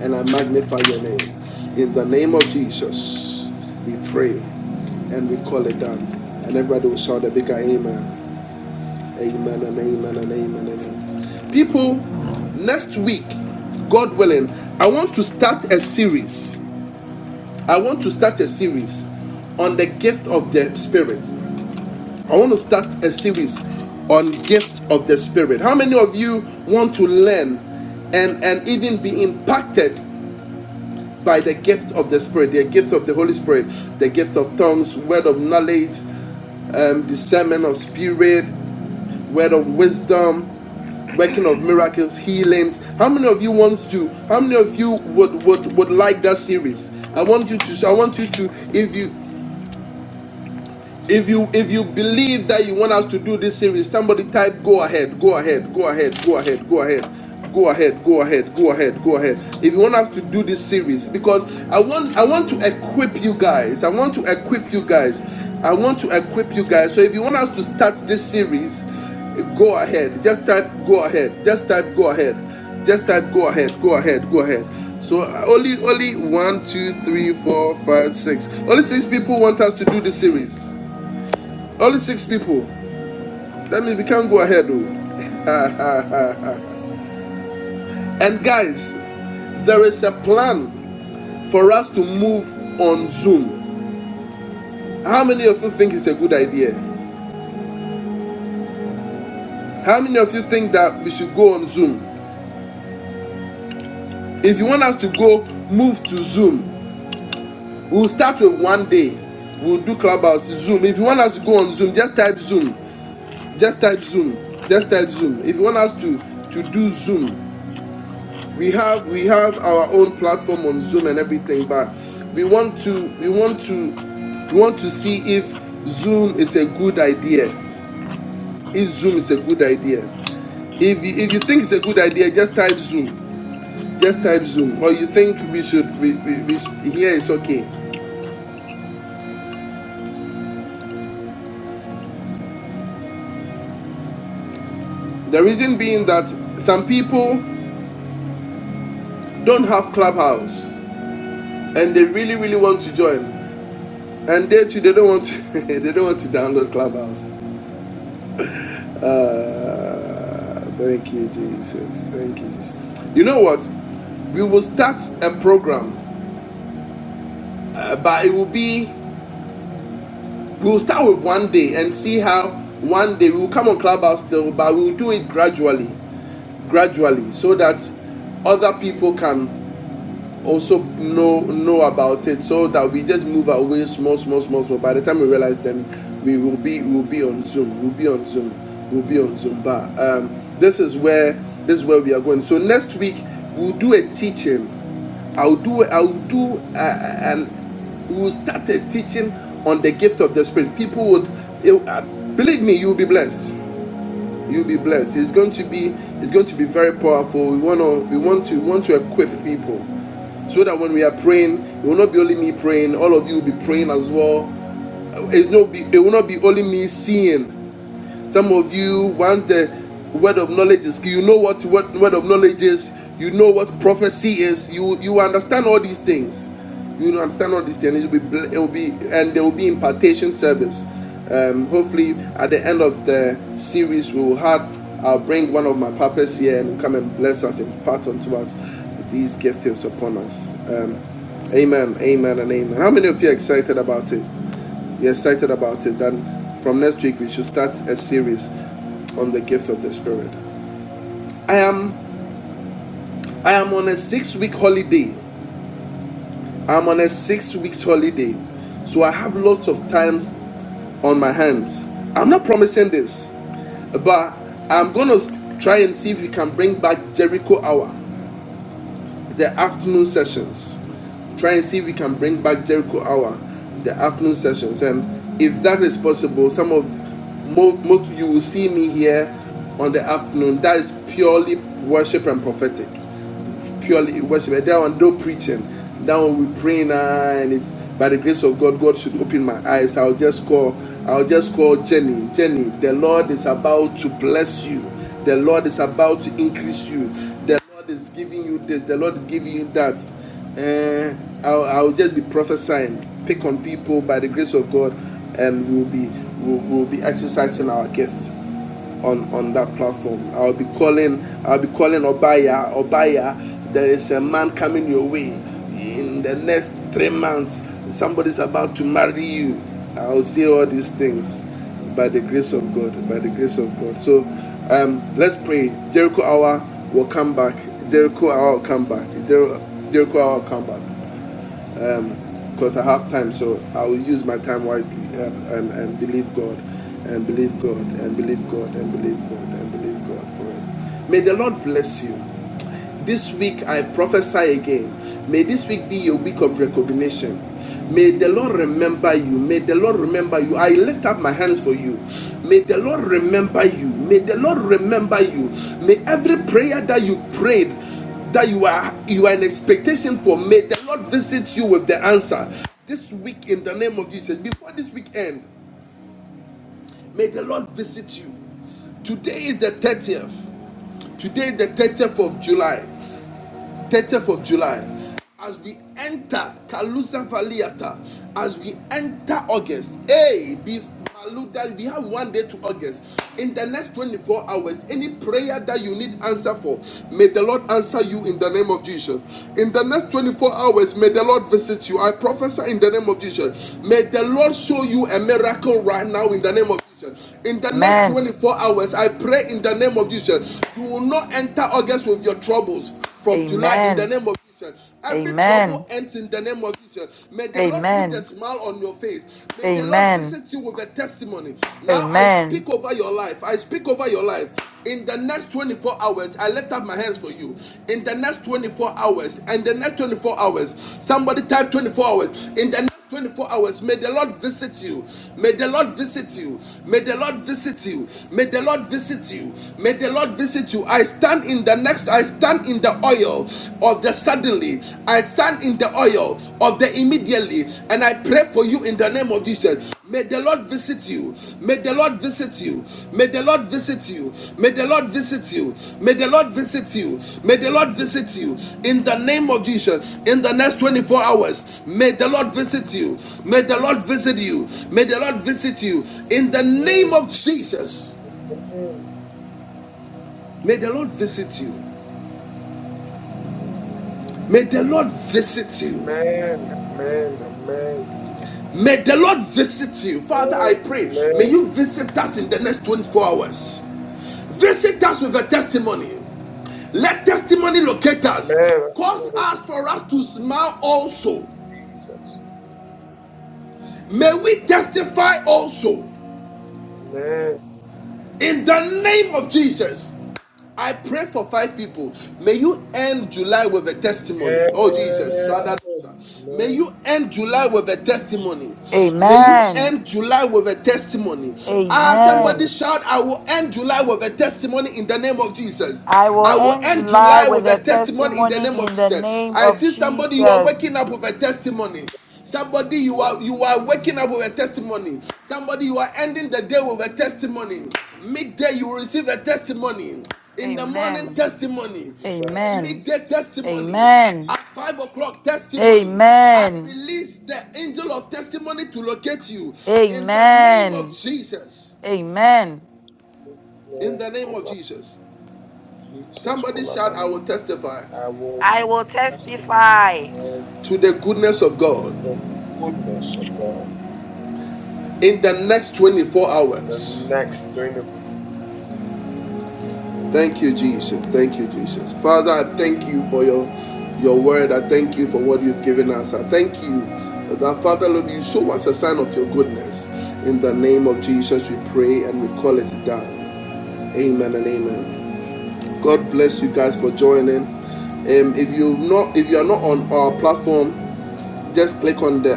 A: and I magnify your name. In the name of Jesus, we pray and we call it done. And everybody will shout a big amen. Amen and amen and amen and amen. People, next week, God willing, I want to start a series. I want to start a series on the gift of the Spirit. I want to start a series on gift of the spirit. How many of you want to learn and and even be impacted by the gift of the spirit, the gift of the Holy Spirit, the gift of tongues, word of knowledge, um, discernment of spirit, word of wisdom, working of miracles, healings. How many of you wants to? How many of you would would would like that series? I want you to. I want you to. If you If you if you believe that you want us to do this series, somebody type go ahead, go ahead, go ahead, go ahead, go ahead. Go ahead, go ahead, go ahead, go ahead. If you want us to do this series, because I want I want to equip you guys. I want to equip you guys. I want to equip you guys. So if you want us to start this series, go ahead. Just type go ahead. Just type go ahead. Just type go ahead. Go ahead. Go ahead. So uh, only only one, two, three, four, five, six. Only six people want us to do this series. Only six people. That means we can't go ahead. Though.
O: Mhm.
A: And guys, there is a plan for us to move on Zoom. How many of you think it's a good idea? How many of you think that we should go on Zoom? If you want us to go, move to Zoom. We'll start with one day. We'll do Clubhouse Zoom. If you want us to go on Zoom, just type Zoom. Just type Zoom. Just type Zoom. If you want us to, to do Zoom, we have we have our own platform on zoom and everything but we want to we want to we want to see if zoom is a good idea if zoom is a good idea if you, if you think it's a good idea just type zoom just type zoom or you think we should we, we, we sh- here is okay the reason being that some people don't have clubhouse and they really really want to join and they too they don't want to they don't want to download clubhouse Ah, thank you, Jesus. Thank you, Jesus. You know what? We will start a program, uh, but it will be we will start with one day and see how one day we will come on Clubhouse still, but we will do it gradually, gradually, so that other people can. also know know about it so that we just move away small small small small by the time we realize then we will be we'll be on zoom we'll be on zoom we'll be on zoom but um, this is where this is where we are going so next week we'll do a teaching i'll do i'll do uh, and we'll start a teaching on the gift of the spirit people would it, uh, believe me you'll be blessed You'll be blessed. It's going to be it's going to be very powerful. We wanna we want to we want to equip people so that when we are praying, it will not be only me praying. All of you will be praying as well. It's not be it will not be only me seeing some of you, once the word of knowledge is, you know what what word of knowledge is. You know what prophecy is. You you understand all these things. You understand all these things. It will be it will be and there will be impartation service. Um, hopefully, at the end of the series, we will have. I'll bring one of my papas here and come and bless us and impart unto us these giftings upon us. Um, amen, amen, and amen. How many of you are excited about it? We're excited about it. And from next week, we should start a series on the gift of the Spirit. I am I am on a six week holiday. I'm on a six weeks holiday, so I have lots of time on my hands. I'm not promising this, but I'm gonna try and see if we can bring back Jericho Hour the afternoon sessions. Try and see if we can bring back Jericho Hour, the afternoon sessions. And if that is possible, some of most of you will see me here on the afternoon. That is purely worship and prophetic purely worship. That one, no preaching. That one, we praying. Uh, and if by the grace of God, God should open my eyes, I'll just call. I'll just call Jenny. Jenny, the Lord is about to bless you. The Lord is about to increase you. The Lord is giving you this. The Lord is giving you that. Uh, I'll, I'll just be prophesying. Pick on people by the grace of God, and we'll be we'll, we'll be exercising our gifts on on that platform. I'll be calling. I'll be calling Obaya. Obaya, there is a man coming your way in the next three months. Somebody's about to marry you. I'll say all these things by the grace of God. By the grace of God. So um, let's pray. Jericho hour will come back. Jericho hour will come back. Jer- Jericho hour will come back because I have time, so I will use my time wisely and, and, and believe God and believe God and believe God and believe God and believe God for it. May the Lord bless you. This week I prophesy again. May this week be your week of recognition. May the Lord remember you. May the Lord remember you. I lift up my hands for you. May the Lord remember you. May the Lord remember you. May every prayer that you prayed that you are you are in expectation for may the Lord visit you with the answer. This week in the name of Jesus. Before this week end, may the Lord visit you. Today is the 30th. Today is the 30th of July. 30th of July, as we enter Kalusa Valiata, as we enter August, hey, be Maluda, we have one day to August. In the next 24 hours, any prayer that you need answer for, may the Lord answer you in the name of Jesus. In the next 24 hours, may the Lord visit you. I prophesy in the name of Jesus. May the Lord show you a miracle right now in the name of Jesus. In the next
C: Amen.
A: 24 hours, I pray in the name of Jesus. You will not enter August with your troubles from July in the
C: Amen.
A: name of Jesus. Every trouble
C: Amen.
A: ends in the name of Jesus. May the Lord put a
C: Amen.
A: smile on your face. May the Lord
C: Amen.
A: visit you with a testimony. Now I
C: Amen.
A: speak over your life. I speak over your life. In the next 24 hours, I lift up my hands for you. In the next 24 hours, and the next 24 hours, somebody type 24 hours. In the 24 hours. May the Lord visit you. May the Lord visit you. May the Lord visit you. May the Lord visit you. May the Lord visit you. I stand in the next, I stand in the oil of the suddenly. I stand in the oil of the immediately. And I pray for you in the name of Jesus. May the Lord visit you. May the Lord visit you. May the Lord visit you. May the Lord visit you. May the Lord visit you. May the Lord visit you. In the name of Jesus, in the next 24 hours, may the Lord visit you. May the Lord visit you. May the Lord visit you. In the name of Jesus, may the Lord visit you. May the Lord visit you.
I: Amen. Amen. Amen.
A: May the Lord visit you. Father, I
I: Amen.
A: pray, may
I: Amen.
A: you visit us in the next 24 hours. Visit us with a testimony. Let testimony locate us.
I: Amen.
A: Cause
I: Amen.
A: us for us to smile also. May
I: Jesus.
A: we testify also.
I: Amen.
A: In the name of Jesus, I pray for five people. May you end July with a testimony.
I: Amen.
A: Oh, Jesus. May
I: Amen. Amen.
A: you end July with a testimony. May you
C: Amen.
A: end July with a testimony. Ah, somebody
C: Amen.
A: shout, I will end July with a testimony in the name of Jesus.
C: I will
A: I
I: Lord
A: will
C: end
A: end
C: July
A: July
C: with
A: with
C: a
A: a testimony in the name
C: testimony
A: of
C: in the
A: Jesus.
C: name
A: I
C: of
A: see somebody, you are waking
C: Jesus.
A: up with a testimony. Somebody, you
I: Jesus,
A: are you are waking up with a testimony. Somebody, you are ending the day with a testimony. Midday, you will receive a testimony. In the morning,
I: Lord
C: Amen.
A: testimony. Hey,
C: Amen.
A: Midday testimony.
C: Amen.
A: At five o'clock, testimony. I
C: Amen.
A: release the angel of testimony to locate you in the
I: Jesus,
A: name of
C: Amen.
A: Jesus.
C: Amen.
A: In
I: Lord,
A: the name of
I: call up
A: Jesus.
I: Jesus,
A: Somebody
I: call up
A: shout, I
I: Allah.
A: will testify
I: I will
C: I will
I: ask the
C: testify.
A: to the goodness of God
I: goodness of God
A: in the next 24
I: in the
A: hours.
I: next 21
A: Thank you, Jesus. Thank you, Jesus. Father, I thank you for your your word. I thank you for what you've given us. I thank you that Father Lord, you show us a sign of your goodness. In the name of Jesus, we pray and we call it done. Amen and amen. God bless you guys for joining. Um, if you not if you are not on our platform, just click on the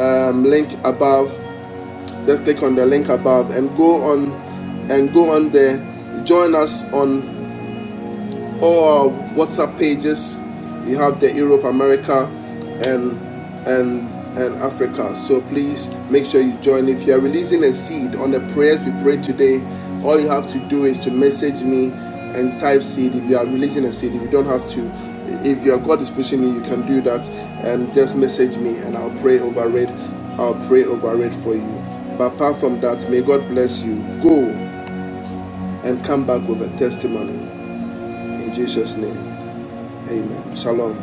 A: um, link above. Just click on the link above and go on and go on there. Join us on all our WhatsApp pages. We have the Europe, America, and and and Africa. So please make sure you join. If you are releasing a seed on the prayers we prayed today, all you have to do is to message me and type seed. If you are releasing a seed, if you don't have to, if your God is pushing you, you can do that and just message me and I'll pray over it. I'll pray over it for you. But apart from that, may God bless you. Go and come back with a testimony in Jesus' name. Amen. Shalom.